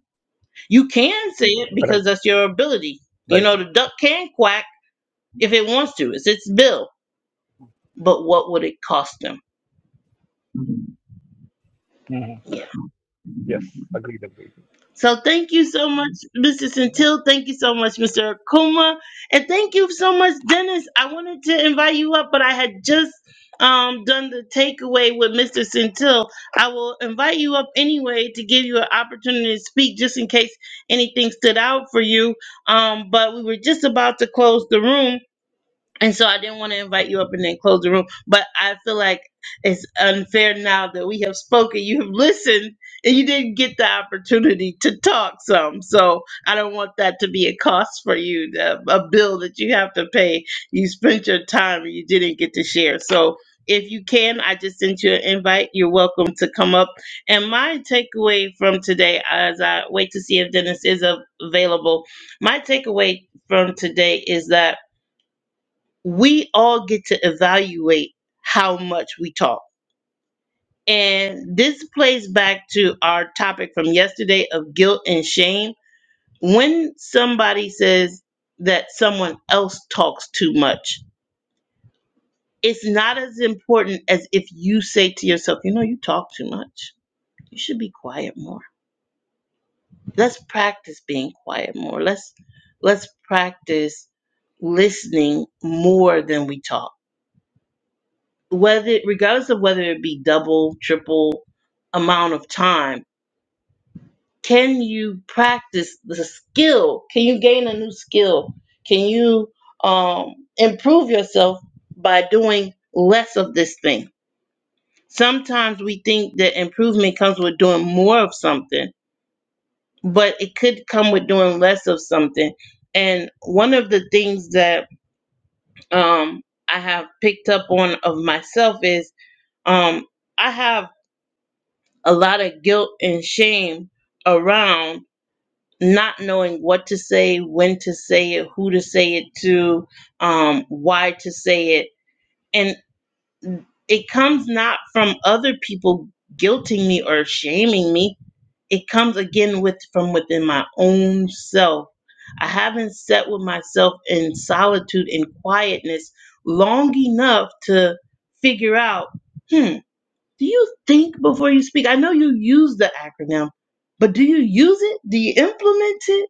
S1: You can say it
S10: Right,
S1: because that's your ability. You
S10: right.
S1: know, the duck can quack if it wants to. It's its bill. But what would it cost them?
S10: hmm
S1: Yeah.
S10: Yes, agreed, agreed.
S1: So thank you so much, Mr.
S10: Right.
S1: Centil. Thank you so much, Mr. Akuma. And thank you so much, Dennis. I wanted to invite you up, but I had just um, done the takeaway with Mr. Centil. I will invite you up anyway to give you an opportunity to speak just in case anything stood out for you. Um, but we were just about to close the room. And so I didn't want to invite you up and then close the room. But I feel like it's unfair now that we have spoken, you have listened, and you didn't get the opportunity to talk some. So I don't want that to be a cost for you, the- a bill that you have to pay. You spent your time and you didn't get to share. So if you can, I just sent you an invite. You're welcome to come up. And my takeaway from today, as I wait to see if Dennis is av- available, my takeaway from today is that we all get to evaluate how much we talk. And this plays back to our topic from yesterday of guilt and shame. When somebody says that someone else talks too much, it's not as important as if you say to yourself, you know, you talk too much. You should be quiet more. Let's practice being quiet more. Let's let's practice listening more than we talk whether regardless of whether it be double, triple amount of time, can you practice the skill? Can you gain a new skill? Can you um, improve yourself by doing less of this thing? Sometimes we think that improvement comes with doing more of something, but it could come with doing less of something. And one of the things that um, I have picked up on of myself is um, I have a lot of guilt and shame around not knowing what to say, when to say it, who to say it to, um, why to say it. And it comes not from other people guilting me or shaming me. It comes again with from within my own self. I haven't sat with myself in solitude and quietness long enough to figure out, hmm, do you think before you speak? I know you use the acronym, but do you use it? Do you implement it?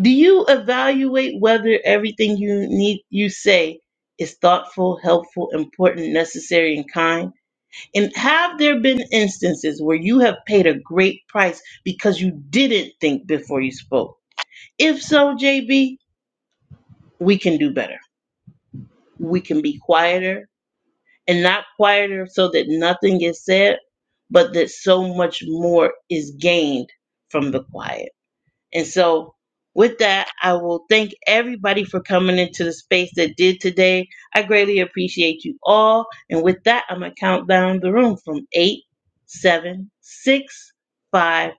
S1: Do you evaluate whether everything you need you say is thoughtful, helpful, important, necessary, and kind? And have there been instances where you have paid a great price because you didn't think before you spoke? If so, JB, we can do better. We can be quieter, and not quieter so that nothing is said, but that so much more is gained from the quiet. And so, with that, I will thank everybody for coming into the space that did today. I greatly appreciate you all. And with that, I'm going to count down the room from eight, seven, six, five,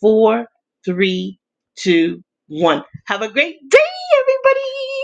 S1: four, three, two, one. Have a great day, everybody.